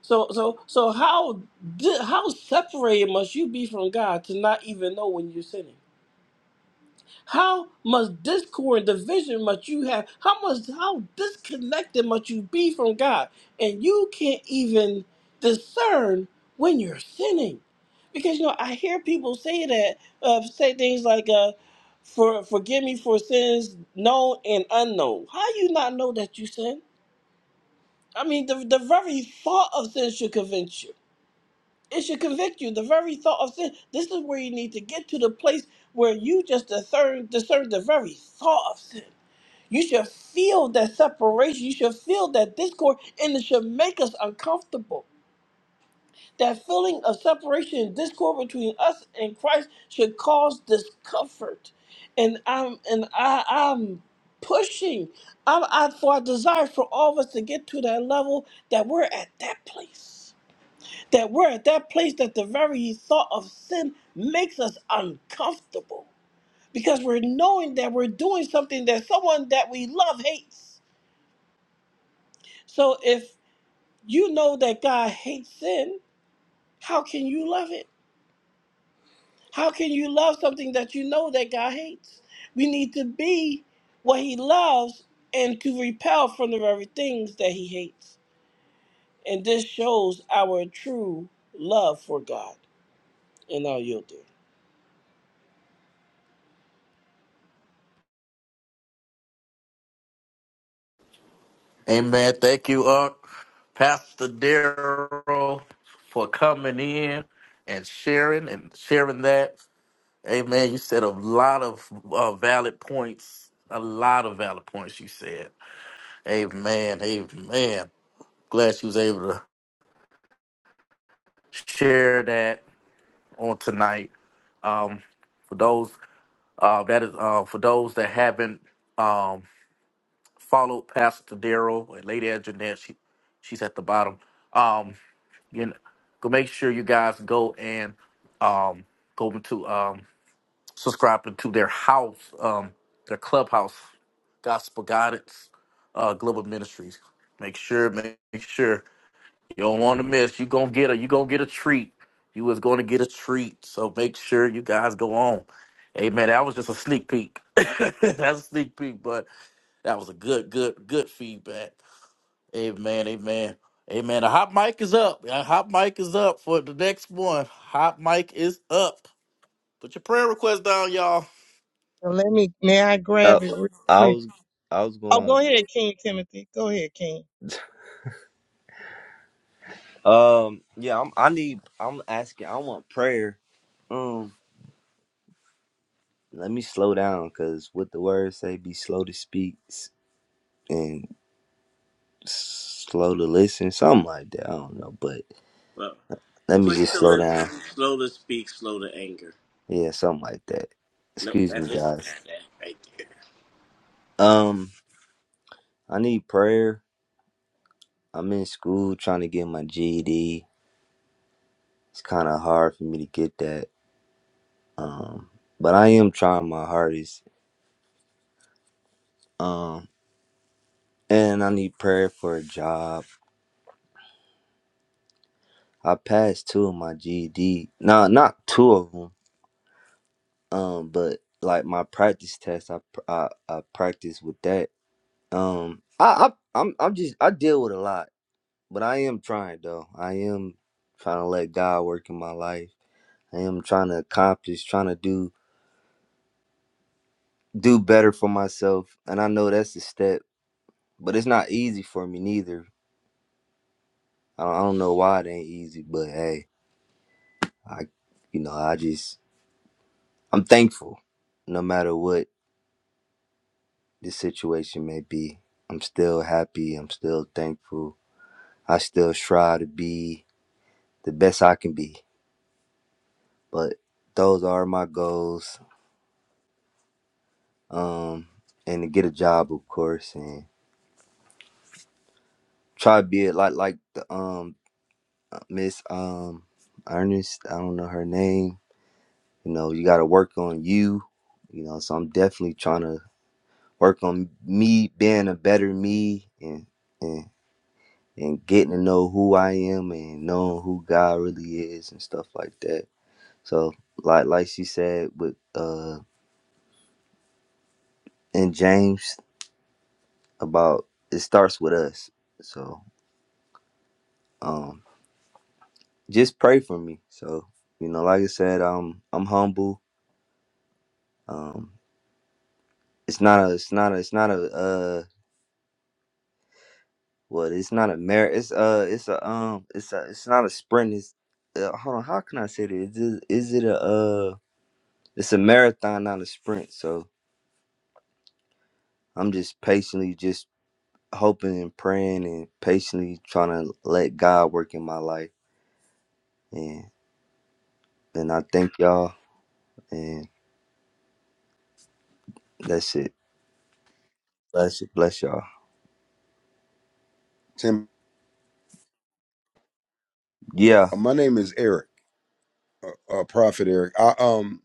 Speaker 6: So, so, so how di- how separated must you be from God to not even know when you're sinning? How much discord and division must you have? How much how disconnected must you be from God? And you can't even discern when you're sinning. Because you know, I hear people say that, uh, say things like, uh, for forgive me for sins known and unknown. How you not know that you sin? I mean, the, the very thought of sin should convince you. It should convict you. The very thought of sin. This is where you need to get to the place where you just discern, discern the very thought of sin. You should feel that separation. You should feel that discord, and it should make us uncomfortable. That feeling of separation and discord between us and Christ should cause discomfort. And I'm and I, I'm pushing. I'm I, for I desire for all of us to get to that level that we're at that place that we're at that place that the very thought of sin makes us uncomfortable because we're knowing that we're doing something that someone that we love hates. So if you know that God hates sin, how can you love it? How can you love something that you know that God hates? We need to be what he loves and to repel from the very things that he hates. And this shows our true love for God. And I'll yield there.
Speaker 7: Amen. Thank you, Unc, Pastor Daryl, for coming in and sharing and sharing that. Amen. You said a lot of uh, valid points. A lot of valid points. You said. Amen. Amen. Glad she was able to share that on tonight. Um, for those uh, that is uh, for those that haven't um, followed Pastor Daryl and Lady Jeanette. She, she's at the bottom. Um, you know, go make sure you guys go and um go into um subscribing to their house, um, their clubhouse, Gospel Guidance, uh, Global Ministries. Make sure, make sure you don't want to miss. You gonna get a, you gonna get a treat. You was gonna get a treat. So make sure you guys go on. Hey man, that was just a sneak peek. That's a sneak peek, but that was a good, good, good feedback. Amen, amen, amen. The hot mic is up. The hot mic is up for the next one. Hot mic is up. Put your prayer request down, y'all.
Speaker 4: Now let me, may I
Speaker 8: I,
Speaker 4: grab it real
Speaker 8: I
Speaker 4: quick?
Speaker 8: was I was
Speaker 4: Oh, go
Speaker 8: going.
Speaker 4: ahead, King Timothy. Go ahead, King.
Speaker 8: Um, yeah, I'm. I need. I'm asking. I want prayer. Um, let me slow down, cause what the words say, be slow to speak s- and slow to listen, something like that. I don't know, but let me just slow
Speaker 6: Well,
Speaker 8: down.
Speaker 6: Slow to speak, slow to anger.
Speaker 8: Yeah, something like that.
Speaker 6: Nope,
Speaker 8: Excuse me,
Speaker 6: that's it.
Speaker 8: guys. Um, I need prayer. I'm in school trying to get my GED. It's kind of hard for me to get that. Um, but I am trying my hardest. um. And I need prayer for a job. I passed two of my GED. Nah, not two of them. Um, but like my practice test, I pr- I, I practice with that. Um, I, I I'm I'm just I deal with a lot, but I am trying though. I am trying to let God work in my life. I am trying to accomplish, trying to do do better for myself, and I know that's a step, but it's not easy for me neither. I don't, I don't know why it ain't easy, but hey, I you know I just I'm thankful no matter what the situation may be. I'm still happy. I'm still thankful. I still strive to be the best I can be. But those are my goals. Um, and to get a job, of course, and try to be a lot like the um Miss um Ernest. I don't know her name. You know, you got to work on you. You know, so I'm definitely trying to work on me being a better me and and and getting to know who I am and knowing who God really is and stuff like that. So like like she said with uh in James about it starts with us. So um just pray for me. So you know like I said um I'm humble. Um it's not a it's not a it's not a uh what it's not a mar. it's uh it's a um it's a it's not a sprint it's uh, hold on how can I say this is it, is it a uh it's a marathon not a sprint so I'm just patiently just hoping and praying and patiently trying to let God work in my life. And and I thank y'all and that's it. Bless it, bless y'all.
Speaker 9: Tim,
Speaker 8: Yeah,
Speaker 9: uh, my name is Eric, uh, uh, Prophet Eric. I, um,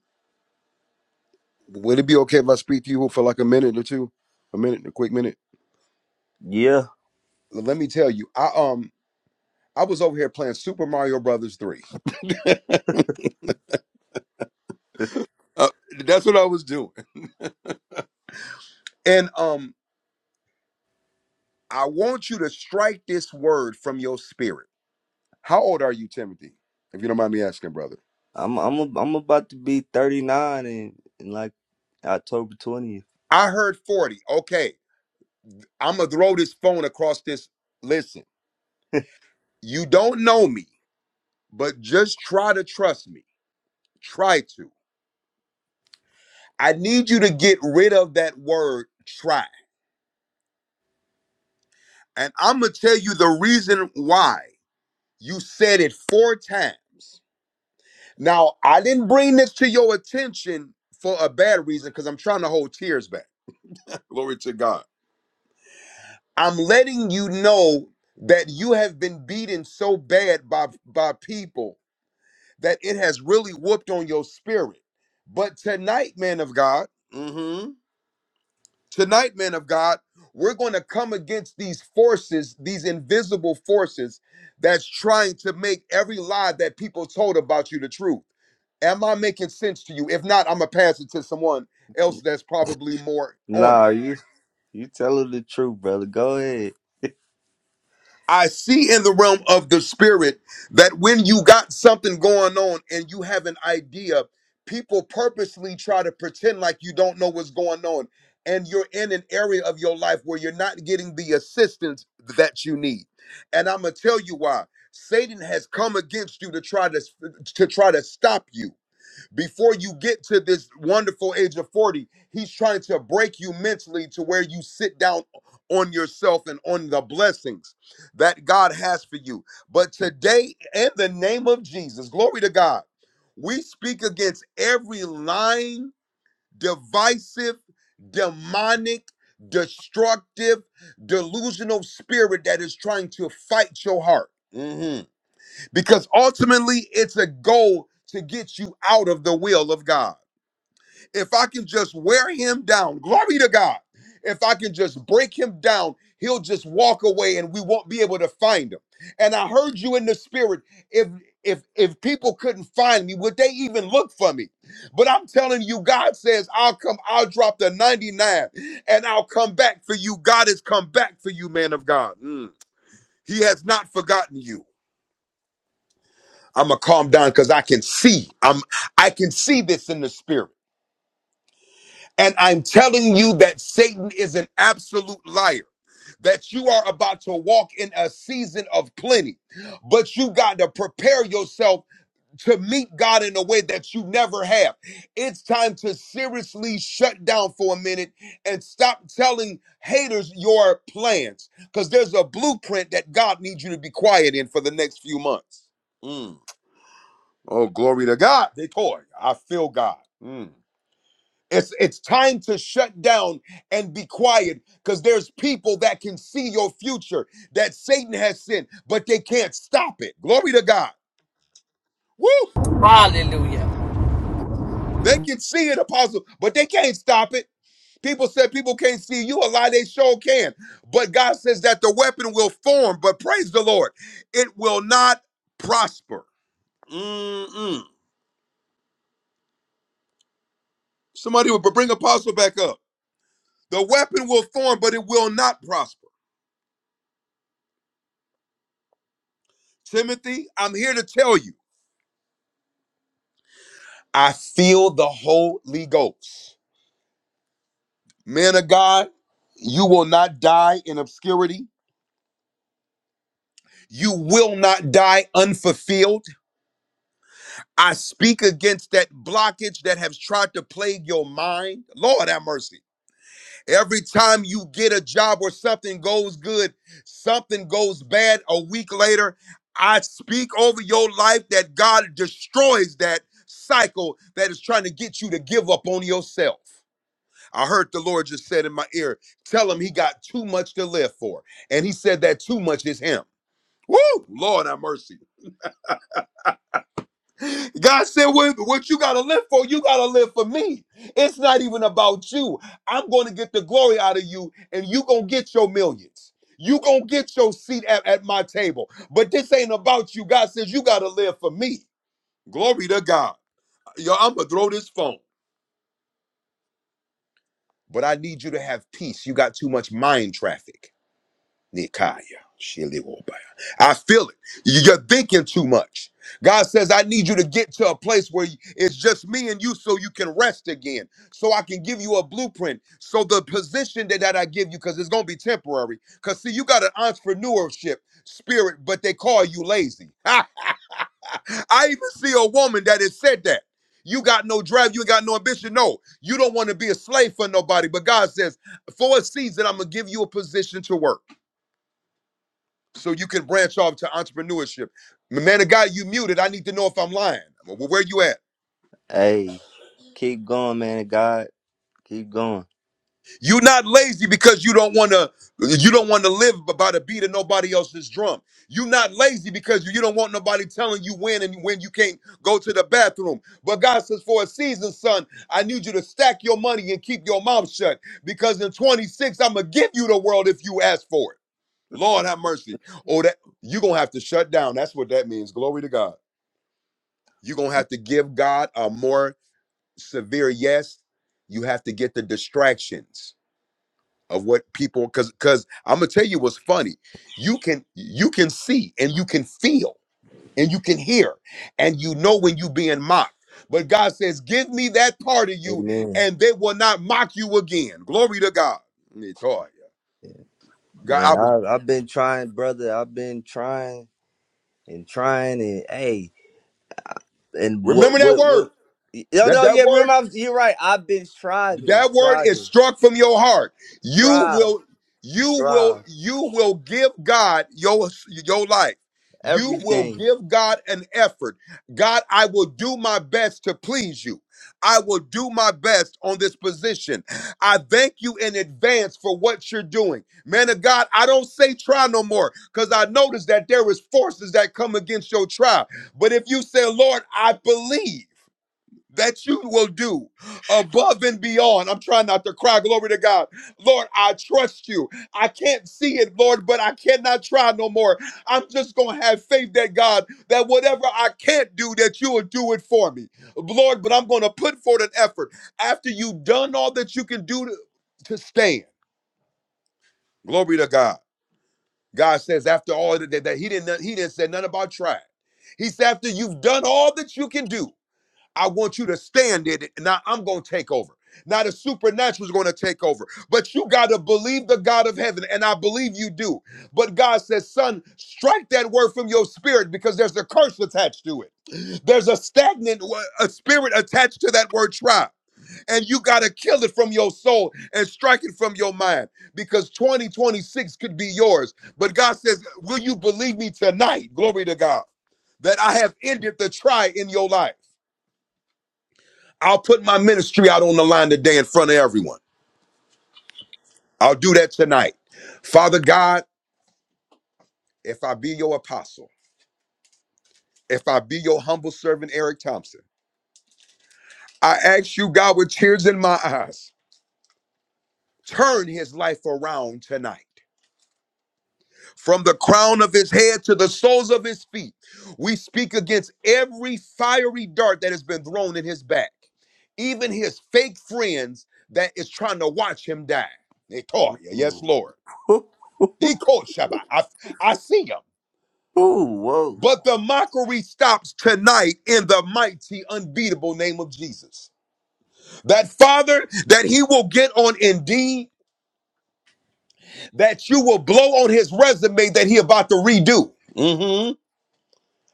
Speaker 9: would it be okay if I speak to you for like a minute or two, a minute, a quick minute?
Speaker 8: yeah.
Speaker 9: L- Let me tell you, I um, I was over here playing Super Mario Brothers three. Uh, that's what I was doing, and um, I want you to strike this word from your spirit. How old are you, Timothy? If you don't mind me asking, brother.
Speaker 8: I'm I'm a, I'm about to be 39 in, in like October 20th.
Speaker 9: I heard forty. Okay, I'm gonna throw this phone across this. Listen, you don't know me, but just try to trust me. Try to. I need you to get rid of that word try. And I'm going to tell you the reason why. You said it four times. Now, I didn't bring this to your attention for a bad reason because I'm trying to hold tears back. Glory to God. I'm letting you know that you have been beaten so bad by, by people that it has really whooped on your spirit. But tonight, man of God, mhm, Tonight, men of God, we're going to come against these forces, these invisible forces that's trying to make every lie that people told about you the truth. Am I making sense to you? If not, I'm going to pass it to someone else that's probably more on it.
Speaker 8: Nah, you you telling the truth, brother. Go ahead.
Speaker 9: I see in the realm of the spirit that when you got something going on and you have an idea, people purposely try to pretend like you don't know what's going on. And you're in an area of your life where you're not getting the assistance that you need. And I'm gonna tell you why. Satan has come against you to try to to try to stop you before you get to this wonderful age of 40 he's trying to break you mentally to where you sit down on yourself and on the blessings that god has for you but today in the name of jesus glory to god we speak against every lying divisive demonic destructive delusional spirit that is trying to fight your heart Mhm because ultimately it's a goal to get you out of the will of God. If I can just wear him down, glory to God. If I can just break him down, he'll just walk away and we won't be able to find him. And I heard you in the spirit if if if people couldn't find me, would they even look for me? But I'm telling you God says I'll come I'll drop the 99 and I'll come back for you. God has come back for you, man of God. Mm. He has not forgotten you. I'm gonna calm down because I can see. I'm I can see this in the spirit. And I'm telling you that Satan is an absolute liar, that you are about to walk in a season of plenty, but you got to prepare yourself to meet God in a way that you never have. It's time to seriously shut down for a minute and stop telling haters your plans because there's a blueprint that God needs you to be quiet in for the next few months. Mm. Oh, glory to God. They toy. I feel God. Mm. It's it's time to shut down and be quiet because there's people that can see your future that Satan has sent, but they can't stop it. Glory to God. Woo!
Speaker 10: Hallelujah.
Speaker 9: They can see it, apostle, but they can't stop it. People said people can't see you. A lie they sure can. But God says that the weapon will form, but praise the Lord, it will not prosper. Mm-mm. Somebody would bring apostle back up. The weapon will form, but it will not prosper. Timothy, I'm here to tell you, I feel the Holy Ghost. Man of God, you will not die in obscurity. You will not die unfulfilled. I speak against that blockage that has tried to plague your mind. Lord have mercy. Every time you get a job or something goes good, something goes bad a week later, I speak over your life that God destroys that cycle that is trying to get you to give up on yourself. I heard the Lord just said in my ear, tell him he got too much to live for. And he said that too much is him. Woo! Lord have mercy. God said, what, what you got to live for, you got to live for me. It's not even about you. I'm going to get the glory out of you, and you going to get your millions. you going to get your seat at, at my table. But this ain't about you. God says, you got to live for me. Glory to God. Yo, I'm going to throw this phone. But I need you to have peace. You got too much mind traffic. Nikaya. Shiliobaya. I feel it. You- You're thinking too much. God says, I need you to get to a place where it's just me and you so you can rest again, so I can give you a blueprint. So the position that, that I give you, because it's going to be temporary, because see, you got an entrepreneurship spirit, but they call you lazy. I even see a woman that has said that. You got no drive, you ain't got no ambition. No, you don't want to be a slave for nobody. But God says, for a season, I'm going to give you a position to work so you can branch off to entrepreneurship. Man of God, you muted. I need to know if I'm lying. Well, where you at?
Speaker 8: Hey, keep going, man. of God, keep going.
Speaker 9: You're not lazy because you don't want to. You don't want to live by the beat of nobody else's drum. You're not lazy because you don't want nobody telling you when and when you can't go to the bathroom. But God says, for a season, son, I need you to stack your money and keep your mouth shut because in 26, I'm gonna give you the world if you ask for it. Lord have mercy. Oh, that you're gonna have to shut down. That's what that means. Glory to God. You're going to have to give God a more severe yes. You have to get the distractions of what people cuz cuz I'm going to tell you what's funny. You can you can see and you can feel and you can hear and you know when you being mocked. But God says, "Give me that part of you
Speaker 8: Amen.
Speaker 9: and they will not mock you again." Glory to God. God, I
Speaker 8: Man,
Speaker 9: was
Speaker 8: I I've been trying, brother. I've been trying and trying and hey. And what
Speaker 9: remember that
Speaker 8: what what?
Speaker 9: word.
Speaker 8: No,
Speaker 9: That
Speaker 8: no,
Speaker 9: that
Speaker 8: yeah.
Speaker 9: word
Speaker 8: Remember, I was, you're right. I've been striving,
Speaker 9: That word is
Speaker 8: striving,
Speaker 9: struck from your heart. You
Speaker 8: strive,
Speaker 9: will, you will,
Speaker 8: strive,
Speaker 9: you will give God your your life. You will
Speaker 8: everything.
Speaker 9: give God an effort. God, I will do my best to please you. I will do my best on this position. I thank you in advance for what you're doing. Man of God, I don't say try no more because I notice that there is forces that come against your trial. But if you say, Lord, I believe that you will do above and beyond. I'm trying not to cry. Glory to God. Lord, I trust you. I can't see it, Lord, but I cannot try no more. I'm just going to have faith that God, that whatever I can't do, that you will do it for me. Lord, but I'm going to put forth an effort. After you've done all that you can do to, to stand, glory to God. God says after all that, that he didn't he didn't say nothing about trying. He said after you've done all that you can do, I want you to stand in it. Now I'm going to take over. Now the supernatural is going to take over. But you got to believe the God of heaven, and I believe you do. But God says, son, strike that word from your spirit because there's a curse attached to it. There's a stagnant wo- a spirit attached to that word try. And you got to kill it from your soul and strike it from your mind because 2026 could be yours. But God says, will you believe me tonight? Glory to God. That I have ended the try in your life I'll put my ministry out on the line today in front of everyone. I'll do that tonight. Father God, if I be your apostle, if I be your humble servant, Eric Thompson, I ask you, God, with tears in my eyes, turn his life around tonight. From the crown of his head to the soles of his feet, we speak against every fiery dart that has been thrown in his back, even his fake friends that is trying to watch him die. They tell you, Yes,
Speaker 8: Ooh.
Speaker 9: Lord. He called Shabbat. I, I see him.
Speaker 8: Ooh, whoa,
Speaker 9: But the mockery stops tonight in the mighty, unbeatable name of Jesus. That father that he will get on Indeed, that you will blow on his resume that he about to redo. Mhm.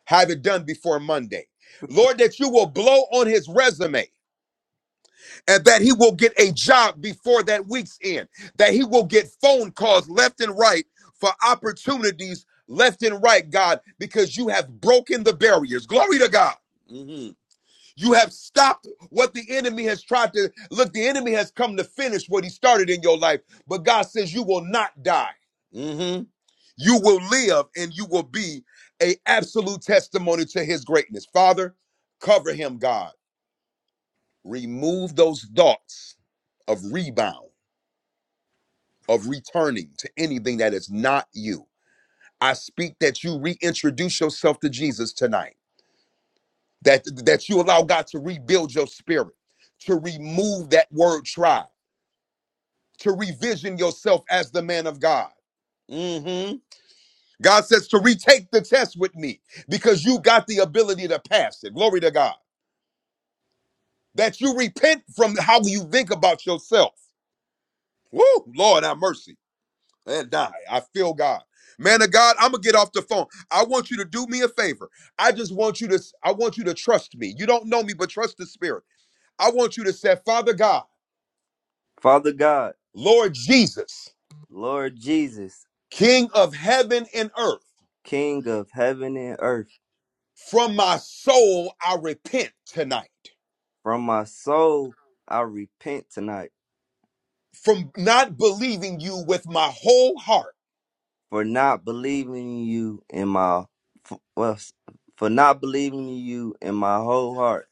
Speaker 9: Have it done before Monday. Lord, that you will blow on his resume. and that he will get a job before that week's end, that he will get phone calls left and right for opportunities left and right, God, because you have broken the barriers. Glory to God. Mhm. You have stopped what the enemy has tried to look. The enemy has come to finish what he started in your life, but God says you will not die. Mhm. You will live, and you will be a absolute testimony to His greatness. Father, cover him, God remove those thoughts of rebound, of returning to anything that is not you. I speak that you reintroduce yourself to Jesus tonight, that, that you allow God to rebuild your spirit, to remove that word try, to revision yourself as the man of God. hmm God says to retake the test with me because you got the ability to pass it. Glory to God. That you repent from how you think about yourself. Woo, Lord, have mercy and die. I feel God. Man of God, I'm gonna get off the phone. I want you to do me a favor. I just want you to I want you to trust me. You don't know me, but trust the spirit. I want you to say, Father God,
Speaker 8: Father God,
Speaker 9: Lord Jesus,
Speaker 8: Lord Jesus,
Speaker 9: King of heaven and earth,
Speaker 8: King of heaven and earth,
Speaker 9: from my soul I repent tonight.
Speaker 8: from my soul I repent tonight
Speaker 9: From not believing you with my whole heart.
Speaker 8: for not believing in you in my for, well, for not believing in you in my whole heart.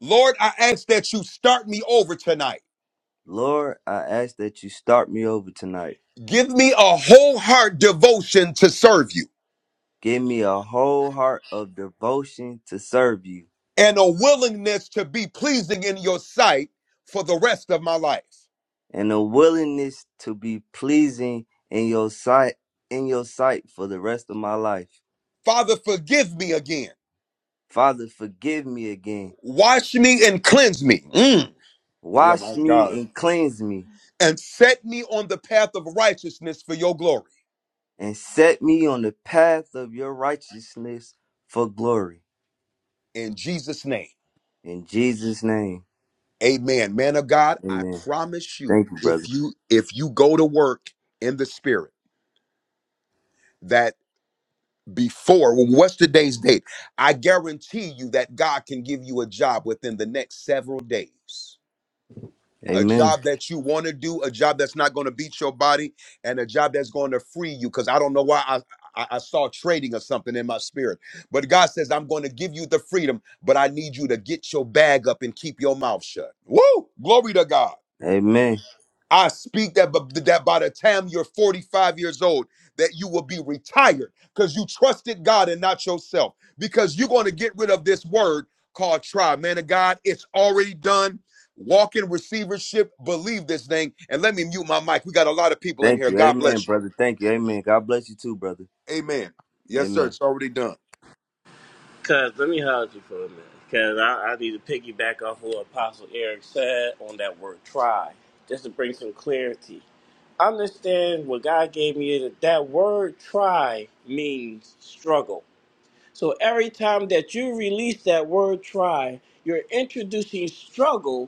Speaker 9: Lord, I ask that you start me over tonight.
Speaker 8: Lord, I ask that you start me over tonight.
Speaker 9: Give me a whole heart devotion to serve you.
Speaker 8: Give me a whole heart of devotion to serve you
Speaker 9: and a willingness to be pleasing in your sight for the rest of my life.
Speaker 8: and a willingness to be pleasing in your sight in your sight for the rest of my life.
Speaker 9: Father, forgive me again.
Speaker 8: Father, forgive me again.
Speaker 9: Wash me and cleanse me. Mm. Yeah,
Speaker 8: Wash
Speaker 9: my
Speaker 8: me
Speaker 9: God.
Speaker 8: and cleanse me
Speaker 9: And set me on the path of righteousness for your glory.
Speaker 8: and set me on the path of your righteousness for glory.
Speaker 9: In Jesus' name.
Speaker 8: In Jesus' name.
Speaker 9: Amen. Man of God, I
Speaker 8: Amen.
Speaker 9: promise you,
Speaker 8: Thank you,
Speaker 9: if
Speaker 8: brother.
Speaker 9: you if you go to work in the spirit, that before well, what's today's date? I guarantee you that God can give you a job within the next several days. a
Speaker 8: Amen.
Speaker 9: job that you want to do, a job that's not going to beat your body, and a job that's going to free you. Because I don't know why I, I I saw trading or something in my spirit, but God says I'm going to give you the freedom, but I need you to get your bag up and keep your mouth shut. Woo! Glory to God.
Speaker 8: Amen.
Speaker 9: I speak that, b- that by the time you're 45 years old, that you will be retired because you trusted God and not yourself. Because you're going to get rid of this word called try. Man of God, it's already done. Walk in receivership. Believe this thing. And let me mute my mic. We got a lot of people in
Speaker 8: Thank
Speaker 9: here.
Speaker 8: you.
Speaker 9: God
Speaker 8: Amen,
Speaker 9: bless you.
Speaker 8: brother. Thank you. Amen. God bless you too, brother.
Speaker 9: Amen. Yes, sir.
Speaker 8: Amen.
Speaker 9: It's already done.
Speaker 6: Cuz, let me hold you for a minute. Cuz I, I need to piggyback off what Apostle Eric said on that word try, just to bring some clarity. Understand what God gave me is that that word try means struggle. So every time that you release that word try, you're introducing struggle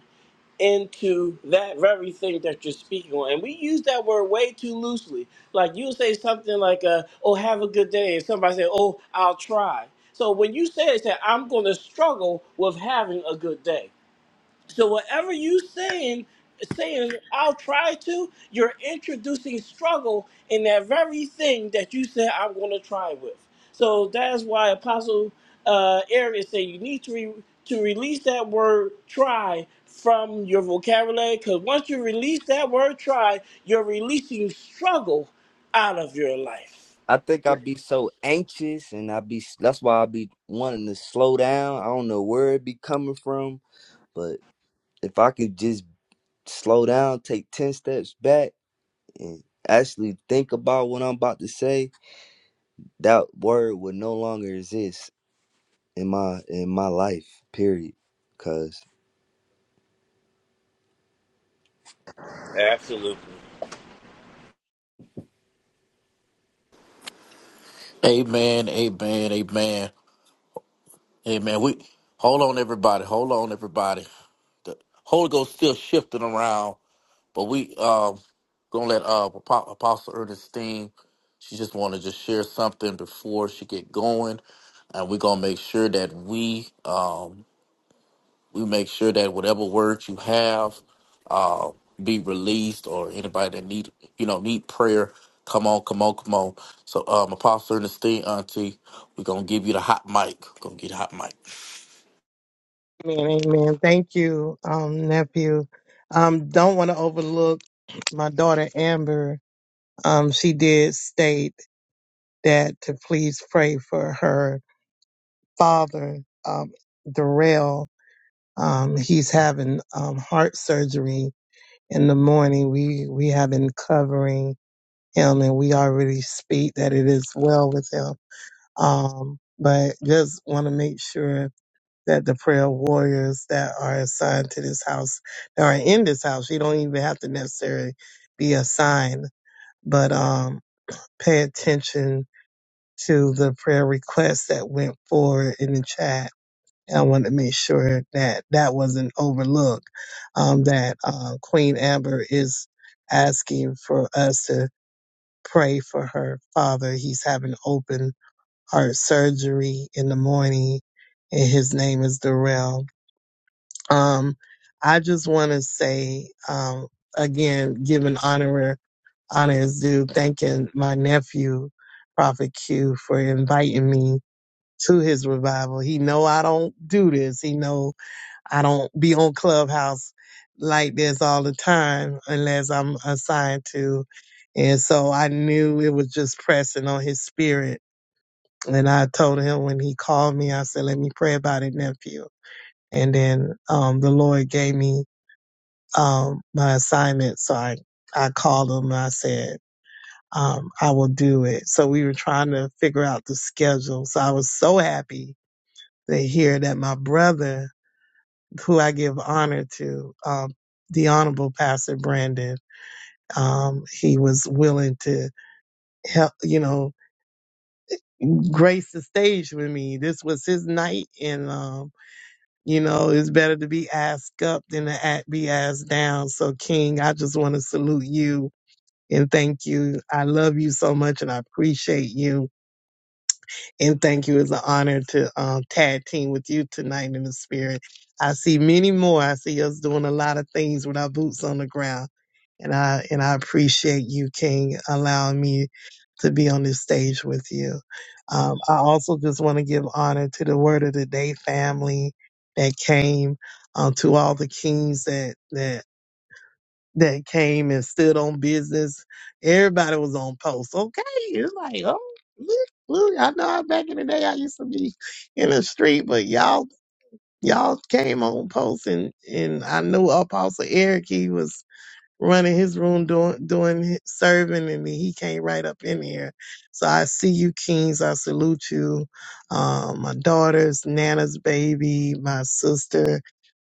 Speaker 6: into that very thing that you're speaking on. And we use that word way too loosely. Like you'll say something like, uh, oh, have a good day. And somebody say, oh, I'll try. So when you say it, say, I'm going to struggle with having a good day. So whatever you saying, saying I'll try to, you're introducing struggle in that very thing that you said I'm going to try with. So that's why Apostle uh, Arius said you need to re- to release that word try from your vocabulary because once you release that word try, you're releasing struggle out of your life.
Speaker 8: I think I'd be so anxious and I'd be that's why I'd be wanting to slow down. I don't know where it be coming from, but if I could just slow down, take 10 steps back and actually think about what I'm about to say, that word would no longer exist in my in my life, period. Cuz
Speaker 6: Absolutely.
Speaker 7: Amen, amen, amen, amen. We hold on, everybody. Hold on, everybody. The Holy Ghost still shifting around, but we um gonna let uh Apo- Apostle Ernestine. She just want to just share something before she get going, and we gonna make sure that we um We make sure that whatever words you have uh, be released, or anybody that need you know need prayer, come on, come on, come on. So, um, Apostle Ernestine, Auntie, we're gonna give you the hot mic. Gonna get the hot mic.
Speaker 4: Amen, amen. Thank you, um, nephew. Um, don't want to overlook my daughter Amber. Um, she did state that to please pray for her father, um, Darrell. Um, he's having um, heart surgery in the morning. We we have been covering him, and we already speak that it is well with him. Um, but just want to make sure that the prayer warriors that are assigned to this house, that are in this house, you don't even have to necessarily be assigned, but um, pay attention to the prayer requests that went forward in the chat. And I want to make sure that that wasn't overlooked, um, that uh, Queen Amber is asking for us to pray for her father. He's having open heart surgery in the morning, and his name is Darrell Um, I just want to say, um, again, giving honor honor is due, thanking my nephew, Prophet Q, for inviting me to his revival. He know I don't do this. He know I don't be on Clubhouse like this all the time unless I'm assigned to. And so I knew it was just pressing on his spirit. And I told him when he called me, I said, let me pray about it, nephew. And then um, the Lord gave me um, my assignment. So I, I called him and I said, um, I will do it. So we were trying to figure out the schedule. So I was so happy to hear that my brother, who I give honor to, um, the Honorable Pastor Brandon, um, he was willing to help, you know, grace the stage with me. This was his night and, um, you know, it's better to be asked up than to act, be asked down. So King, I just want to salute you And thank you. I love you so much and I appreciate you. And thank you. It's an honor to um, tag team with you tonight in the spirit. I see many more. I see us doing a lot of things with our boots on the ground. And I and I appreciate you, King, allowing me to be on this stage with you. Um, I also just want to give honor to the Word of the Day family that came, um, to all the kings that that that came and stood on business. Everybody was on post. Okay. It's like, oh, look, look, I know I, back in the day I used to be in the street, but y'all y'all came on post and, and I knew Apostle Eric, he was running his room doing doing his- serving and he came right up in here. So I see you kings, I salute you. Um, my daughter's Nana's baby, my sister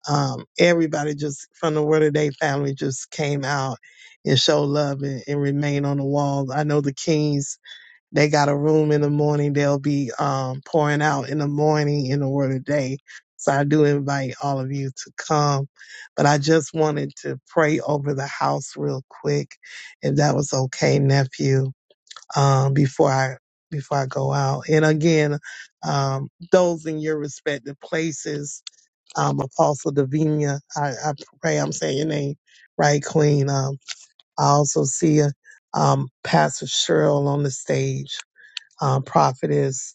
Speaker 4: um, everybody just from the Word of Day family just came out and showed love and, and remained on the walls. I know the Kings, they got a room in the morning. They'll be um, pouring out in the morning in the Word of Day. So I do invite all of you to come. But I just wanted to pray over the house real quick, if that was okay, nephew, um, before I before I go out. And again, um, those in your respective places um, Apostle Davinia. I, I pray I'm saying your name right, Queen. Um, I also see uh um, Pastor Cheryl on the stage, um, Prophetess.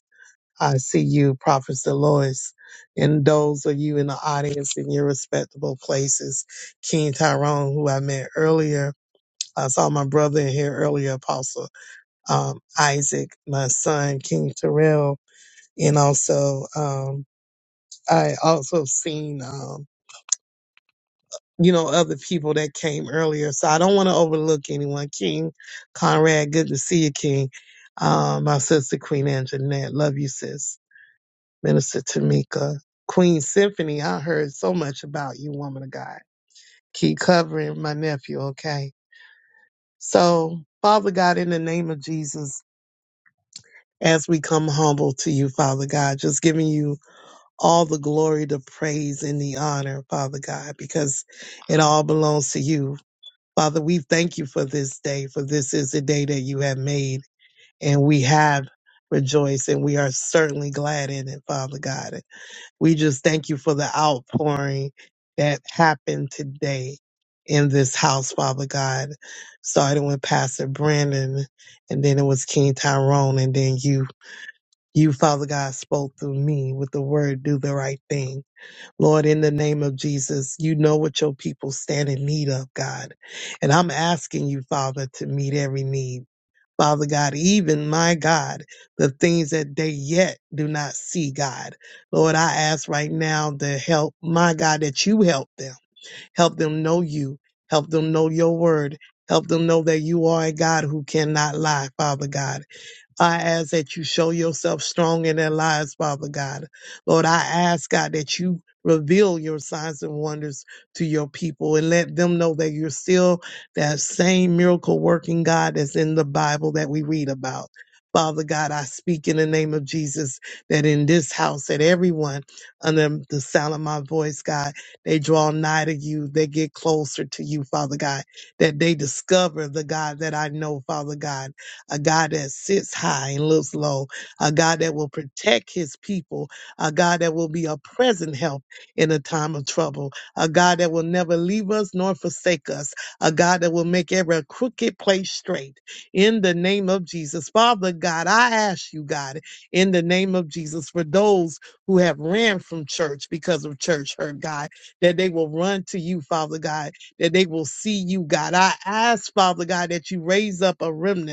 Speaker 4: I see you, Prophetess Delois, and those of you in the audience in your respectable places. King Tyrone, who I met earlier. I saw my brother in here earlier, Apostle um, Isaac, my son, King Terrell, and also um, I also seen. um, you know, other people that came earlier. So I don't want to overlook anyone. King Conrad, good to see you, King. Um, my sister Queen Anjanette, love you, sis. Minister Tamika, Queen Symphony, I heard so much about you, woman of God. Keep covering my nephew, okay? So, Father God, in the name of Jesus, as we come humble to you, Father God, just giving you all the glory, the praise, and the honor, Father God, because it all belongs to you. Father, we thank you for this day, for this is the day that you have made, and we have rejoiced, and we are certainly glad in it, Father God. We just thank you for the outpouring that happened today in this house, Father God, starting with Pastor Brandon, and then it was King Tyrone, and then you. You, Father God, spoke through me with the word, do the right thing. Lord, in the name of Jesus, you know what your people stand in need of, God. And I'm asking you, Father, to meet every need. Father God, even my God, the things that they yet do not see, God. Lord, I ask right now to help, my God, that you help them. Help them know you. Help them know your word. Help them know that you are a God who cannot lie, Father God. I ask that you show yourself strong in their lives, Father God. Lord, I ask, God, that you reveal your signs and wonders to your people and let them know that you're still that same miracle working God that's in the Bible that we read about. Father God, I speak in the name of Jesus that in this house, that everyone under the sound of my voice, God, they draw nigh to you, they get closer to you, Father God, that they discover the God that I know, Father God a God that sits high and looks low, a God that will protect his people, a God that will be a present help in a time of trouble, a God that will never leave us nor forsake us, a God that will make every crooked place straight. In the name of Jesus, Father God, I ask you, God, in the name of Jesus, for those who have ran from church because of church hurt, God, that they will run to you, Father God, that they will see you, God. I ask, Father God, that you raise up a remnant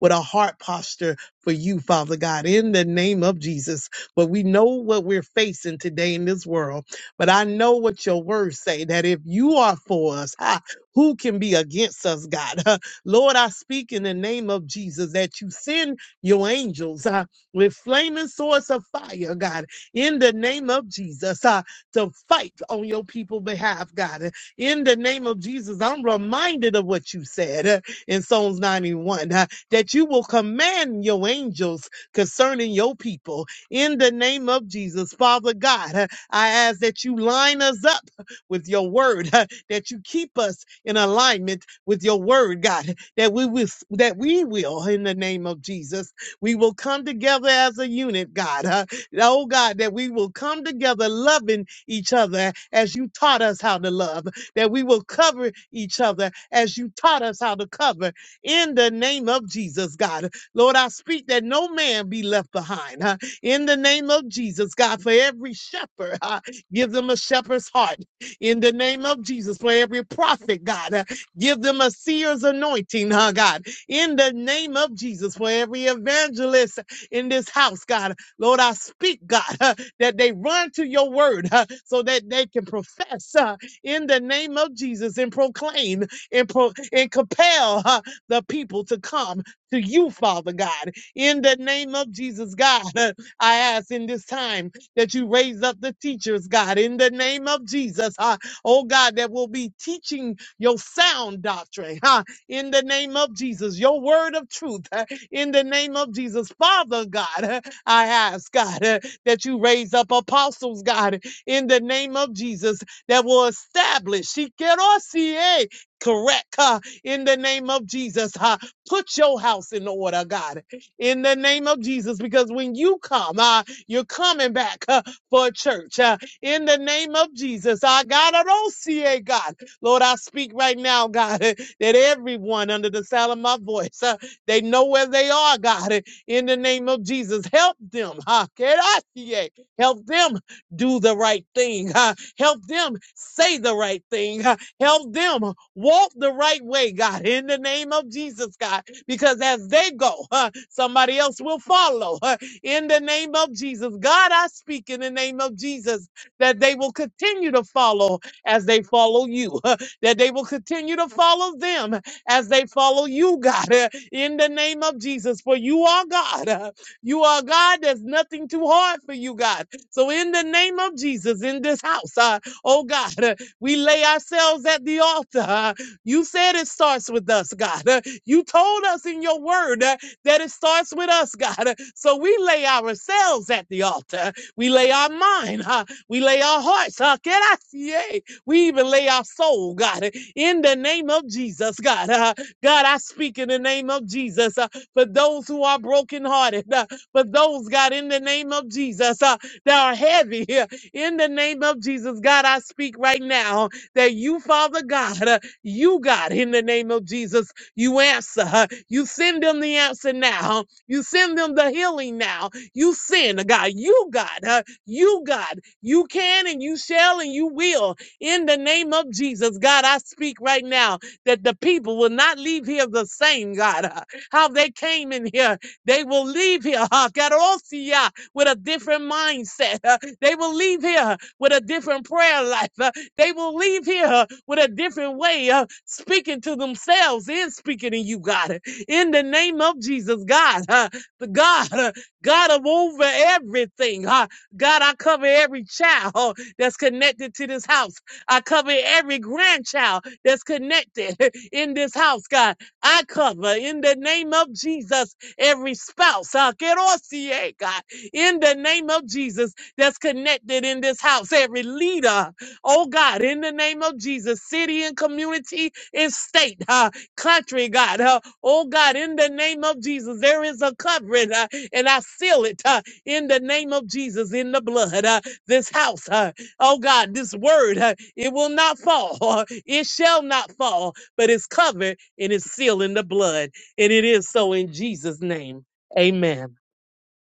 Speaker 4: with a heart posture for you, Father God, in the name of Jesus. But we know what we're facing today in this world. But I know what your words say that if you are for us, ha, who can be against us, God? Lord, I speak in the name of Jesus that you send your angels uh, with flaming swords of fire, God, in the name of Jesus, uh, to fight on your people's behalf, God. In the name of Jesus, I'm reminded of what you said uh, in Psalms 91 that you will command your angels concerning your people. In the name of Jesus, Father God, I ask that you line us up with your word, that you keep us in alignment with your word, God, that we will, that we will, in the name of Jesus, we will come together as a unit, God. uh, Oh God, that we will come together loving each other as you taught us how to love, that we will cover each other as you taught us how to cover, in the name of Jesus, God. Lord, I speak that no man be left behind. huh, In the name of Jesus, God, for every shepherd, huh, give them a shepherd's heart. In the name of Jesus, for every prophet, God, huh, give them a seer's anointing, huh, God. In the name of Jesus, for every evangelist in this house, God, Lord, I speak, God, huh, that they run to your word huh, so that they can profess huh, in the name of Jesus and proclaim and, pro- and compel. huh, the people to come to you, Father God. In the name of Jesus, God, uh, I ask in this time that you raise up the teachers, God, in the name of Jesus, uh, oh God, that will be teaching your sound doctrine, huh? in the name of Jesus, your word of truth, uh, in the name of Jesus. Father God, uh, I ask, God, uh, that you raise up apostles, God, in the name of Jesus, that will establish. She can all see us, correct. huh, in the name of Jesus. Uh, put your house in order, God, in the name of Jesus, because when you come, uh, you're coming back uh, for a church uh, in the name of Jesus. I God, I don't see a God. Lord, I speak right now, God, uh, that everyone under the sound of my voice, uh, they know where they are, God, uh, in the name of Jesus. Help them. huh? Get out here. Help them do the right thing. huh? Help them say the right thing. Uh, Help them walk the right way, God, in the name of Jesus, God, because as they go, huh, somebody else will follow huh, in the name of Jesus. God, I speak in the name of Jesus that they will continue to follow as they follow you, huh, that they will continue to follow them as they follow you, God, uh, in the name of Jesus. For you are God. uh, You are God. There's nothing too hard for you, God. So in the name of Jesus, in this house, uh, oh God, we lay ourselves at the altar. You said it starts with us, God. You told us in your word uh, that it starts with us, God. Uh, So we lay ourselves at the altar. We lay our mind. huh? We lay our hearts. huh? Can I see it? We even lay our soul, God, uh, in the name of Jesus, God. Uh, God, I speak in the name of Jesus uh, for those who are brokenhearted, uh, for those, God, in the name of Jesus uh, that are heavy. uh, in the name of Jesus, God, I speak right now that you, Father God, uh, you, God, in the name of Jesus, you answer. uh, You send them the answer now. You send them the healing now. You send, uh, God, you, God, uh, you, God, you can and you shall and you will. In the name of Jesus, God, I speak right now that the people will not leave here the same, God. uh, How they came in here, they will leave here, uh, Karosia, with a different mindset. uh, they will leave here with a different prayer life. Uh, They will leave here with a different way of speaking to themselves and speaking to you, God. In the name of Jesus, God, uh, the God, uh, God of over everything. uh, God, I cover every child uh, that's connected to this house. I cover every grandchild that's connected in this house, God. I cover in the name of Jesus every spouse. uh, Kerosie, God, in the name of Jesus that's connected in this house, every leader, oh God, in the name of Jesus, city and community and state, uh, country, God, uh, oh God, in the name of Jesus, there is a covering, uh, and I seal it uh, in the name of Jesus, in the blood, uh, this house, uh, oh God, this word, uh, it will not fall, uh, it shall not fall, but it's covered and it's sealed in the blood, and it is so in Jesus' name, amen.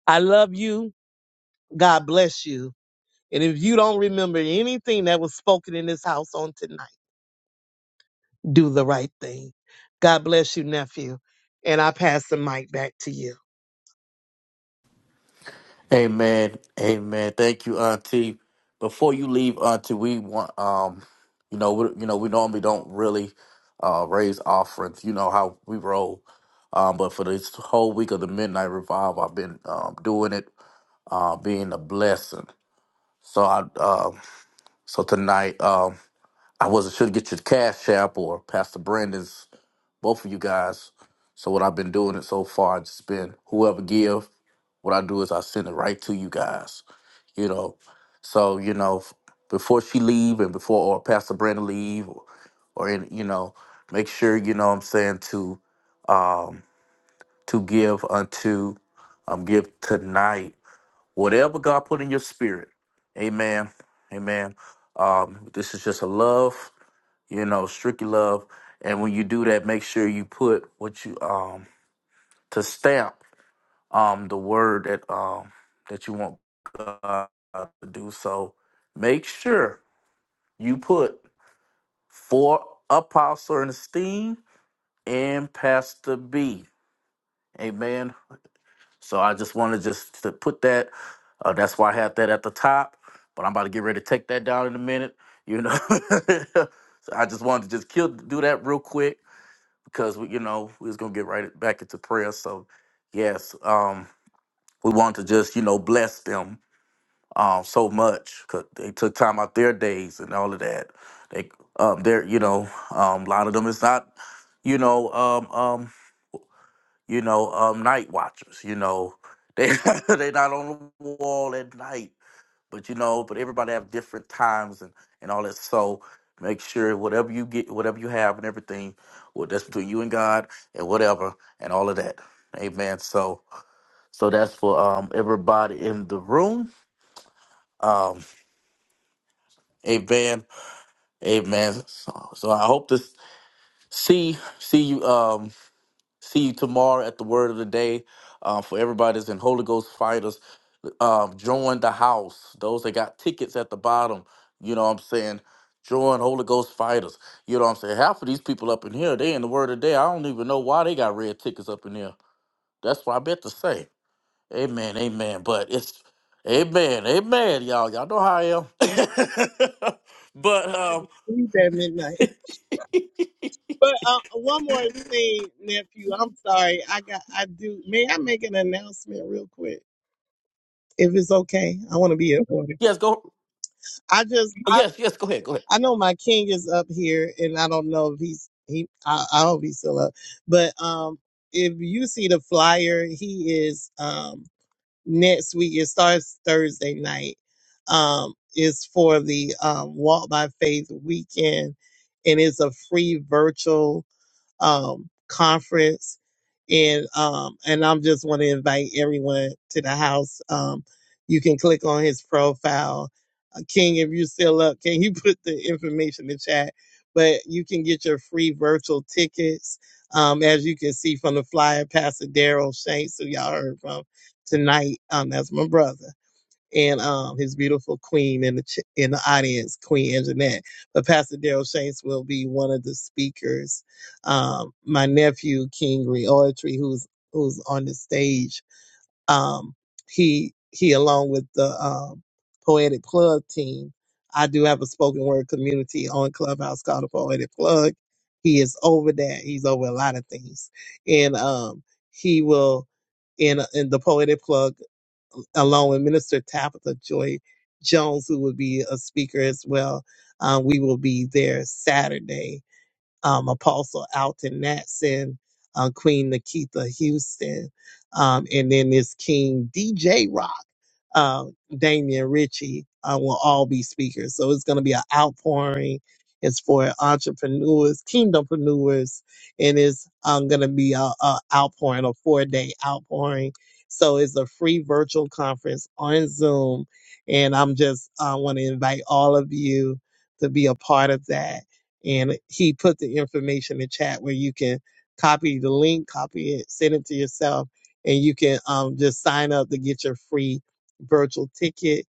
Speaker 4: I love you. God bless you. And if you don't remember anything that was spoken in this house on tonight, do the right thing. God bless you, nephew. And I pass the mic back to you.
Speaker 7: Amen, amen. Thank you, Auntie. Before you leave, Auntie, we want um, you know, we, you know, we normally don't really uh raise offerings. You know how we roll. Um, but for this whole week of the Midnight Revival, I've been um, doing it, uh, being a blessing. So I uh, so tonight um, I wasn't sure to get your cash app or Pastor Brandon's both of you guys. So what I've been doing it so far, it's just been whoever give. What I do is I send it right to you guys. You know, so you know f- before she leave and before or Pastor Brandon leave or or in, you know make sure you know what I'm saying to um to give unto um give tonight whatever God put in your spirit. Amen. Amen. Um, this is just a love, you know, strictly love. And when you do that, make sure you put what you um to stamp um the word that um that you want God to do. So make sure you put for apostle and esteem and pastor B. Amen. So I just wanted just to put that. Uh, that's why I had that at the top. But I'm about to get ready to take that down in a minute. You know, so I just wanted to just kill do that real quick because we, you know we was gonna get right back into prayer. So yes, um, we want to just you know bless them um, so much because they took time out their days and all of that. They um, they're you know um, a lot of them is not you know, um, um, you know, um, night watchers. You know, they they not on the wall at night, but you know, but everybody have different times and and all that. So make sure whatever you get, whatever you have, and everything, well, that's between you and God and whatever and all of that. Amen. So so that's for um everybody in the room. Um, amen, amen. So, so I hope to see see you um see you tomorrow at the Word of the Day. Uh, for everybody's in Holy Ghost fire um, join the house. Those that got tickets at the bottom, you know what I'm saying? Join Holy Ghost fighters. You know what I'm saying? Half of these people up in here, they in the word of the day. I don't even know why they got red tickets up in here. That's what I bet to say. Amen, amen. But it's amen, amen, y'all. Y'all know how I am. but
Speaker 4: I
Speaker 7: um
Speaker 4: received at midnight. But uh, one more thing, nephew. I'm sorry. I got. I do. May I make an announcement real quick, if it's okay? I want to be important.
Speaker 7: yes, go
Speaker 4: I just.
Speaker 7: oh,
Speaker 4: I.
Speaker 7: yes, yes, go ahead, go ahead.
Speaker 4: I know my king is up here, and I don't know if he's. He. I, I hope he's still up. But um, if you see the flyer, he is. Um, next week. It starts Thursday night. Um, it's for the um, Walk by Faith weekend, and it's a free virtual um, conference. And, um, and I'm just want to invite everyone to the house. Um, you can click on his profile. Uh, King, if you still up, can you put the information in the chat? But you can get your free virtual tickets. Um, as you can see from the flyer, Pastor Daryl Shanks, who y'all heard from tonight. Um, that's my brother and um, his beautiful queen in the ch- in the audience, Queen Anjanette. But Pastor Daryl Shanks will be one of the speakers. Um, my nephew King Reoetry, who's who's on the stage, um, he he along with the um, Poetic Plug team. I do have a spoken word community on Clubhouse called the Poetic Plug. He is over that. He's over a lot of things, and um, he will in in the Poetic Plug along with Minister Tabitha Joy Jones, who will be a speaker as well. Uh, we will be there Saturday. Um, Apostle Alton Natson, uh, Queen Nikita Houston, um, and then this King DJ Rock uh, Damian Ritchie uh, will all be speakers. So it's going to be an outpouring. It's for entrepreneurs, kingdompreneurs, and it's um, going to be a, a outpouring, a four day outpouring. So it's a free virtual conference on Zoom, and I'm just uh, want to invite all of you to be a part of that. And he put the information in chat where you can copy the link, copy it, send it to yourself, and you can um, just sign up to get your free virtual ticket.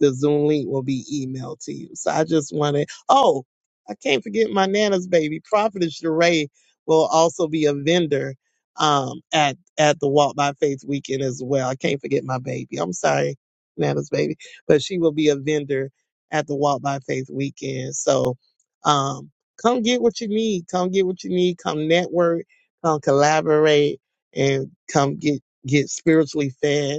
Speaker 4: The Zoom link will be emailed to you. So I just wanted, oh, I can't forget my Nana's baby. Prophetess Sheree will also be a vendor um, at, at the Walk by Faith weekend as well. I can't forget my baby. I'm sorry, Nana's baby, but she will be a vendor at the Walk by Faith weekend. So um, come get what you need. Come get what you need. Come network, come collaborate, and come get, get spiritually fed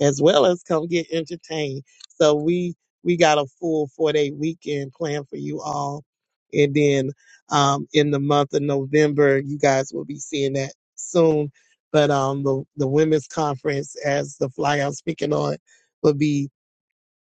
Speaker 4: as well as come get entertained. So we we got a full four day weekend planned for you all, and then um, in the month of November, you guys will be seeing that soon. But um, the the women's conference, as the flyer I'm speaking on, will be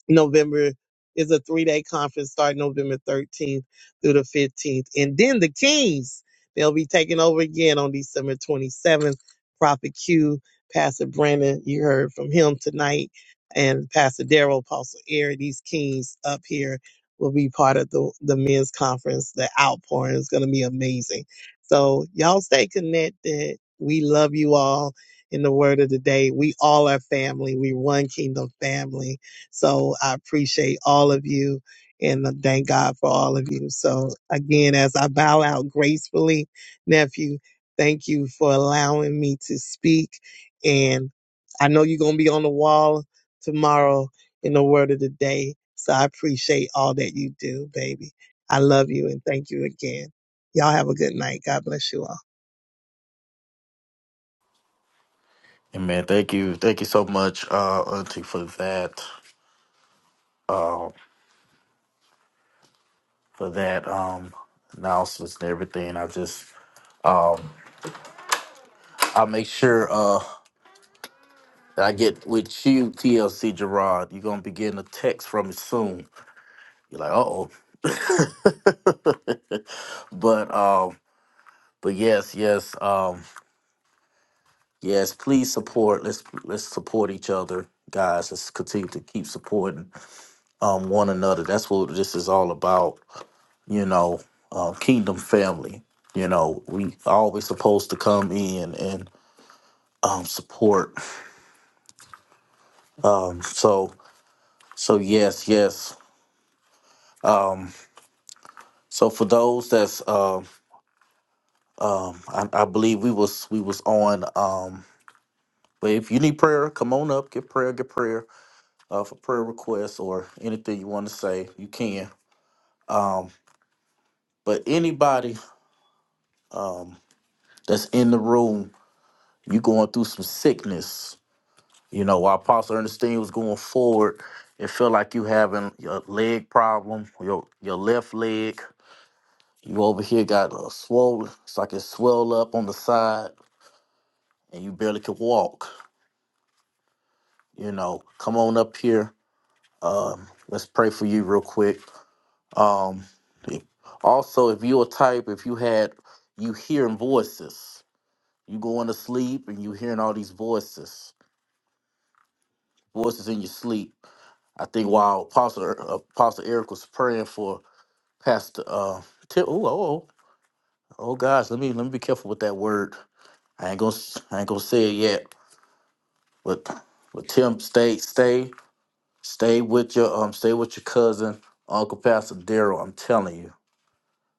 Speaker 4: November is a three day conference starting November 13th through the 15th. And then the Kings, they'll be taking over again on December 27th. Prophet Q, Pastor Brandon, you heard from him tonight, and Pastor Daryl, Apostle Eric, these Kings up here will be part of the, the men's conference. The outpouring is going to be amazing. So y'all stay connected. We love you all in the word of the day. We all are family. We one kingdom family so I appreciate all of you and I thank God for all of you. So again, as I bow out gracefully, nephew, thank you for allowing me to speak. And I know you're going to be on the wall tomorrow in the word of the day. So I appreciate all that you do, baby. I love you and thank you again. Y'all have a good night. God bless you all.
Speaker 7: Amen. Thank you. Thank you so much, uh, Auntie, for that for that um announcements and everything. I just um. I'll make sure uh that I get with you, TLC Gerard. You're gonna be getting a text from me soon. You're like, uh oh. but um, but yes, yes, um, yes, please support. Let's let's support each other, guys. Let's continue to keep supporting um one another. That's what this is all about, you know, uh, kingdom family. You know, we always supposed to come in and um support. Um so so yes, yes. Um, so for those that's, um, um, I, I believe we was we was on. Um, but if you need prayer, come on up, get prayer, get prayer uh, for prayer requests or anything you want to say, you can. Um, but anybody um, that's in the room, you going through some sickness. You know, while Apostle Ernestine was going forward, it felt like you having your leg problem, your your left leg. You over here got a swollen, it's like it swelled up on the side. and you barely could walk, you know, come on up here. Um, let's pray for you real quick. Um, also, if you're a type, if you had you hearing voices, you going to sleep and you hearing all these voices, voices in your sleep. I think while Apostle uh, Apostle Eric was praying for Pastor uh, Tim, oh oh oh oh, gosh, let me let me be careful with that word. I ain't gonna s- I ain't gonna say it yet, but but Tim stay stay. Stay with your um, stay with your cousin, Uncle Pastor Daryl. I'm telling you,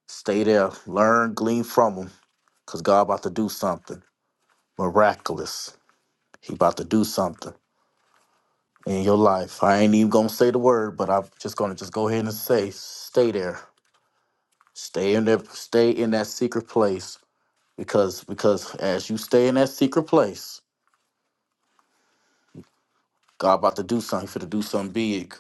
Speaker 7: stay there. Learn, glean from him, cause God about to do something miraculous. He about to do something in your life. I ain't even gonna say the word, but I'm just gonna just go ahead and say, stay there. Stay in there. Stay in that secret place, because because as you stay in that secret place, God about to do something. He finna do something big.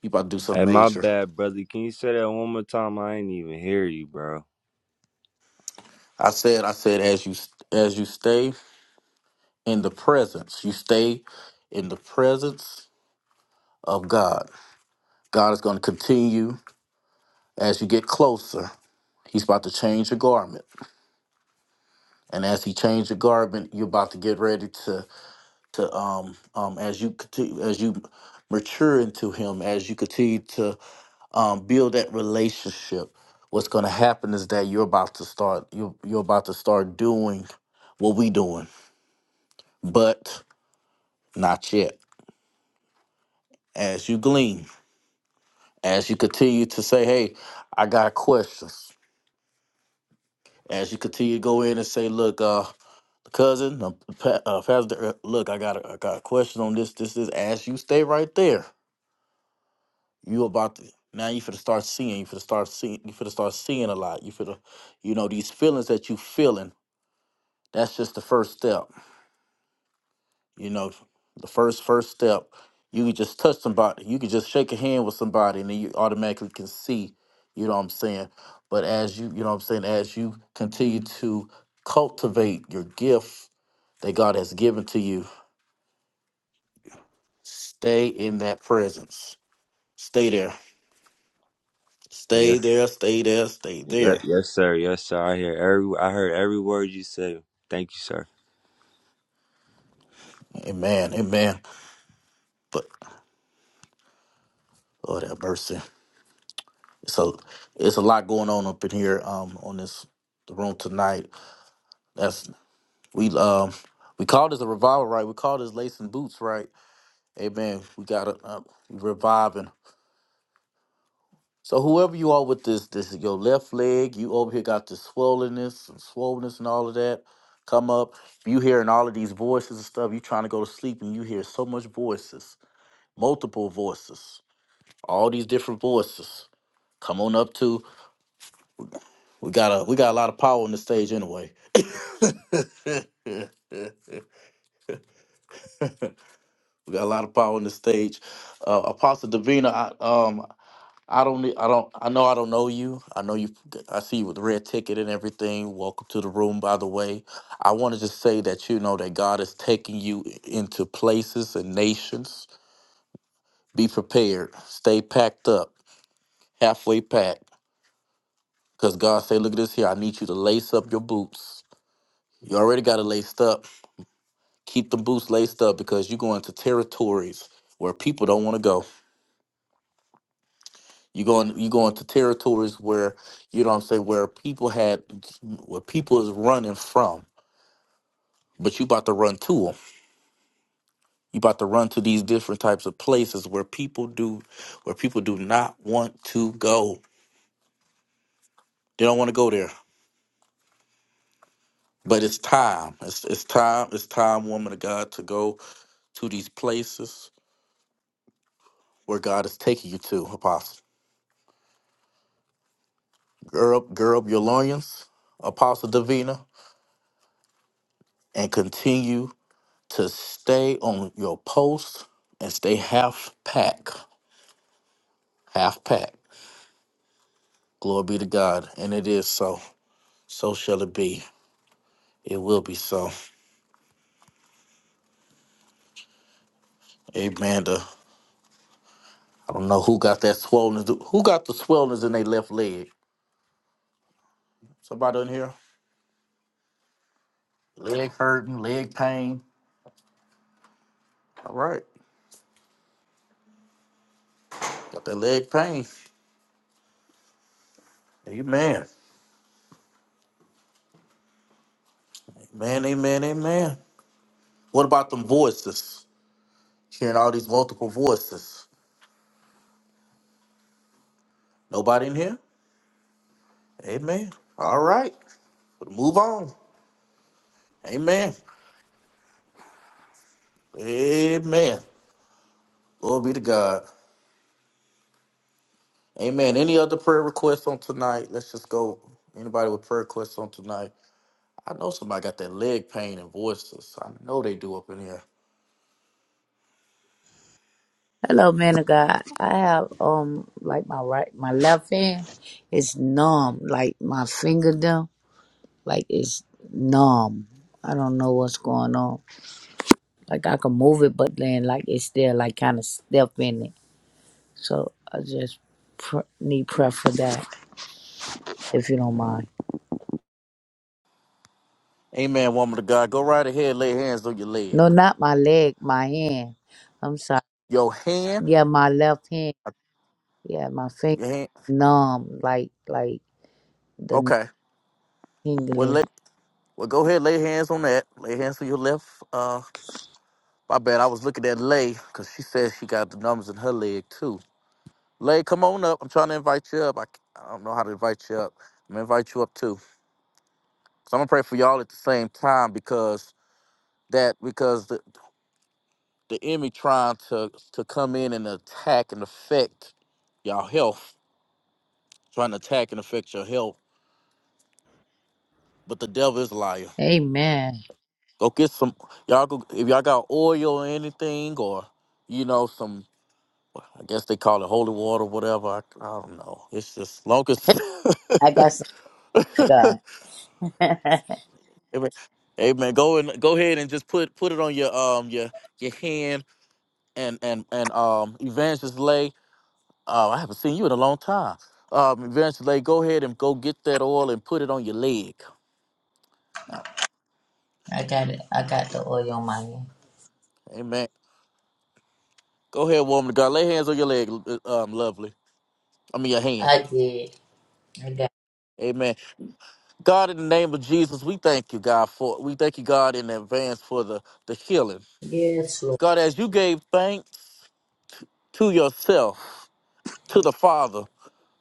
Speaker 7: He about to do something
Speaker 8: Hey, my
Speaker 7: major.
Speaker 8: bad, brother. Can you say that one more time? I ain't even hear you, bro.
Speaker 7: I said, I said, as you as you stay. in the presence. You stay in the presence of God. God is going to continue as you get closer. He's about to change your garment, and as He changed your garment, you're about to get ready to to um um as you continue as you mature into Him, as you continue to um build that relationship. What's going to happen is that you're about to start you're, you're about to start doing what we doing, but not yet. As you glean, as you continue to say, "Hey, I got questions," as you continue to go in and say, "Look, uh, cousin, uh, pa- uh, pastor, uh, look, I got a, I got a question on this, this, this." As you stay right there, you about to now you finna start seeing, you finna start seeing, you finna start seeing a lot. You finna, you know, these feelings that you feeling. That's just the first step. You know, the first first step, you can just touch somebody, you can just shake a hand with somebody, and then you automatically can see. You know what I'm saying? But as you, you know what I'm saying, as you continue to cultivate your gift that God has given to you, stay in that presence. Stay there. Stay
Speaker 8: Yes.
Speaker 7: there. Stay there. Stay
Speaker 8: Yes,
Speaker 7: there.
Speaker 8: yes, sir. Yes, sir. I hear every I heard every word you said. Thank you, sir.
Speaker 7: Amen. Amen. But Lord have mercy. So it's a lot going on up in here um on this the room tonight. That's we um we call this a revival, right? We call this lacing boots, right? Amen. We got a uh, reviving. So whoever you are with this, this is your left leg. You over here got this swollenness and swollenness and all of that. Come up. You hearing all of these voices and stuff. You trying to go to sleep and you hear so much voices, multiple voices, all these different voices. Come on up to. We got a we got a lot of power on the stage anyway. we got a lot of power on the stage. Uh, Apostle Davina, I, um, I don't need, I don't, I know I don't know you. I know you, I see you with the red ticket and everything. Welcome to the room, by the way. I want to just say that you know that God is taking you into places and nations. Be prepared, stay packed up, halfway packed. Because God say, look at this here, I need you to lace up your boots. You already got it laced up. Keep the boots laced up because you're going to territories where people don't want to go. You go in, you go into territories where you know what I'm saying where people had where people is running from, but you about to run to them. You about to run to these different types of places where people do where people do not want to go. They don't want to go there. But it's time. It's it's time. It's time, woman of God, to go to these places where God is taking you to, Apostle. Gird up, gird up your loins, Apostle Davina, and continue to stay on your post and stay half pack, half pack. Glory be to God. And it is so. So shall it be. It will be so. Amen. The- I don't know who got that swollen. Who got the swellness in their left leg? Somebody in here? Leg hurting, leg pain. All right. Got that leg pain. Amen. Amen, amen, amen. What about them voices? Hearing all these multiple voices. Nobody in here? Amen. All right. Move on. Amen. Amen. Glory be to God. Amen. Any other prayer requests on tonight? Let's just go. Anybody with prayer requests on tonight? I know somebody got that leg pain and voices. I know they do up in here.
Speaker 11: Hello, man of God. I have um like my right my left hand is numb, like my fingerdom, like it's numb. I don't know what's going on. Like I can move it, but then like it's still like kind of stiff in it. So I just pr- need prayer for that, if you don't mind.
Speaker 7: Amen, woman of God. Go right ahead. Lay hands on your leg.
Speaker 11: No, not my leg, my hand. I'm sorry.
Speaker 7: Your hand.
Speaker 11: Yeah, my left hand. Yeah, my finger
Speaker 7: Your hand.
Speaker 11: numb, like like the
Speaker 7: Okay. Well,
Speaker 11: tingling.
Speaker 7: lay, well, go ahead. Lay hands on that. Lay hands on your left. Uh, my bad. I was looking at lay because she said she got the numbers in her leg too. Lay, come on up. I'm trying to invite you up. I I c- I don't know how to invite you up. I'm gonna invite you up too. So I'm gonna pray for y'all at the same time because that because the the enemy trying to to come in and attack and affect y'all health, trying to attack and affect your health. But the devil is a liar.
Speaker 11: Amen.
Speaker 7: Go get some y'all. Go if y'all got oil or anything or you know some. I guess they call it holy water, whatever. I, I don't know. It's just long as
Speaker 11: I got something, God.
Speaker 7: Amen. Amen. Go and go ahead and just put put it on your um your your hand and and and um Evangelist Lay. Uh, I haven't seen you in a long time. Um, Evangelist Lay, go ahead and go get that oil and put it on your leg. Uh,
Speaker 11: I got it. I got the oil on my hand.
Speaker 7: Amen. Go ahead, woman of God. Lay hands on your leg, uh, um, lovely. I mean your hand.
Speaker 11: I did. I got it.
Speaker 7: Amen. God, in the name of Jesus, we thank you, God, for we thank you, God, in advance for the the healing.
Speaker 11: Yes, Lord.
Speaker 7: God, as you gave thanks to yourself, to the Father.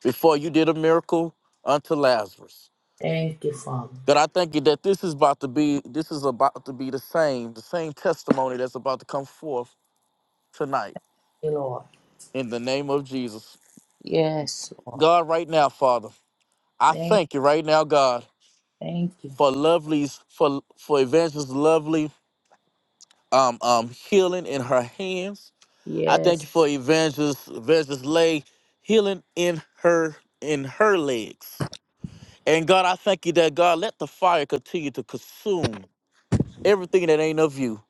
Speaker 7: before you did a miracle unto Lazarus.
Speaker 11: Thank you, Father.
Speaker 7: God,
Speaker 11: Thank
Speaker 7: I thank you that this is about to be this is about to be the same, the same testimony that's about to come forth tonight
Speaker 11: you, Lord.
Speaker 7: in the name of Jesus.
Speaker 11: Yes, Lord.
Speaker 7: God, right now, Father, I
Speaker 11: Thank,
Speaker 7: thank you right now, God,
Speaker 11: thank you.
Speaker 7: for lovely's for for evangelist lovely um um healing in her hands. I thank
Speaker 11: Yes,
Speaker 7: you for evangelist evangelist lay healing in her in her legs. And God, I thank you that God let the fire continue to consume everything that ain't of you.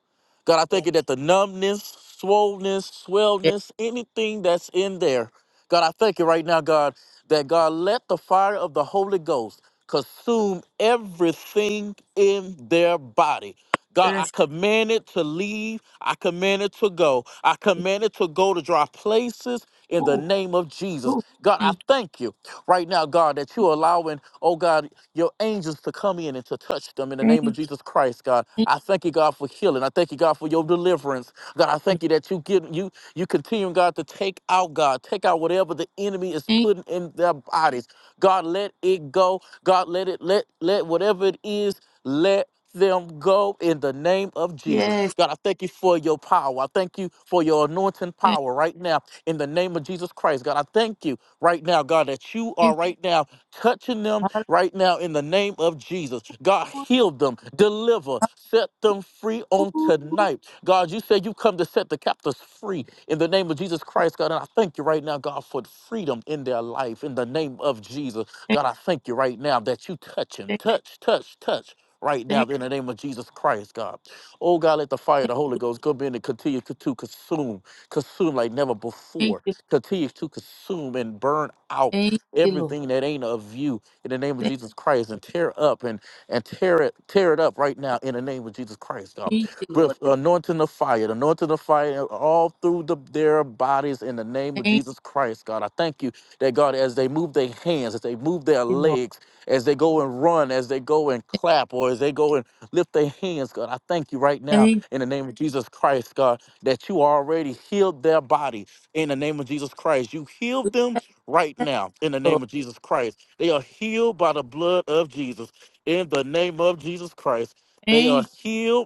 Speaker 7: God, I thank
Speaker 11: yes,
Speaker 7: you that the numbness, swollenness,
Speaker 11: yes.
Speaker 7: swellness, anything that's in there, God, I thank you right now, God, that God let the fire of the Holy Ghost consume everything in their body. God, I
Speaker 11: yes.
Speaker 7: command it to leave. I command it to go. I command it to go to dry places in the
Speaker 11: Ooh,
Speaker 7: name of Jesus.
Speaker 11: ooh.
Speaker 7: God, I
Speaker 11: Thank you,
Speaker 7: thank you right now, God, that you're allowing, oh God, your angels to come in and to touch them in the
Speaker 11: thank
Speaker 7: name of
Speaker 11: you,
Speaker 7: Jesus Christ, God.
Speaker 11: thank
Speaker 7: I thank you, God, for healing. I thank you, God, for your deliverance. God, I
Speaker 11: you.
Speaker 7: thank you that you get you you continue, God, to take out, God, take out whatever the enemy is
Speaker 11: Thank you.
Speaker 7: putting in their bodies. God, let it go. God, let it let let whatever it is, let them go in the name of Jesus.
Speaker 11: Yes,
Speaker 7: God, I thank you for your power. I thank you for your anointing
Speaker 11: thank
Speaker 7: power right now in the name of Jesus Christ. God, I thank you right now, God, that you
Speaker 11: you.
Speaker 7: are right now touching them
Speaker 11: Hallelujah.
Speaker 7: right now in the name of Jesus. God, heal them, deliver, set them free on
Speaker 11: Ooh,
Speaker 7: tonight. God, you said you come to set the captives free in the name of Jesus Christ, God. And I thank you right now, God, for freedom in their life in the name of Jesus.
Speaker 11: Thank,
Speaker 7: God, I thank you right now that you touch him.
Speaker 11: thank,
Speaker 7: Touch, touch, touch. Right now,
Speaker 11: thank,
Speaker 7: in the name of Jesus Christ, God. Oh, God, let the fire of
Speaker 11: thank,
Speaker 7: the Holy Ghost go in and continue to, to consume, consume like never
Speaker 11: thank
Speaker 7: before.
Speaker 11: you.
Speaker 7: Continue to consume and burn out
Speaker 11: Thank you, Lord.
Speaker 7: everything that ain't of you in the name of
Speaker 11: Thank
Speaker 7: Jesus Christ and tear up and and tear it tear it up right now in the name of Jesus Christ, God.
Speaker 11: you, Lord.
Speaker 7: With anointing of fire, the anointing of fire all through the, their bodies in the name of
Speaker 11: Thank
Speaker 7: Jesus Christ, God. I thank you that God, as they move their hands, as they move their
Speaker 11: you, Lord.
Speaker 7: legs, as they go and run, as they go and
Speaker 11: Thank
Speaker 7: clap, or as they go and lift their hands, God. I thank you right now
Speaker 11: you,
Speaker 7: in the name of Jesus Christ, God, that you already healed their body in the name of Jesus Christ. You healed them right now in the name
Speaker 11: Lord.
Speaker 7: of Jesus Christ. They are healed by the blood of Jesus. In the name of Jesus Christ, they
Speaker 11: Thank
Speaker 7: are
Speaker 11: you.
Speaker 7: healed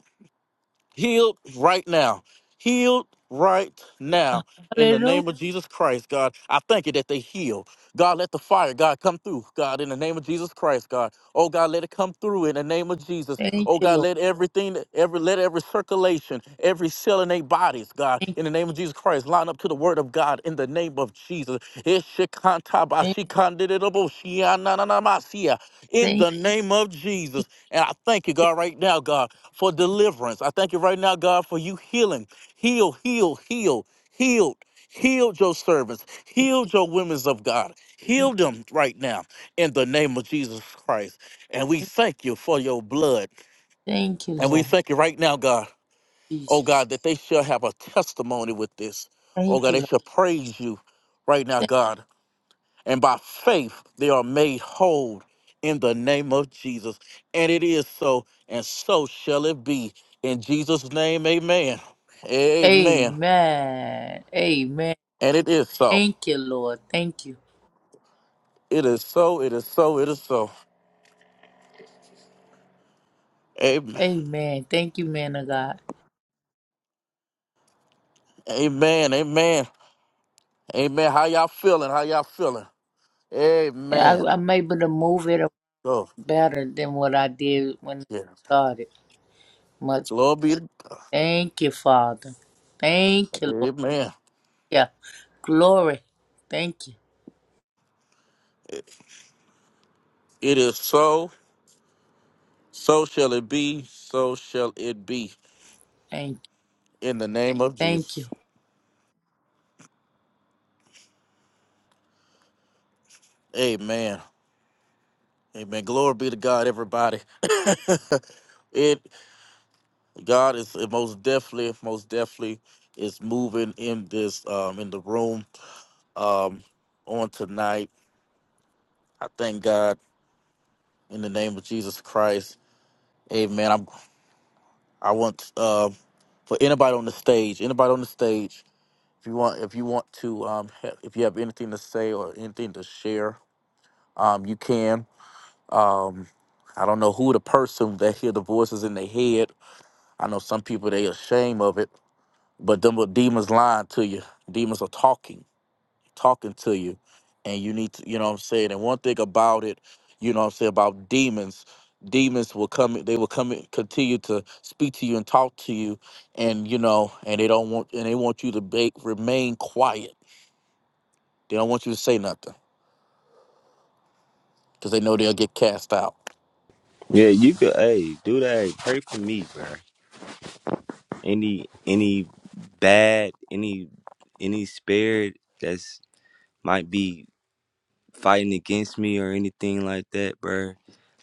Speaker 7: healed right now. Healed right now in the
Speaker 11: Hallelujah.
Speaker 7: name of Jesus Christ, God. I thank you that they heal. God, let the fire, God, come through, God, in the name of Jesus Christ, God. Oh, God, let it come through in the name of Jesus.
Speaker 11: Thank
Speaker 7: Oh,
Speaker 11: you,
Speaker 7: God,
Speaker 11: Lord.
Speaker 7: let everything, that- every, let every circulation, every cell in their bodies, God,
Speaker 11: Thank
Speaker 7: in the name of Jesus Christ, line up to the word of God in the name of Jesus.
Speaker 11: you,
Speaker 7: Ishikantabashikandididabushia nananamasia. In
Speaker 11: thank, you.
Speaker 7: the name of Jesus.
Speaker 11: thank
Speaker 7: And I thank you, God, right now, God for deliverance. I thank you right now, God, for you healing. Heal, heal, heal, healed. Healed your servants. Healed your women of God.
Speaker 11: you.
Speaker 7: Heal them right now in the name of Jesus Christ. And we thank you for your blood.
Speaker 11: Thank you,
Speaker 7: And we
Speaker 11: Lord
Speaker 7: thank you right now, God. Oh
Speaker 11: Jesus.
Speaker 7: God, that they shall have a testimony with this. Oh
Speaker 11: Thank
Speaker 7: God,
Speaker 11: you,
Speaker 7: they
Speaker 11: Lord.
Speaker 7: shall praise you right now,
Speaker 11: Thank-
Speaker 7: God and by faith they are made whole in the name of Jesus. And it is so, and so shall it be. In Jesus' name, amen. Amen.
Speaker 11: Amen. Amen.
Speaker 7: And it is so.
Speaker 11: Thank you, Lord. Thank you.
Speaker 7: It is so. It is so. It is so. Amen.
Speaker 11: Amen. Thank you, man of God.
Speaker 7: Amen. Amen. Amen. How y'all feeling? How y'all feeling?
Speaker 11: I,
Speaker 7: Amen.
Speaker 11: I'm able to move it
Speaker 7: Oh,
Speaker 11: better than what I did when I
Speaker 7: yeah.
Speaker 11: started. Much.
Speaker 7: Glory be to
Speaker 11: Thank you, Father. Thank you, Lord.
Speaker 7: Amen.
Speaker 11: Yeah. Glory. Thank you.
Speaker 7: It is so. So shall it be. So shall it be.
Speaker 11: Thank you.
Speaker 7: In the name of
Speaker 11: Thank you.
Speaker 7: Jesus. Amen. Amen. Glory be to God, everybody. it God is it most definitely, most definitely is moving in this um in the room um on tonight. I thank God in the name of Jesus Christ. Amen. I'm I want uh, for anybody on the stage, anybody on the stage, if you want if you want to um ha- if you have anything to say or anything to share, um you can. Um I don't know who the person that hear the voices in their head I know some people they ashamed of it, but them little demons lying to you. Demons are talking, talking to you, and you need to, you know what I'm saying. And one thing about it, you know what I'm saying about demons, demons will come, they will come, and continue to speak to you and talk to you, and you know, and they don't want, and they want you to be, remain quiet. They don't want you to say nothing because they know they'll get cast out.
Speaker 8: Yeah, you could. Hey, do that. Hey, Pray for me, bro. Any any bad, any any spirit that's might be fighting against me or anything like that, bro.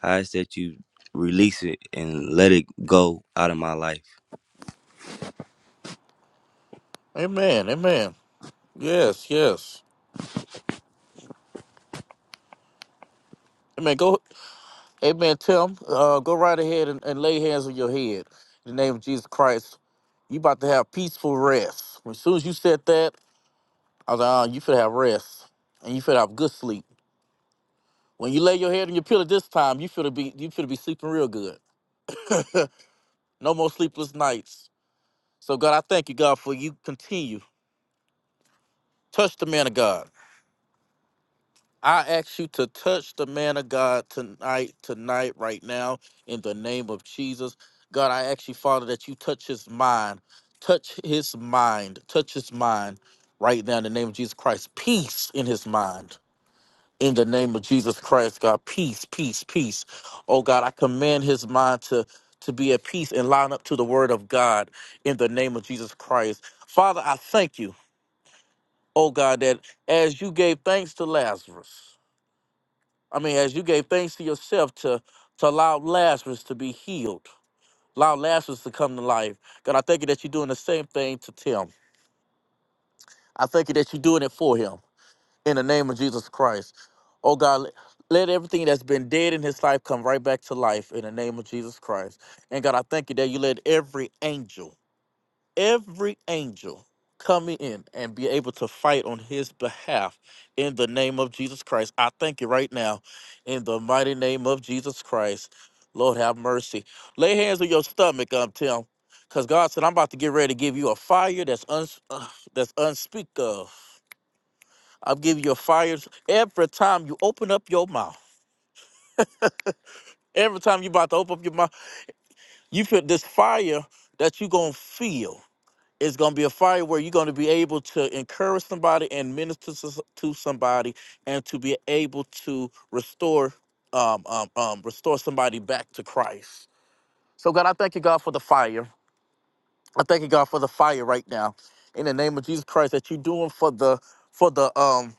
Speaker 8: I ask that you release it and let it go out of my life.
Speaker 7: Amen. Amen. Yes. Yes. Amen. Go. Amen, Tim. Uh, go right ahead and, and lay hands on your head. In the name of Jesus Christ, you about to have peaceful rest. As soon as you said that, I was like, oh, you feel have rest. And you feel have good sleep. When you lay your head on your pillow this time, you feel to be you feel to be sleeping real good. no more sleepless nights. So God, I thank you, God, for you continue. Touch the man of God. I ask you to touch the man of God tonight, tonight, right now, in the name of Jesus. God, I ask you, Father, that you touch his mind, touch his mind, touch his mind right now in the name of Jesus Christ. Peace in his mind. In the name of Jesus Christ, God, peace, peace, peace. Oh God, I command his mind to to be at peace and line up to the word of God in the name of Jesus Christ. Father, I thank you, oh God, that as you gave thanks to Lazarus. I mean, as you gave thanks to yourself to to allow Lazarus to be healed, allow Lazarus to come to life. God, I thank you that you're doing the same thing to Tim. I thank you that you're doing it for him in the name of Jesus Christ. Oh God, let let everything that's been dead in his life come right back to life in the name of Jesus Christ. And God, I thank you that you let every angel every angel coming in and be able to fight on his behalf in the name of Jesus Christ. I thank you right now in the mighty name of Jesus Christ. Lord have mercy. Lay hands on your stomach, um, Tim, because God said, I'm about to get ready to give you a fire that's uns- uh, that's unspeakable. I'm giving you a fire every time you open up your mouth. Every time you are about to open up your mouth, you feel this fire that you going to feel. it's going to be a fire where you're going to be able to encourage somebody and minister to, to somebody and to be able to restore um, um, um, restore somebody back to christ so god i thank you god for the fire i thank you god for the fire right now in the name of jesus christ that you're doing for the for the um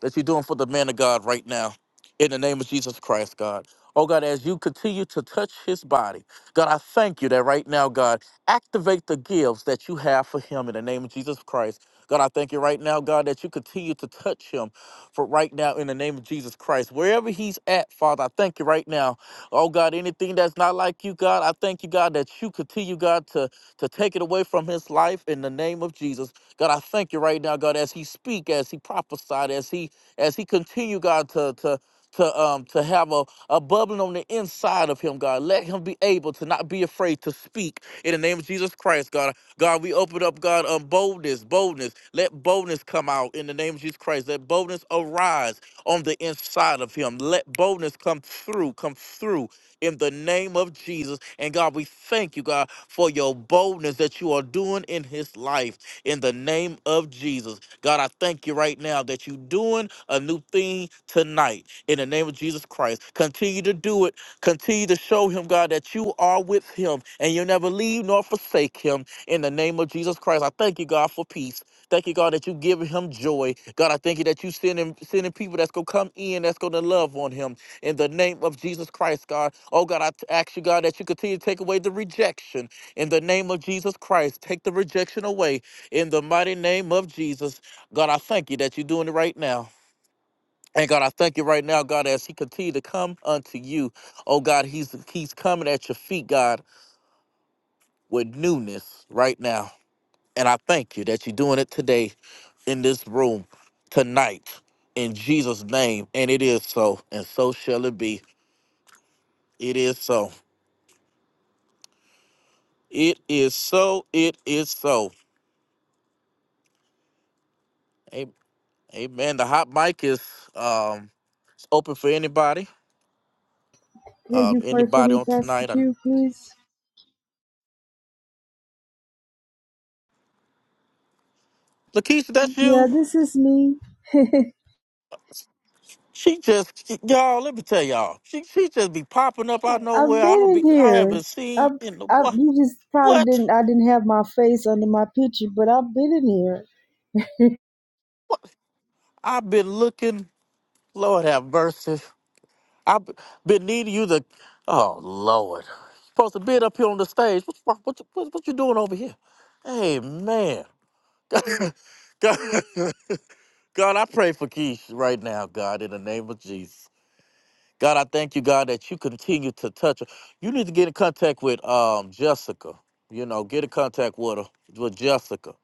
Speaker 7: that you're doing for the man of God right now. In the name of Jesus Christ, God. Oh God, as you continue to touch his body, God, I thank you that right now, God, activate the gifts that you have for him in the name of Jesus Christ. God, I thank you right now, God, that you continue to touch him for right now in the name of Jesus Christ. Wherever he's at, Father, I thank you right now. Oh God, anything that's not like you, God, I thank you, God, that you continue, God, to, to take it away from his life in the name of Jesus. God, I thank you right now, God, as he speak, as he prophesied, as he as he continue, God, to to to um to have a, a bubbling on the inside of him, God. Let him be able to not be afraid to speak in the name of Jesus Christ, God. God, we open up, God, um boldness, boldness. Let boldness come out in the name of Jesus Christ. Let boldness arise on the inside of him. Let boldness come through, come through in the name of Jesus. And God, we thank you, God, for your boldness that you are doing in his life in the name of Jesus. God, I thank you right now that you're doing a new thing tonight in the name of Jesus Christ. Continue to do it. Continue to show him, God, that you are with him and you'll never leave nor forsake him in the name of Jesus Christ. I thank you, God, for peace. Thank you, God, that you give him joy. God, I thank you that you sending sending people that's gonna come in, that's gonna love on him in the name of Jesus Christ, God. Oh God, I t- ask you, God, that you continue to take away the rejection in the name of Jesus Christ. Take the rejection away in the mighty name of Jesus. God, I thank you that you're doing it right now. And God, I thank you right now, God, as he continue to come unto you. Oh God, he's he's coming at your feet, God, with newness right now. And I thank you that you're doing it today in this room, tonight, in Jesus' name. And it is so, and so shall it be. It is so. It is so. It is so. A- Amen. The hot mic is um it's open for anybody.
Speaker 12: Can you
Speaker 7: Um,
Speaker 12: pray for
Speaker 7: anybody
Speaker 12: me,
Speaker 7: on
Speaker 12: Pastor
Speaker 7: tonight. I,
Speaker 12: Q, please?
Speaker 7: Lakeisha, that's
Speaker 12: Yeah,
Speaker 7: you.
Speaker 12: this is me. I've
Speaker 7: She just she- y'all. Let me tell y'all. She she just be popping up out of nowhere. I
Speaker 12: been
Speaker 7: don't
Speaker 12: in
Speaker 7: be. I
Speaker 12: here.
Speaker 7: haven't
Speaker 12: I've,
Speaker 7: seen in the
Speaker 12: I've,
Speaker 7: what
Speaker 12: you just probably
Speaker 7: what
Speaker 12: didn't. I didn't have my face under my picture, but I've been in here.
Speaker 7: what. I've been looking. Lord have mercy. I've be- been needing you to. Oh Lord. Supposed to be up here on the stage. What what what, you- what, what you doing over here? Hey man. God, God, I pray for Keisha right now, God, in the name of Jesus. God, I thank you, God, that you continue to touch her. You need to get in contact with um Jessica. You know, get in contact with her with Jessica.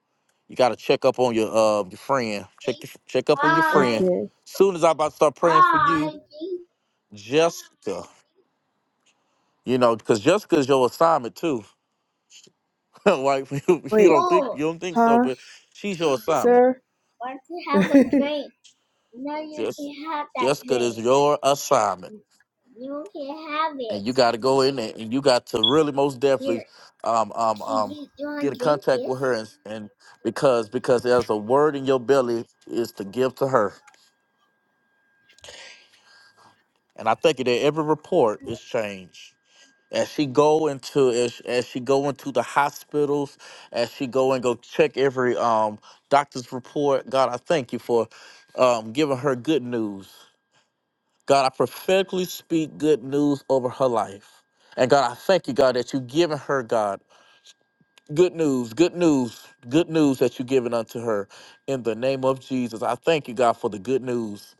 Speaker 7: You gotta check up on your uh your friend. Check your, check up on your
Speaker 12: Hi.
Speaker 7: friend.
Speaker 12: Okay.
Speaker 7: Soon as I about to start praying for you, Jessica. You know, because Jessica's your assignment too. like you
Speaker 12: Wait.
Speaker 7: don't think
Speaker 12: Full.
Speaker 7: you don't think so,
Speaker 12: Huh,
Speaker 7: but she's your assignment.
Speaker 12: sir? Why don't you have a drink?
Speaker 7: Just Jessica is your assignment. and you got to go in there and you got to really most definitely um um um get in contact with her and, and because because there's a word in your belly is to give to her and i think that every report is changed as she go into as, as she go into the hospitals as she go and go check every um doctor's report god i thank you for um giving her good news god i prophetically speak good news over her life and god i thank you god that you have given her god Good news, good news, good news that you're giving unto her in the name of Jesus. I thank you, God, for the good news.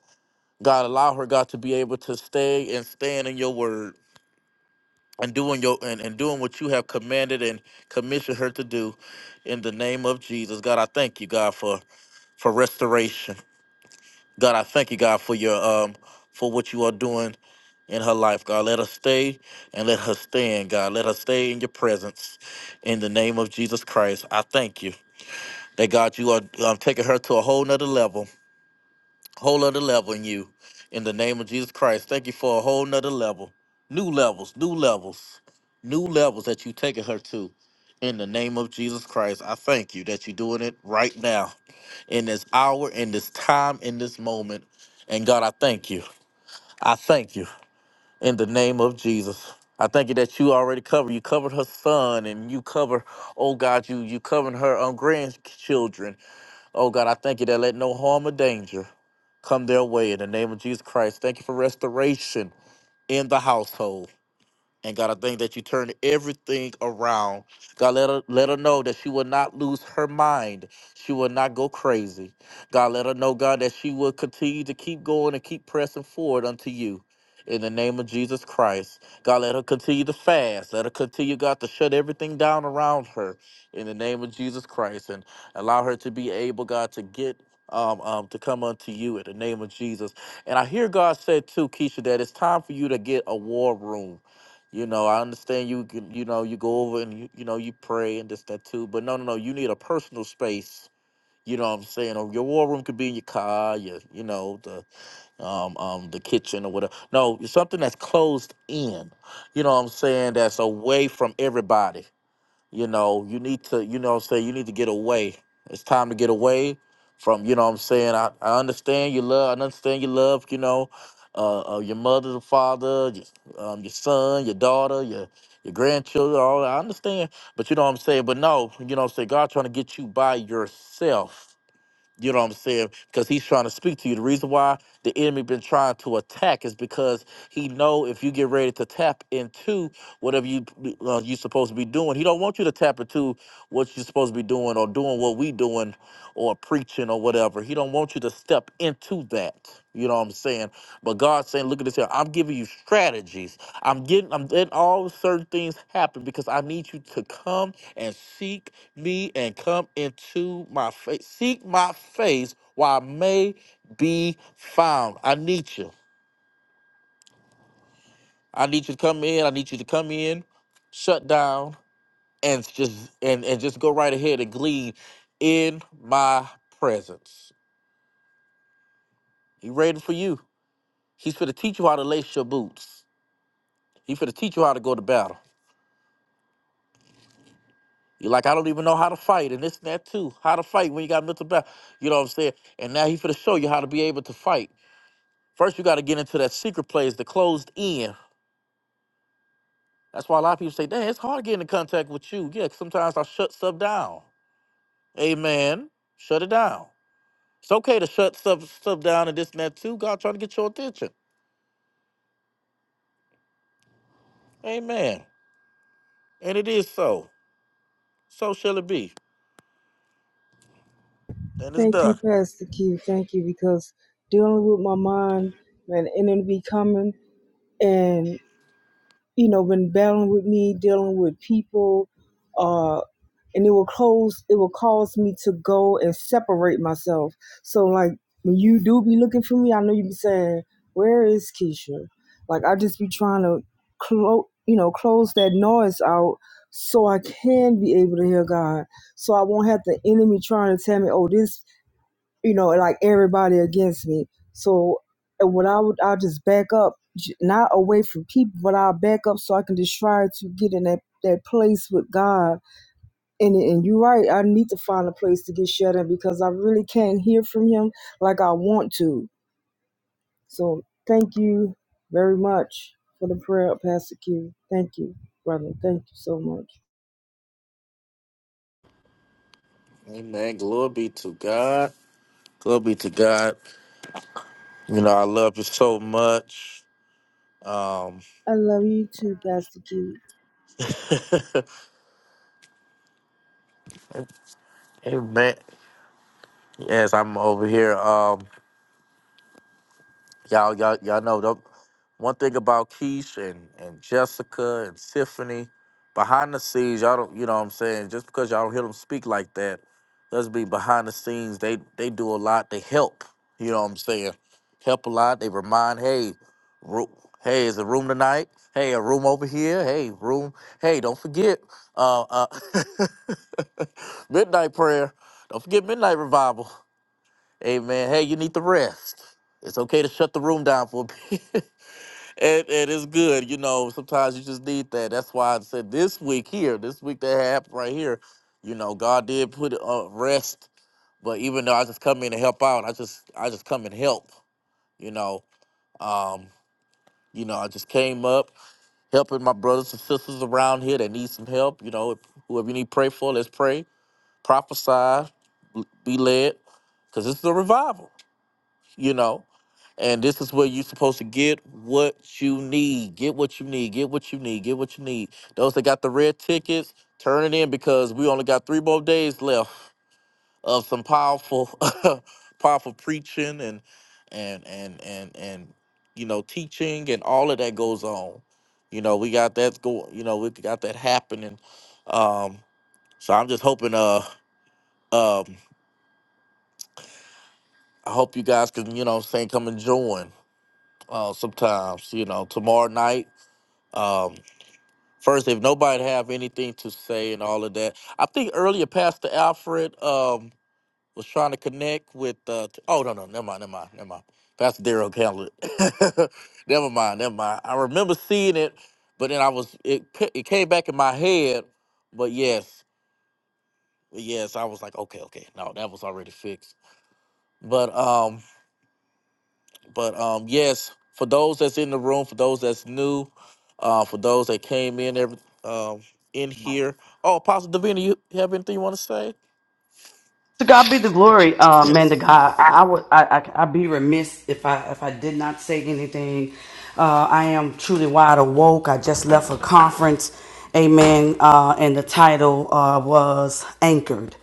Speaker 7: God, allow her, God, to be able to stay and stand in your word and doing your and, and doing what you have commanded and commissioned her to do in the name of Jesus. God, I thank you, God, for for restoration. God, I thank you, God, for your um for what you are doing in her life. God, let her stay and let her stand, God. Let her stay in your presence in the name of Jesus Christ. I thank you. That God, you are um, taking her to a whole nother level, whole other level in you. In the name of Jesus Christ, thank you for a whole nother level, new levels, new levels, new levels that you taking her to. In the name of Jesus Christ, I thank you that you're doing it right now, in this hour, in this time, in this moment. And God, I thank you. I thank you in the name of Jesus. I thank you that you already covered. You covered her son, and you cover, oh God, you you covered her um, grandchildren Oh God, I thank you that let no harm or danger come their way in the name of Jesus Christ. Thank you for restoration in the household. And God, I thank that you turned everything around. God, let her let her know that she will not lose her mind. She will not go crazy. God, let her know, God, that she will continue to keep going and keep pressing forward unto you. In the name of Jesus Christ. God, let her continue to fast. Let her continue, God, to shut everything down around her. In the name of Jesus Christ. And allow her to be able, God, to get um, um to come unto you in the name of Jesus. And I hear God said too, Keisha, that it's time for you to get a war room. You know, I understand you can, you know, you go over and you, you know, you pray and this, that, too. But no, no, no, you need a personal space. You know what I'm saying? Or your war room could be in your car, your, you know, the um um the kitchen or whatever. No, it's something that's closed in. You know what I'm saying? That's away from everybody you know you need to you know what i'm saying you need to get away it's time to get away from you know what i'm saying i, I understand your love i understand your love you know uh, uh your mother the father your, um, your son your daughter your your grandchildren all that i understand but you know what i'm saying but no you know what i'm saying god trying to get you by yourself you know what I'm saying? Because he's trying to speak to you. The reason why the enemy been trying to attack is because he know if you get ready to tap into whatever you uh, you supposed to be doing, he don't want you to tap into what you're supposed to be doing or doing what we doing or preaching or whatever. He don't want you to step into that. You know what I'm saying? But God's saying, look at this here. I'm giving you strategies. I'm getting I'm letting all certain things happen because I need you to come and seek me and come into my face. Seek my face while I may be found. I need you. I need you to come in. I need you to come in, shut down, and just and, and just go right ahead and glean in my presence. He ready for you. He's for to teach you how to lace your boots. He's for to teach you how to go to battle. You're like, I don't even know how to fight, and this and that too. How to fight when you got mental battle. You know what I'm saying? And now he's for to show you how to be able to fight. First, you got to get into that secret place, the closed in. That's why a lot of people say, "Damn, it's hard getting in contact with you." Yeah, 'cause sometimes I shut stuff down. Amen. Shut it down. It's okay to shut stuff stuff down and this and that too. God trying to get your attention. Amen. And it is so. So shall it be. And it's
Speaker 12: Thank you,
Speaker 7: done.
Speaker 12: Pastor Q. Thank you, because dealing with my mind and and it'll be coming. and you know, been battling with me, dealing with people, uh, and it will close. It will cause me to go and separate myself. So, like when you do be looking for me, I know you be saying, "Where is Keisha?" Like I just be trying to close, you know, close that noise out so I can be able to hear God. So I won't have the enemy trying to tell me, "Oh, this you know, like everybody against me. So and what I would, I'll just back up, not away from people, but I'll back up so I can just try to get in that, that place with God. And, and you're right, I need to find a place to get shut in because I really can't hear from Him like I want to. So thank you very much for the prayer, Pastor Q. Thank you, brother. Thank you so much.
Speaker 7: Amen. Glory be to God. Glory be to God. You know, I love you so much. Um,
Speaker 12: I love you too, Pastor Q.
Speaker 7: amen. Yes, I'm over here. Um, Y'all, y'all, y'all know the one thing about Keish and, and Jessica and Tiffany, behind the scenes, y'all don't, you know what I'm saying? Just because y'all don't hear them speak like that, doesn't mean behind the scenes, they, they do a lot They help. You know what I'm saying? Help a lot. They remind, hey, ro- hey, is a room tonight? Hey, a room over here? Hey, room. Hey, don't forget uh, uh, midnight prayer. Don't forget midnight revival. Hey man, hey, you need to rest. It's okay to shut the room down for a bit. and, and it's good, you know, sometimes you just need that. That's why I said this week here, this week that happened right here, you know, God did put uh, rest. But even though I just come in to help out, I just I just come and help, you know. Um, you know, I just came up helping my brothers and sisters around here that need some help. You know, if, whoever you need to pray for, let's pray, prophesy, l- be led, because this is a revival you know. And this is where you're supposed to get what you need. Get what you need. Get what you need. Get what you need. Those that got the red tickets, turn it in because we only got three more days left of some powerful, powerful preaching and and and and and you know teaching and all of that goes on. You know we got that go. You know we got that happening. Um, so I'm just hoping. Uh, um, I hope you guys can you know what I'm saying come and join uh, sometimes, you know, tomorrow night. Um, first, if nobody have anything to say and all of that, I think earlier Pastor Alfred um, was trying to connect with. Uh, t- oh no, no, never mind, never mind, never mind. Pastor Daryl Hamlet. never mind, never mind. I remember seeing it, but then I was it ca- it came back in my head. But yes, yes, I was like, okay, okay, no, that was already fixed. But um, But um, yes, for those that's in the room, for those that's new, uh, for those that came in every um in here. Oh, Apostle Davina, you have anything you want to say?
Speaker 10: To God be the glory, uh, man. To
Speaker 7: Yes.
Speaker 10: God, I, I would, I, I, I'd be remiss if I, if I did not say anything. Uh, I am truly wide awoke. I just left a conference, amen. Uh, and the title uh, was anchored,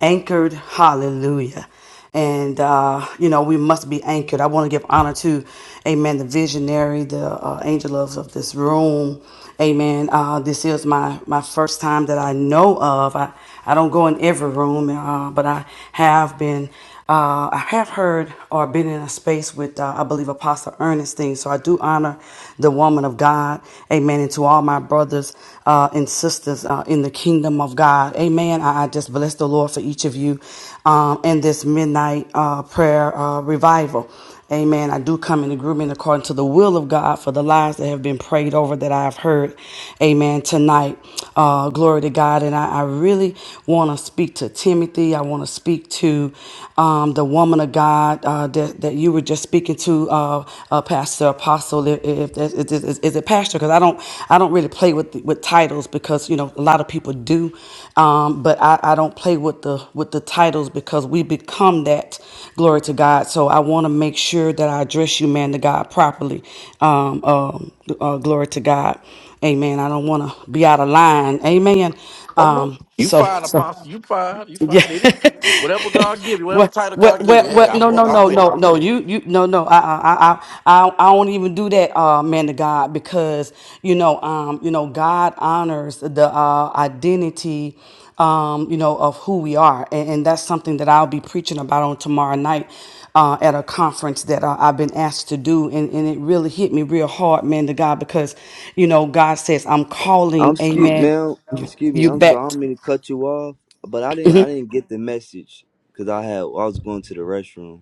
Speaker 10: anchored. Hallelujah. and uh, you know we must be anchored. I want to give honor to, Amen, the visionary, the uh, angel of, of this room, Amen. Uh, this is my my first time that I know of. I I don't go in every room, uh, but I have been. Uh, I have heard or been in a space with, uh, I believe, Apostle Ernestine. So I do honor the woman of God. Amen. And to all my brothers uh, and sisters uh, in the kingdom of God. Amen. I, I just bless the Lord for each of you um, in this midnight uh, prayer uh, revival. Amen. I do come in agreement according to the will of God for the lives that have been prayed over that I've heard. Amen. Tonight, uh, glory to God. And I, I really want to speak to Timothy. I want to speak to um, the woman of God uh, that, that you were just speaking to, uh, uh, Pastor Apostle. If, if, if, is, is it Pastor? Because I don't don't I don't really play with with titles because you know a lot of people do, um, but I, I don't play with the with the titles because we become that glory to God. So I want to make sure that I address you, man, to God properly. Um, um, uh, glory to God, Amen. I don't want to be out of line, Amen.
Speaker 7: Oh no.
Speaker 10: Um,
Speaker 7: You
Speaker 10: so
Speaker 7: fine, Apostle. You fine. You
Speaker 10: yeah.
Speaker 7: fine. Any whatever God give you, whatever
Speaker 10: What?
Speaker 7: title
Speaker 10: What?
Speaker 7: God give
Speaker 10: What?
Speaker 7: you. Hey,
Speaker 10: What?
Speaker 7: I'm,
Speaker 10: No! No!
Speaker 7: I'm
Speaker 10: No!
Speaker 7: with
Speaker 10: No!
Speaker 7: it.
Speaker 10: No! You! You! No! No! I! I! I! I, I don't even do that, uh, man to God, because you know, um, you know, God honors the uh, identity, um, you know, of who we are, and, and that's something that I'll be preaching about on tomorrow night uh, at a conference that uh, I've been asked to do, and, and it really hit me real hard, man to God, because you know, God says, "I'm
Speaker 8: I'm
Speaker 10: calling,
Speaker 8: excuse,
Speaker 10: Amen."
Speaker 8: man. Excuse me.
Speaker 10: you
Speaker 8: I'm sorry. I
Speaker 10: back.
Speaker 8: don't mean to cut you off, but I didn't. I didn't get the message because I had. I was going to the restroom.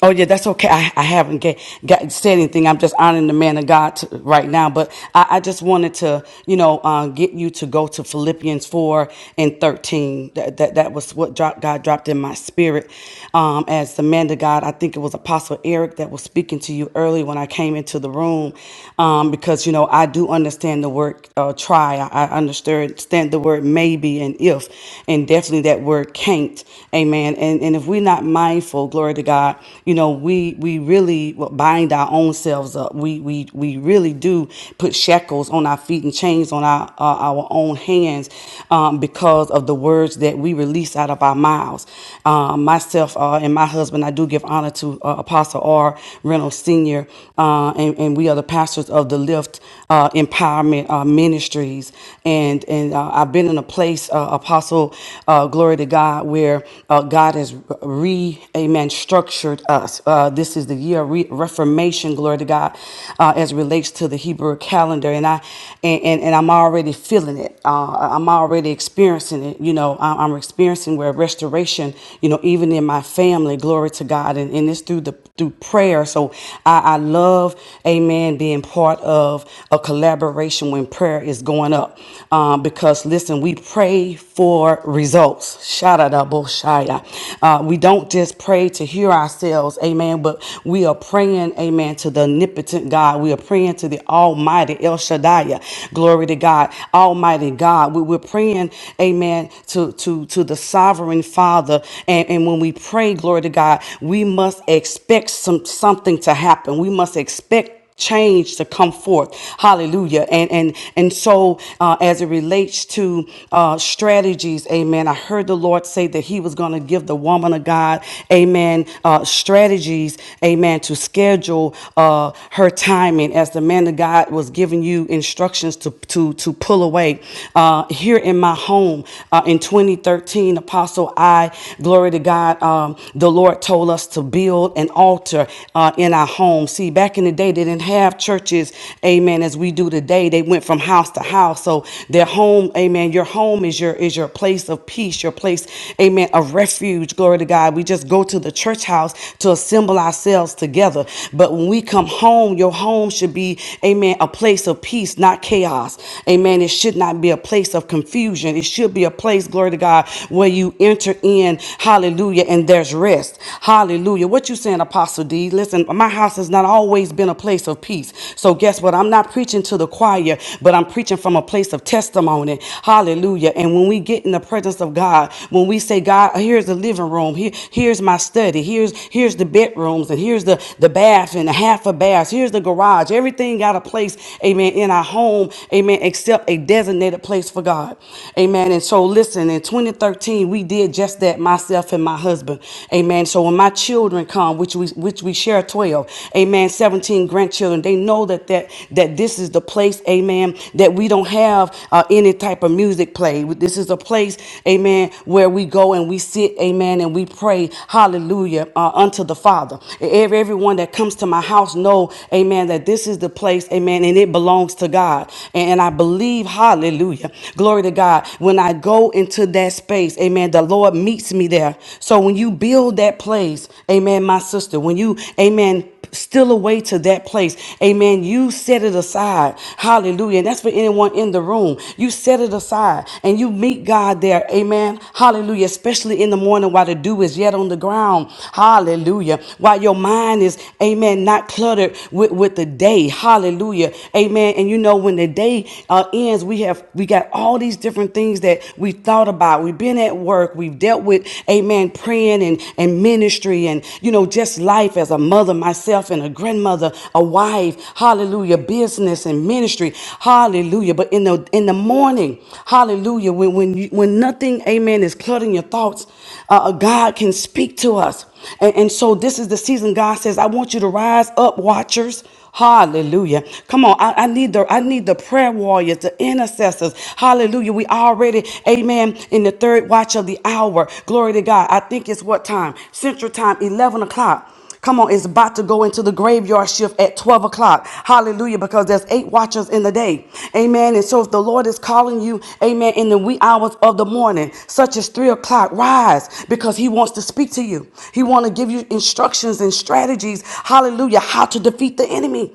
Speaker 10: Oh yeah, that's okay. I, I haven't get, got said anything. I'm just honoring the man of God t right now. But I, I just wanted to, you know, uh, get you to go to Philippians four and thirteen. That that, that was what dropped, God dropped in my spirit. Um, as the man of God, I think it was Apostle Eric that was speaking to you early when I came into the room, um, because you know I do understand the word uh, try. I, I understand the word maybe and if, and definitely that word can't. Amen and and if we're not mindful, glory to God, you know, we we really bind our own selves up. We we we really do put shackles on our feet and chains on our uh, our own hands um, because of the words that we release out of our mouths. Um, myself uh, and my husband, I do give honor to uh, Apostle R. Reynolds Senior, uh, and and we are the pastors of the Lift uh, Empowerment uh, Ministries, and and uh, I've been in a place, uh, Apostle uh, glory to God, where uh, God has re, amen, structured us. Uh, this is the year of re- reformation, glory to God, uh, as it relates to the Hebrew calendar. And I, and, and, and I'm already feeling it. Uh, I'm already experiencing it. You know, I- I'm experiencing where restoration, you know, even in my family, glory to God. And, and it's through the, through prayer. So I, I love, amen, being part of a collaboration when prayer is going up. Um, um, because listen, we pray for results. Shadadaboshaya. Uh, we don't just pray to hear ourselves, amen, but we are praying, amen, to the omnipotent God. We are praying to the Almighty El Shaddai. Glory to God, Almighty God. We, we're praying, amen, to, to, to the sovereign Father. And, and when we pray, glory to God, we must expect some something to happen. We must expect change to come forth hallelujah and and and so uh, as it relates to uh, strategies amen i heard the lord say that he was going to give the woman of god amen uh, strategies amen to schedule uh, her timing as the man of god was giving you instructions to to to pull away uh, here in my home uh, in 2013 apostle i glory to god um, the lord told us to build an altar uh, in our homes. See, back in the day, they didn't have churches, amen, as we do today. They went from house to house. So their home, amen, your home is your is your place of peace, your place, amen, of refuge. Glory to God. We just go to the church house to assemble ourselves together. But when we come home, your home should be, amen, a place of peace, not chaos. Amen. It should not be a place of confusion. It should be a place, glory to God, where you enter in, hallelujah, and there's rest. Hallelujah. What you saying, Apostle D? Listen, my house has not always been a place of peace. So guess what? I'm not preaching to the choir, but I'm preaching from a place of testimony. Hallelujah. And when we get in the presence of God, when we say, God, here's the living room, here, here's my study, here's here's the bedrooms, and here's the, the bath and a half a bath, here's the garage. Everything got a place, amen, in our home, amen, except a designated place for God. Amen. And so listen, in 2013, we did just that that myself and my husband. Amen. So when my children come, which we which we share 12, amen, 17 grandchildren, they know that that that this is the place, amen, that we don't have uh, any type of music play. This is a place, amen, where we go and we sit, amen, and we pray, hallelujah, uh, unto the Father. Every, everyone that comes to my house know, amen, that this is the place, amen, and it belongs to God. And, and I believe, hallelujah, glory to God. When I go go into that space, amen, the Lord meets me there. So when you build that place, amen, my sister, when you, amen, still away to that place. Amen. You set it aside. Hallelujah. And that's for anyone in the room. You set it aside and you meet God there. Amen. Hallelujah. Especially in the morning while the dew is yet on the ground. Hallelujah. While your mind is, amen, not cluttered with, with the day. Hallelujah. Amen. And you know, when the day uh, ends, we have we got all these different things that we've thought about. We've been at work. We've dealt with, amen, praying and, and ministry and, you know, just life as a mother myself and a grandmother, a wife, hallelujah, business and ministry, hallelujah. But in the in the morning, hallelujah, when when you, when nothing, amen, is cluttering your thoughts, uh, uh, God can speak to us. And, and so this is the season God says, I want you to rise up, watchers. Hallelujah. Come on. I, I need the I need the prayer warriors, the intercessors. Hallelujah. We already, amen, in the third watch of the hour. Glory to God. I think it's what time? Central time, 11 o'clock. Come on, it's about to go into the graveyard shift at 12 o'clock o'clock. Hallelujah. Because there's eight watchers in the day. Amen. And so if the Lord is calling you, amen, in the wee hours of the morning, such as three o'clock, rise because he wants to speak to you. He wants to give you instructions and strategies. Hallelujah. How to defeat the enemy.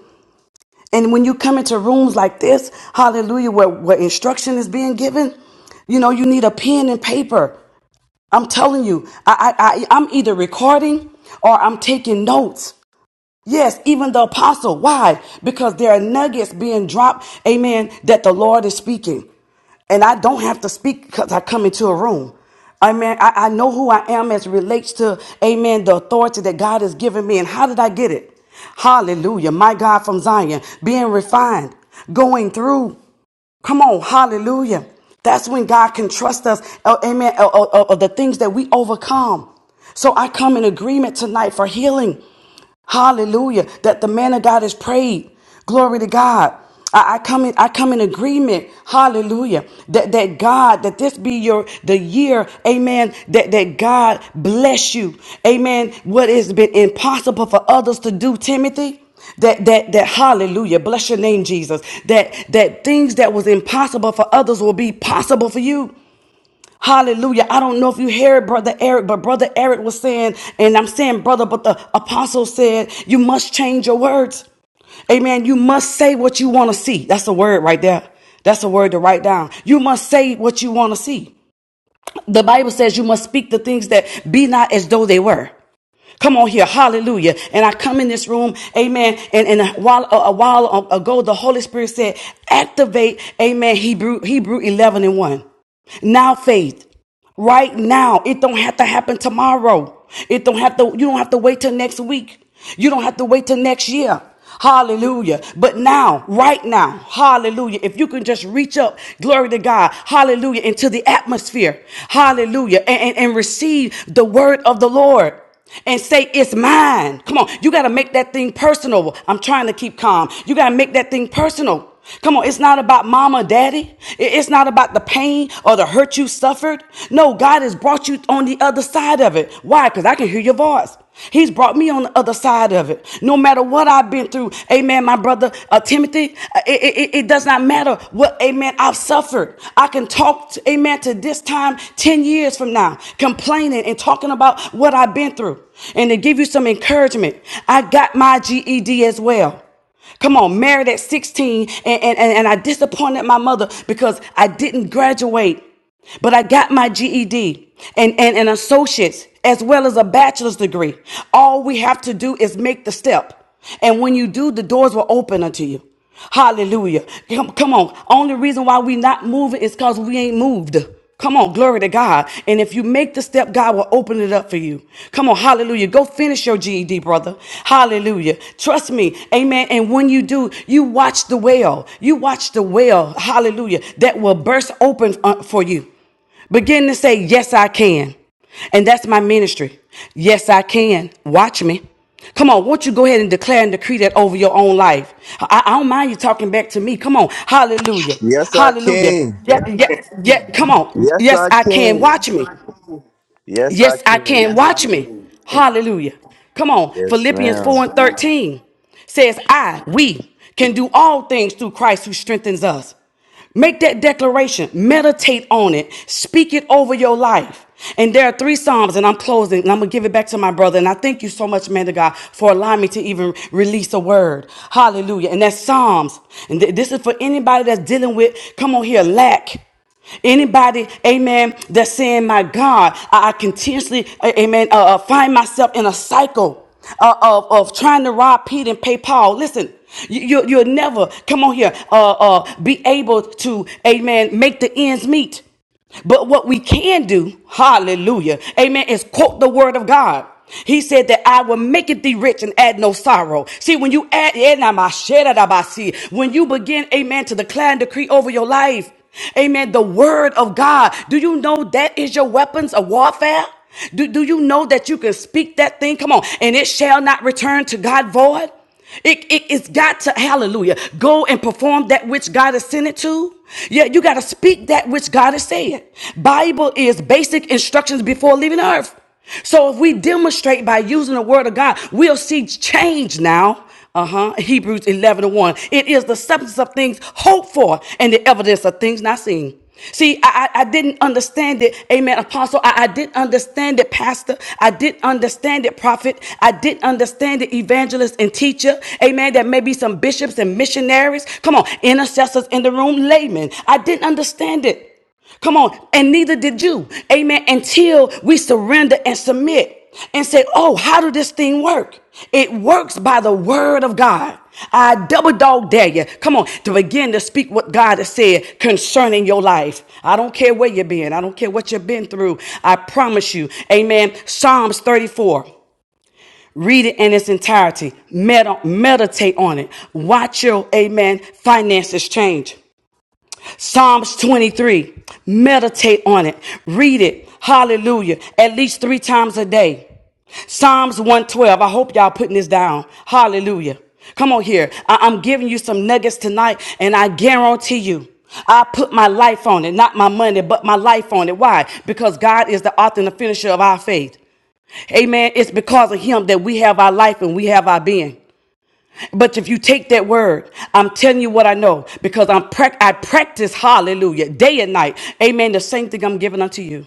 Speaker 10: And when you come into rooms like this, hallelujah, where, where instruction is being given, you know, you need a pen and paper. I'm telling you, I, I, I, I'm either recording or I'm taking notes. Yes, even the apostle. Why? Because there are nuggets being dropped, amen, that the Lord is speaking. And I don't have to speak because I come into a room. Amen. I, I know who I am as it relates to, amen, the authority that God has given me. And how did I get it? Hallelujah. My God from Zion, being refined, going through. Come on. Hallelujah. That's when God can trust us, uh, amen, of the things that we overcome. So I come in agreement tonight for healing. Hallelujah. That the man of God is prayed. Glory to God. I, I come in, I come in agreement. Hallelujah. That that God, that this be your the year, amen. That that God bless you. Amen. What has been impossible for others to do, Timothy. That that that hallelujah, bless your name, Jesus. That that things that was impossible for others will be possible for you. Hallelujah. I don't know if you hear it, Brother Eric, but Brother Eric was saying, and I'm saying, brother, but the apostle said, you must change your words. Amen. You must say what you want to see. That's a word right there. That's a word to write down. You must say what you want to see. The Bible says you must speak the things that be not as though they were. Come on here, hallelujah. And I come in this room, amen. And, and a while, a, a while ago, the Holy Spirit said, activate, amen, Hebrew, Hebrew 11 and 1. Now faith, right now. It don't have to happen tomorrow. It don't have to, you don't have to wait till next week. You don't have to wait till next year. Hallelujah. But now, right now, hallelujah. If you can just reach up, glory to God, hallelujah, into the atmosphere, hallelujah, and, and, and receive the word of the Lord and say it's mine. Come on, you got to make that thing personal. I'm trying to keep calm. You got to make that thing personal. Come on, it's not about mama, daddy. It- It's not about the pain or the hurt you suffered. No, God has brought you on the other side of it. Why? Because I can hear your voice. He's brought me on the other side of it. No matter what I've been through, amen, my brother uh, Timothy, uh, it, it, it- does not matter what, amen, I've suffered. I can talk, to, amen, to this time 10 years from now, complaining and talking about what I've been through. And to give you some encouragement, I got my GED as well. Come on, married at 16, and, and, and I disappointed my mother because I didn't graduate, but I got my GED and, and an associate's as well as a bachelor's degree. All we have to do is make the step. And when you do, the doors will open unto you. Hallelujah. Come, come on. Only reason why we not moving is because we ain't moved. Come on, glory to God. And if you make the step, God will open it up for you. Come on, hallelujah. Go finish your GED, brother. Hallelujah. Trust me. Amen. And when you do, you watch the well. You watch the well, hallelujah, that will burst open uh, for you. Begin to say, Yes, I can. And that's my ministry. Yes, I can. Watch me. Come on, won't you go ahead and declare and decree that over your own life? I, I don't mind you talking back to me. Come on. Hallelujah.
Speaker 8: Yes, I
Speaker 10: Hallelujah.
Speaker 8: can.
Speaker 10: Yeah, yeah, yeah. Come on.
Speaker 8: Yes,
Speaker 10: Yes,
Speaker 8: I
Speaker 10: I can.
Speaker 8: can.
Speaker 10: Watch me.
Speaker 8: Yes, I
Speaker 10: Yes, I can.
Speaker 8: can.
Speaker 10: Yes, Watch me. can. Hallelujah. Come on.
Speaker 8: Yes,
Speaker 10: Philippians Yes,
Speaker 8: ma'am.
Speaker 10: 4 and God. 13 says, I, we can do all things through Christ who strengthens us. Make that declaration, meditate on it, speak it over your life. And there are three Psalms, and I'm closing, and I'm gonna give it back to my brother. And I thank you so much, man to God, for allowing me to even release a word. Hallelujah. And that's Psalms. And th- this is for anybody that's dealing with, come on here, lack. Anybody, amen, that's saying, my God, I, I continuously, a- amen, uh, uh, find myself in a cycle uh, of, of trying to rob Peter and pay Paul. Listen, you, you, you'll never, come on here, uh, uh, be able to, amen, make the ends meet. But what we can do, hallelujah, amen, is quote the word of God. He said that I will make it thee rich and add no sorrow. See, when you add, eh, nah, ah, when you begin, amen, to declare and decree over your life, amen, the word of God, do you know that is your weapons of warfare? Do, do you know that you can speak that thing? Come on, and it shall not return to God void? It, it, has got to, hallelujah, go and perform that which God has sent it to. Yeah, you got to speak that which God has said. Bible is basic instructions before leaving earth. So if we demonstrate by using the word of God, we'll see change now uh-huh hebrews 11 and 1 it is the substance of things hoped for and the evidence of things not seen See, I, I I didn't understand it, amen, apostle. I, I didn't understand it, pastor. I didn't understand it, prophet. I didn't understand it, evangelist and teacher, amen. There may be some bishops and missionaries. Come on, intercessors in the room, laymen. I didn't understand it. Come on. And neither did you. Amen. Until we surrender and submit and say, oh, how do this thing work? It works by the word of God. I double dog dare you. Come on. To begin to speak what God has said concerning your life. I don't care where you've been. I don't care what you've been through. I promise you. Amen. Psalms 34. Read it in its entirety. Med- meditate on it. Watch your, amen, finances change. Psalms 23. Meditate on it. Read it. Hallelujah. At least three times a day. Psalms 112. I hope y'all putting this down. Hallelujah. Come on here. I- I'm giving you some nuggets tonight, and I guarantee you. I put my life on it, not my money, but my life on it. Why? Because God is the author and the finisher of our faith. Amen. It's because of Him that we have our life and we have our being. But if you take that word, I'm telling you what I know because I'm prac I practice hallelujah day and night. Amen. The same thing I'm giving unto you.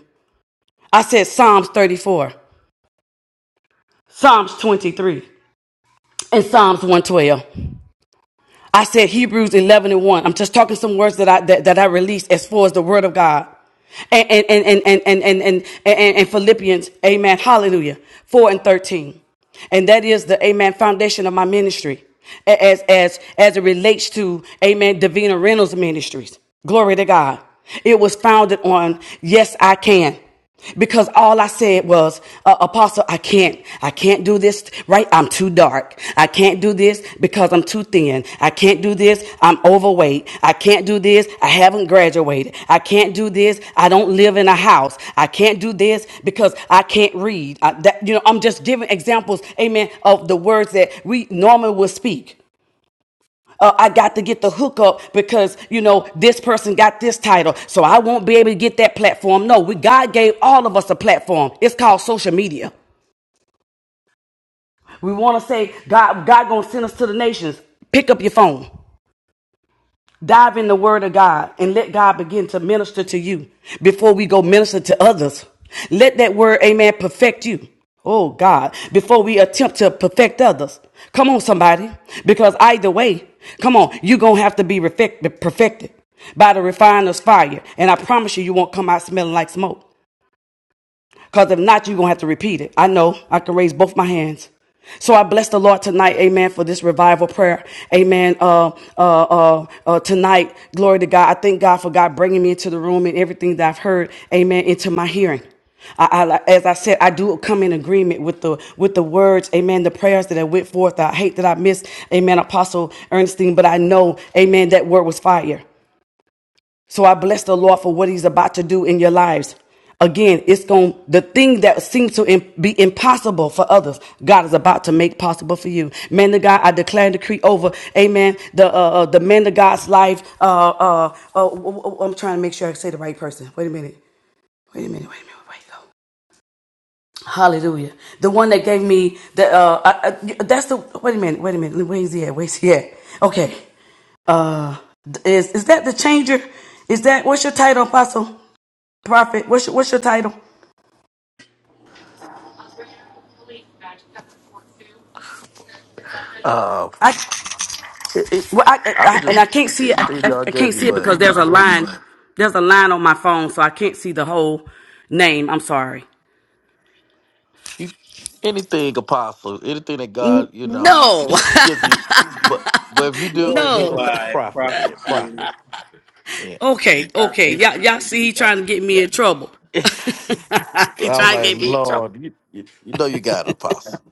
Speaker 10: I said Psalms 34, Psalms 23, and Psalms 112. I said Hebrews 11 and 1. I'm just talking some words that I, that, that I released as far as the word of God. And, and, and, and, and, and, and, and, and Philippians, amen, hallelujah, 4 and 13. And that is the, amen, foundation of my ministry as, as, as it relates to, amen, Davina Reynolds ministries. Glory to God. It was founded on, yes, I can because all I said was, uh, Apostle, I can't, I can't do this, right? I'm too dark. I can't do this because I'm too thin. I can't do this. I'm overweight. I can't do this. I haven't graduated. I can't do this. I don't live in a house. I can't do this because I can't read. I, that, you know, I'm just giving examples, amen, of the words that we normally would speak uh, I got to get the hookup because you know this person got this title, so I won't be able to get that platform. No, we God gave all of us a platform. It's called social media. We want to say God, God gonna send us to the nations. Pick up your phone. Dive in the Word of God and let God begin to minister to you before we go minister to others. Let that Word, amen, perfect you. Oh God, before we attempt to perfect others. Come on, somebody. Because either way, come on, you're going to have to be perfected by the refiner's fire. And I promise you, you won't come out smelling like smoke. Because if not, you're going to have to repeat it. I know. I can raise both my hands. So I bless the Lord tonight, amen, for this revival prayer. Amen. Uh, uh, uh, uh, tonight, glory to God. I thank God for God bringing me into the room and everything that I've heard, amen, into my hearing. I, I, like, as I said, I do come in agreement with the with the words, Amen. The prayers that I went forth. I hate that I missed, Amen. Apostle Ernestine, but I know, Amen. That word was fire. So I bless the Lord for what He's about to do in your lives. Again, it's going the thing that seems to be impossible for others, God is about to make possible for you. Man of God, I declare and decree over, Amen. The uh, uh, the man of God's life. Uh, uh, uh, w- w- I'm trying to make sure I say the right person. Wait a minute. Wait a minute. Wait a minute. Wait a minute. Hallelujah. The one that gave me the uh, uh uh, that's the wait a minute, wait a minute, where's he at? Where's he at? Okay. Uh is is that the changer? Is that what's your title, Apostle? Prophet, what's your, what's your title?
Speaker 7: Uh,
Speaker 10: I,
Speaker 7: it, it-
Speaker 10: well, I, I
Speaker 7: I'm
Speaker 10: and I
Speaker 7: just
Speaker 10: can't see it. I,
Speaker 7: anything
Speaker 10: I
Speaker 7: God
Speaker 10: I
Speaker 7: gave
Speaker 10: can't
Speaker 7: you,
Speaker 10: see it
Speaker 7: but
Speaker 10: because there's a line. There's a line on my phone, so I can't see the whole name. I'm sorry.
Speaker 7: you anything Apostle, anything that God,
Speaker 10: N-
Speaker 7: you know,
Speaker 10: No,
Speaker 7: gives you. But but if you do,
Speaker 6: Lord,
Speaker 10: no.
Speaker 7: okay,
Speaker 6: goodbye,
Speaker 7: profit
Speaker 6: Prophet
Speaker 7: then
Speaker 6: Q.
Speaker 7: profit. Yeah.
Speaker 10: Okay, okay.
Speaker 6: Prophet
Speaker 7: you.
Speaker 10: Y'all, y'all see, he
Speaker 7: Yeah,
Speaker 10: trying to get me in
Speaker 7: yeah.
Speaker 10: trouble. He
Speaker 7: I'm
Speaker 10: trying to
Speaker 7: like,
Speaker 10: get me.
Speaker 7: Lord, you, you, you know you got an apostle.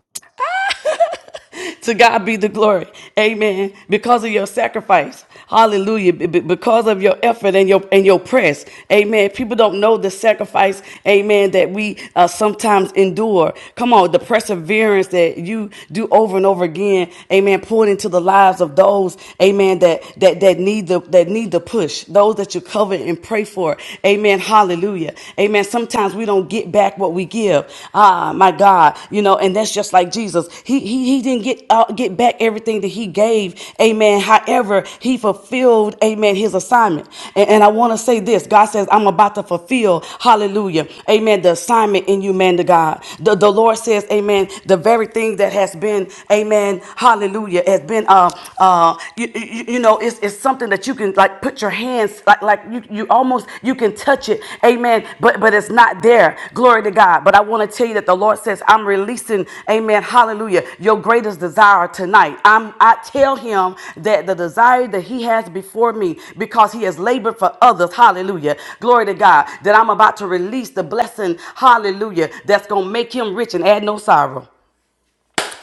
Speaker 10: to God be the glory. Amen. Because of your sacrifice. Hallelujah. Be- be- Because of your effort and your and your press. Amen. People don't know the sacrifice, amen, that we uh, sometimes endure. Come on, the perseverance that you do over and over again. Amen. Poured into the lives of those, amen, that that that need the that need the push. Those that you cover and pray for. Amen. Hallelujah. Amen. Sometimes times we don't get back what we give. Ah, my God, you know, and that's just like Jesus. He he he didn't get uh, get back everything that he gave. Amen. However, he fulfilled, amen, his assignment. And, and I want to say this. God says, I'm about to fulfill, hallelujah, amen, the assignment in you, man to God. The, the Lord says, amen, the very thing that has been, amen, hallelujah, has been, uh, uh, you, you, you know, it's, it's is something that you can like put your hands like like you you almost you can touch it. Amen. But but it's not there. Glory to God. But I want to tell you that the Lord says, I'm releasing, amen, hallelujah, your greatest desire tonight. I'm I tell him that the desire that he has before me, because he has labored for others, hallelujah. Glory to God. That I'm about to release the blessing, hallelujah, that's gonna make him rich and add no sorrow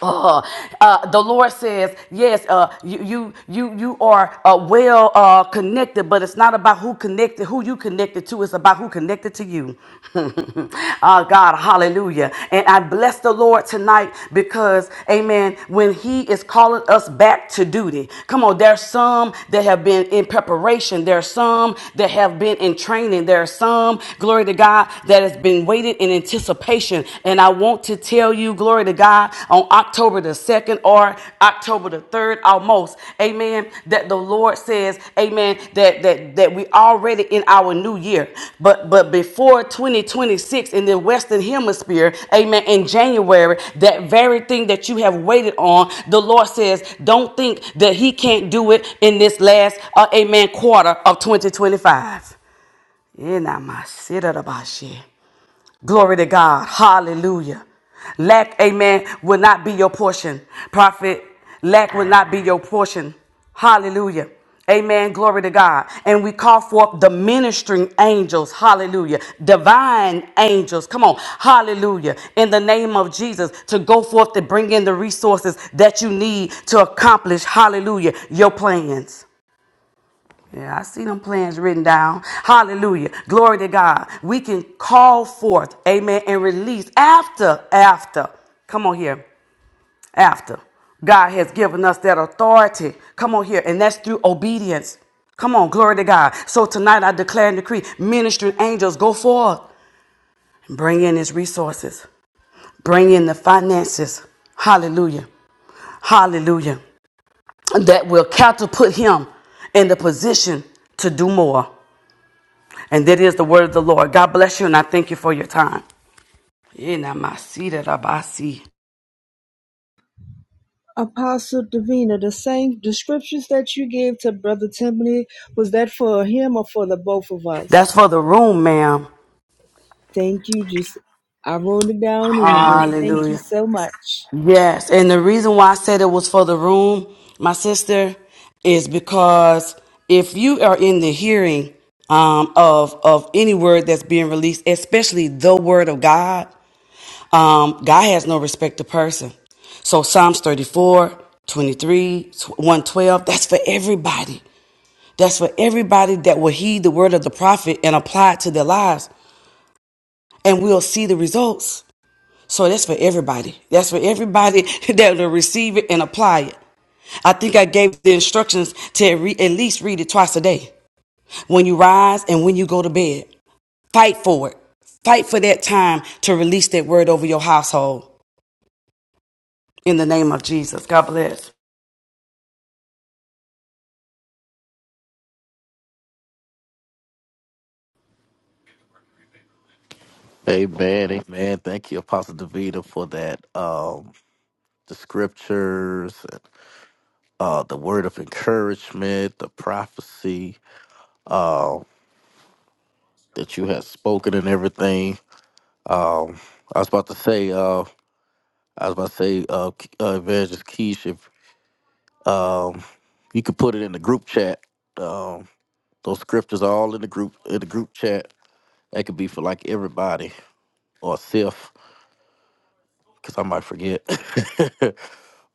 Speaker 10: uh, uh, the Lord says, yes, uh, you, you, you, you are uh, well uh, connected, but it's not about who connected, who you connected to. It's about who connected to you. uh, God, hallelujah. And I bless the Lord tonight because, amen, when he is calling us back to duty, come on, there's some that have been in preparation. There's some that have been in training. There are some, glory to God, that has been waiting and anticipation. And I want to tell you, glory to God, on October the 2nd or October the 3rd almost, amen, that the Lord says, amen, that that that we already in our new year. But but before 2026 in the western hemisphere, amen, in January, that very thing that you have waited on, the Lord says, don't think that he can't do it in this last uh, amen quarter of 2025. Yeah, nah, my shit out of my shit. Glory to God. Hallelujah. Lack, amen, will not be your portion. Prophet, lack will not be your portion. Hallelujah. Amen. Glory to God. And we call forth the ministering angels. Hallelujah. Divine angels. Come on. Hallelujah. In the name of Jesus to go forth to bring in the resources that you need to accomplish. Hallelujah. Your plans. Yeah, I see them plans written down. Hallelujah. Glory to God. We can call forth, amen, and release after, after. Come on here. After. God has given us that authority. Come on here. And that's through obedience. Come on. Glory to God. So tonight I declare and decree ministering angels go forth and bring in his resources, bring in the finances. Hallelujah. Hallelujah. That will catapult him in the position to do more. And that is the word of the Lord. God bless you, and I thank you for your time. In my seat at Abasi.
Speaker 12: Apostle Davina, the same descriptions that you gave to Brother Tiffany, was that for him or for the both of
Speaker 10: That's for
Speaker 12: us?
Speaker 10: the room, ma'am.
Speaker 12: Thank you. Just I wrote it down anyway. Thank you
Speaker 10: Hallelujah.
Speaker 12: so much.
Speaker 10: Yes, and the reason why I said it was for the room, my sister, is because if you are in the hearing um, of of any word that's being released, especially the word of God, um, God has no respect to person. So Psalms thirty four, twenty 112, that's for everybody. That's for everybody that will heed the word of the prophet and apply it to their lives, and we'll see the results. So that's for everybody. That's for everybody that will receive it and apply it. I think I gave the instructions to re- at least read it twice a day when you rise and when you go to bed. Fight for it. Fight for that time to release that word over your household in the name of Jesus. God bless.
Speaker 7: Amen, amen. Thank you, Apostle Davida, for that. Um, the scriptures, uh, the word of encouragement, the prophecy uh, that you have spoken and everything. Um, I was about to say, uh, I was about to say, uh, K- uh, Evangelist Keish, if um, you could put it in the group chat. Um, those scriptures are all in the group in the group chat That could be for like everybody or self, because I might forget.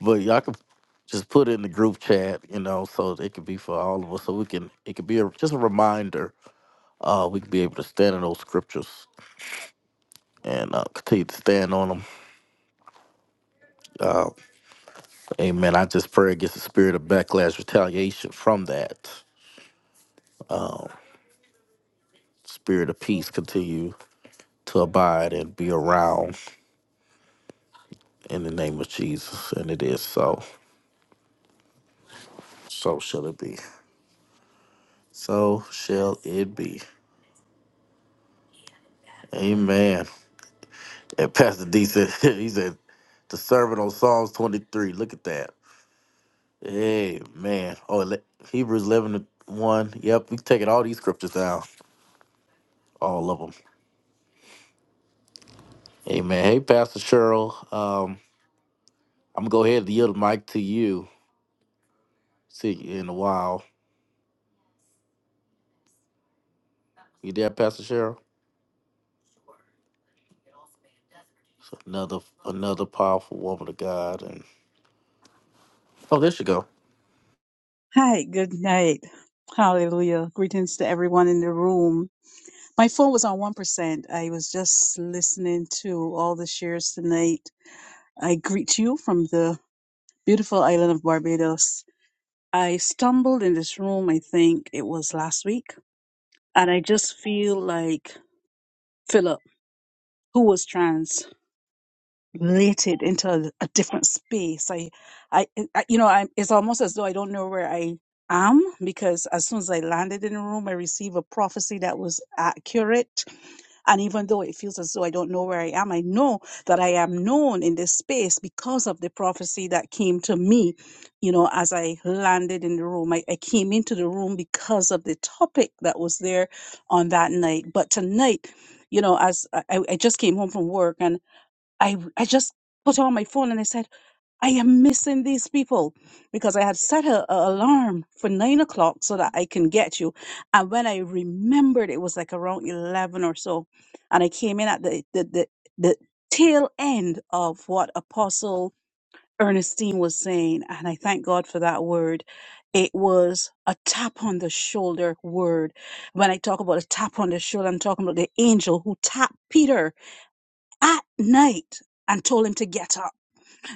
Speaker 7: but y'all could just put it in the group chat, you know, so it could be for all of us. So we can, it could be a, just a reminder. Uh, we could be able to stand in those scriptures and uh, continue to stand on them. Uh, amen. I just pray against the spirit of backlash, retaliation from that. Spirit of peace continue to abide and be around in the name of Jesus. And it is so. So shall it be. So shall it be. Amen. And Pastor D said, he said, the servant on Psalms 23. Look at that. Amen. Oh, ele- Hebrews 11 to 1. Yep, we taking all these scriptures down, all of them. Amen. Hey, Pastor Cheryl. Um, I'm going to go ahead and yield the mic to you. See you in a while. You there, Pastor Cheryl? So another another powerful woman of God. And Oh, there she go.
Speaker 13: Hi, good night. Hallelujah. Greetings to everyone in the room. My phone was on 1%. I was just listening to all the shares tonight. I greet you from the beautiful island of Barbados. I stumbled in this room, I think it was last week, and I just feel like Philip, who was trans. related into a, a different space. I, I, I you know, I, it's almost as though I don't know where I am because as soon as I landed in the room, I received a prophecy that was accurate. And even though it feels as though I don't know where I am, I know that I am known in this space because of the prophecy that came to me, you know, as I landed in the room. I, I came into the room because of the topic that was there on that night. But tonight, you know, as I, I I just came home from work and. I I just put on my phone and I said, I am missing these people because I had set a, a alarm for nine o'clock so that I can get you. And when I remembered, it was like around eleven or so, and I came in at the the the, the tail end of what Apostle Ernestine was saying, and I thank God for that word. It was a tap on the shoulder word. When I talk about a tap on the shoulder, I'm talking about the angel who tapped Peter at night and told him to get up.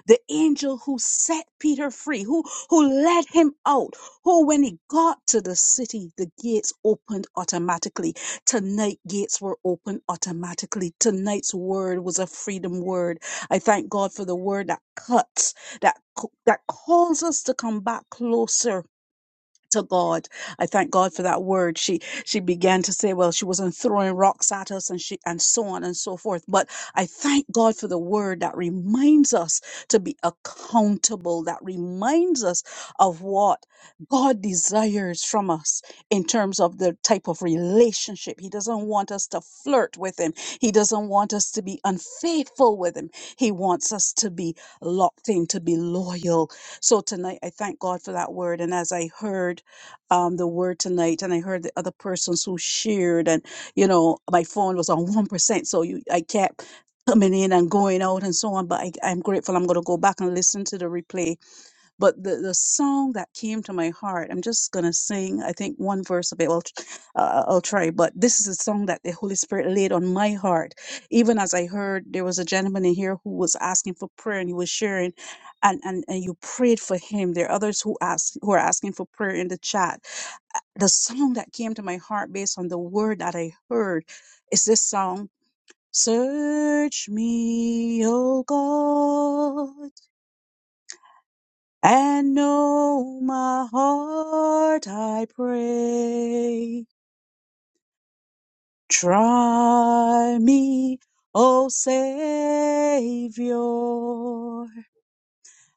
Speaker 13: The angel who set Peter free, who, who led him out, who, when he got to the city, the gates opened automatically. Tonight, gates were opened automatically. Tonight's word was a freedom word. I thank God for the word that cuts, that, co- that calls us to come back closer to God. I thank God for that word. She she began to say, well, she wasn't throwing rocks at us and she and so on and so forth. But I thank God for the word that reminds us to be accountable, that reminds us of what God desires from us in terms of the type of relationship. He doesn't want us to flirt with him. He doesn't want us to be unfaithful with him. He wants us to be locked in, to be loyal. So tonight I thank God for that word. And as I heard um, the word tonight, and I heard the other persons who shared, and you know, my phone was on one percent, so you, I kept coming in and going out and so on. But I, I'm grateful. I'm going to go back and listen to the replay. But the the song that came to my heart, I'm just gonna sing. I think one verse of it. I'll, tr- uh, I'll try. But this is a song that the Holy Spirit laid on my heart, even as I heard there was a gentleman in here who was asking for prayer, and he was sharing and, and and you prayed for him. There are others who ask who are asking for prayer in the chat the song that came to my heart based on the word that I heard is this song Search me, O God, and know my heart, I pray. Try me, O Savior,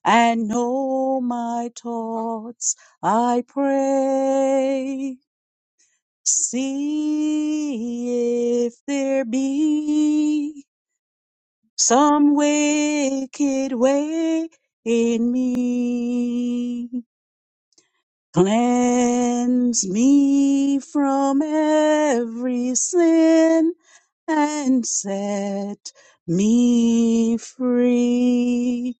Speaker 13: and know my thoughts, I pray. See if there be some wicked way in me. Cleanse me from every sin and set me free.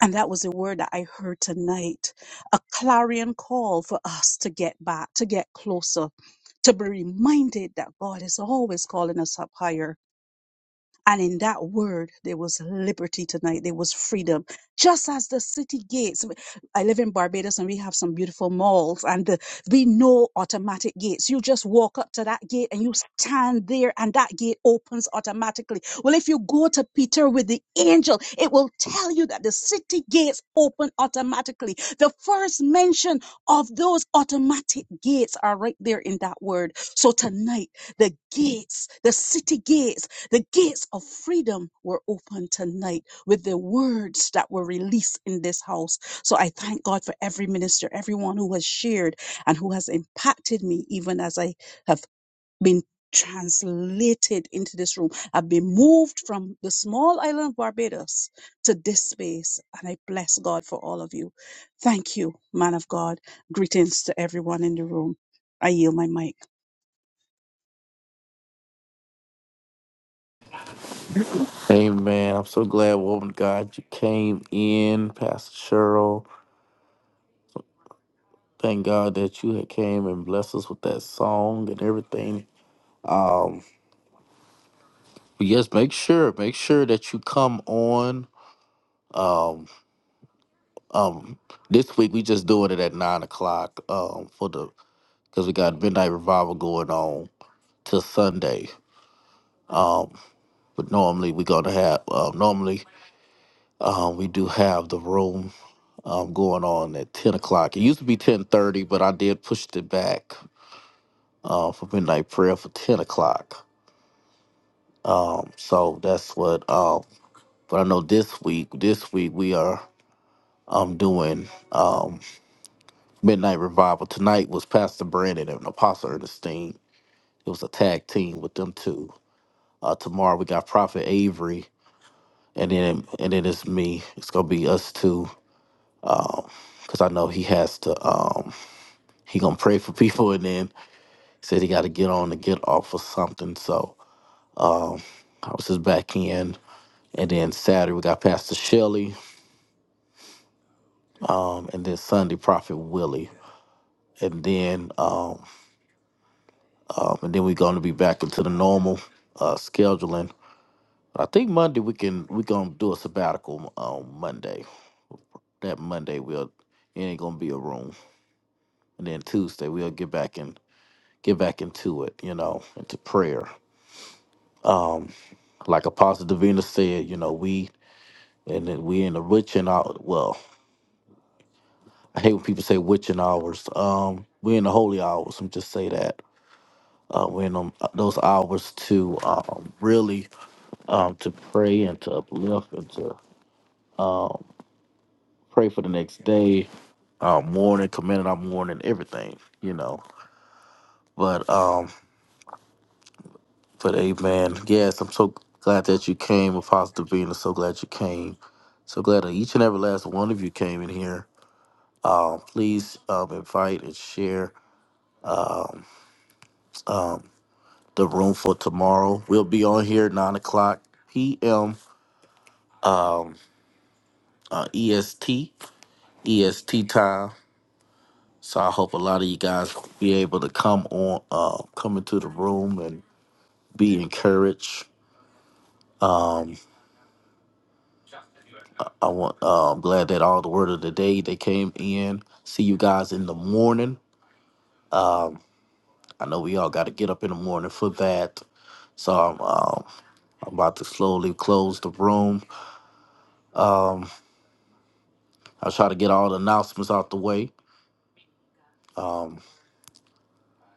Speaker 13: And that was a word that I heard tonight a clarion call for us to get back, to get closer, to be reminded that God is always calling us up higher and in that word, there was liberty tonight. There was freedom. Just as the city gates. I live in Barbados and we have some beautiful malls and the, we know automatic gates. You just walk up to that gate and you stand there and that gate opens automatically. Well, if you go to Peter with the angel, it will tell you that the city gates open automatically. The first mention of those automatic gates are right there in that word. So tonight, the gates, the city gates, the gates of freedom were open tonight with the words that were released in this house. So I thank God for every minister, everyone who has shared and who has impacted me, even as I have been translated into this room. I've been moved from the small island of Barbados to this space, and I bless God for all of you. Thank you, man of God. Greetings to everyone in the room. I yield my mic.
Speaker 7: Amen. I'm so glad, woman of God, you came in, Pastor Cheryl. Thank God that you had came and blessed us with that song and everything. But yes, make sure, make sure that you come on. Um, um, this week we just doing it at nine o'clock. Um, for the because we got midnight revival going on till Sunday. Um, but normally we're gonna have. Um, normally, um, we do have the room um going on at ten o'clock. It used to be ten thirty, but I did push it back. Uh, for midnight prayer for ten o'clock. Um, so that's what. um. But I know this week, this week we are um doing um Midnight Revival. Tonight was Pastor Brandon and Apostle Ernestine. It was a tag team with them two. Uh tomorrow we got Prophet Avery and then and then it's me. It's gonna be us two. Cause I know he has to um he gonna pray for people and then said he gotta get on and get off or something. So I was just back in. And then Saturday we got Pastor Shelley, um, and then Sunday Prophet Willie. And then um um, and then we're going to be back into the normal uh, scheduling. I think Monday we can we gonna do a sabbatical on Monday. That Monday we'll it ain't gonna be a room, and then Tuesday we'll get back and get back into it, you know, into prayer. Um, like Apostle Davina said, you know, we and then we in the witching hour. Well, I hate when people say witching hours. Um, we in the holy hours. I'm just say that. Uh, we're in them, uh, those hours to um, really um, to pray and to uplift and to um, pray for the next day, um, morning, commended our morning, everything, you know. But um, but amen. Yes, I'm so glad that you came, Apostle Davina. So glad you came. So glad that each and every last one of you came in here. Um, please um, invite and share the room for tomorrow. We'll be on here nine o'clock p.m. Uh, EST EST time. So I hope a lot of you guys be able to come on, uh, come into the room and be encouraged I want. Uh, I'm glad that all the word of the day they came in. See you guys in the morning. I know we all got to get up in the morning for that. So I'm, um, I'm about to slowly close the room. I'll try to get all the announcements out the way. Um,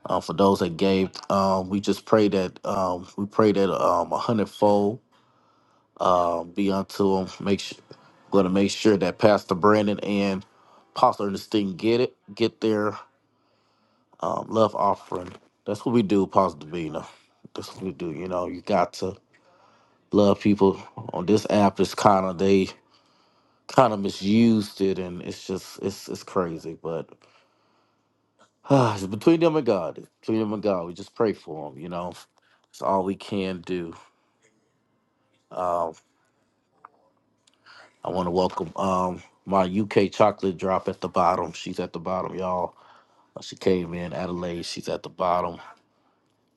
Speaker 7: uh, for those that gave, um, we just pray that um, we pray that um, a hundredfold um be unto them. Make sure, going to make sure that Pastor Brandon and Pastor Ernestine get it, get there. um, love offering. That's what we do, Positive Bina. That's what we do. You know, you got to love people. On this app, it's kind of they kind of misused it, and it's just it's it's crazy. But it's between them and God, It's between them and God, we just pray for them. You know, it's all we can do. Um, I want to welcome um, my UK chocolate drop at the bottom. She's at the bottom, y'all. Uh, She came in Adelaide. She's at the bottom.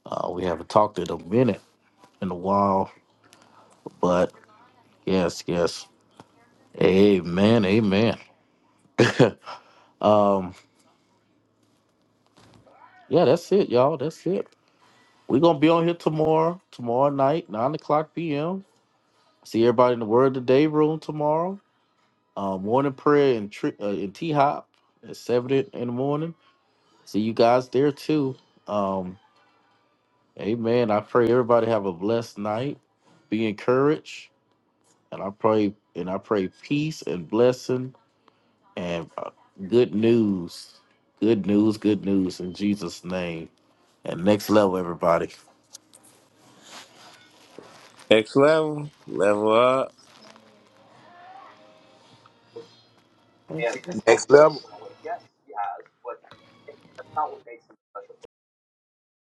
Speaker 7: Uh, we haven't talked in a minute in a while, but yes, yes. Amen. Amen. um, yeah, that's it, y'all. That's it. We're gonna be on here tomorrow, tomorrow night, nine o'clock p.m. See everybody in the Word of the Day room tomorrow. Uh, morning prayer in tri- uh, in T Hop at seven in in the morning. See you guys there too. Um, amen. I pray everybody have a blessed night. Be encouraged, and I pray and I pray peace and blessing and uh, good news. Good news. Good news in Jesus' name. And next level, everybody.
Speaker 6: Next level. Level up.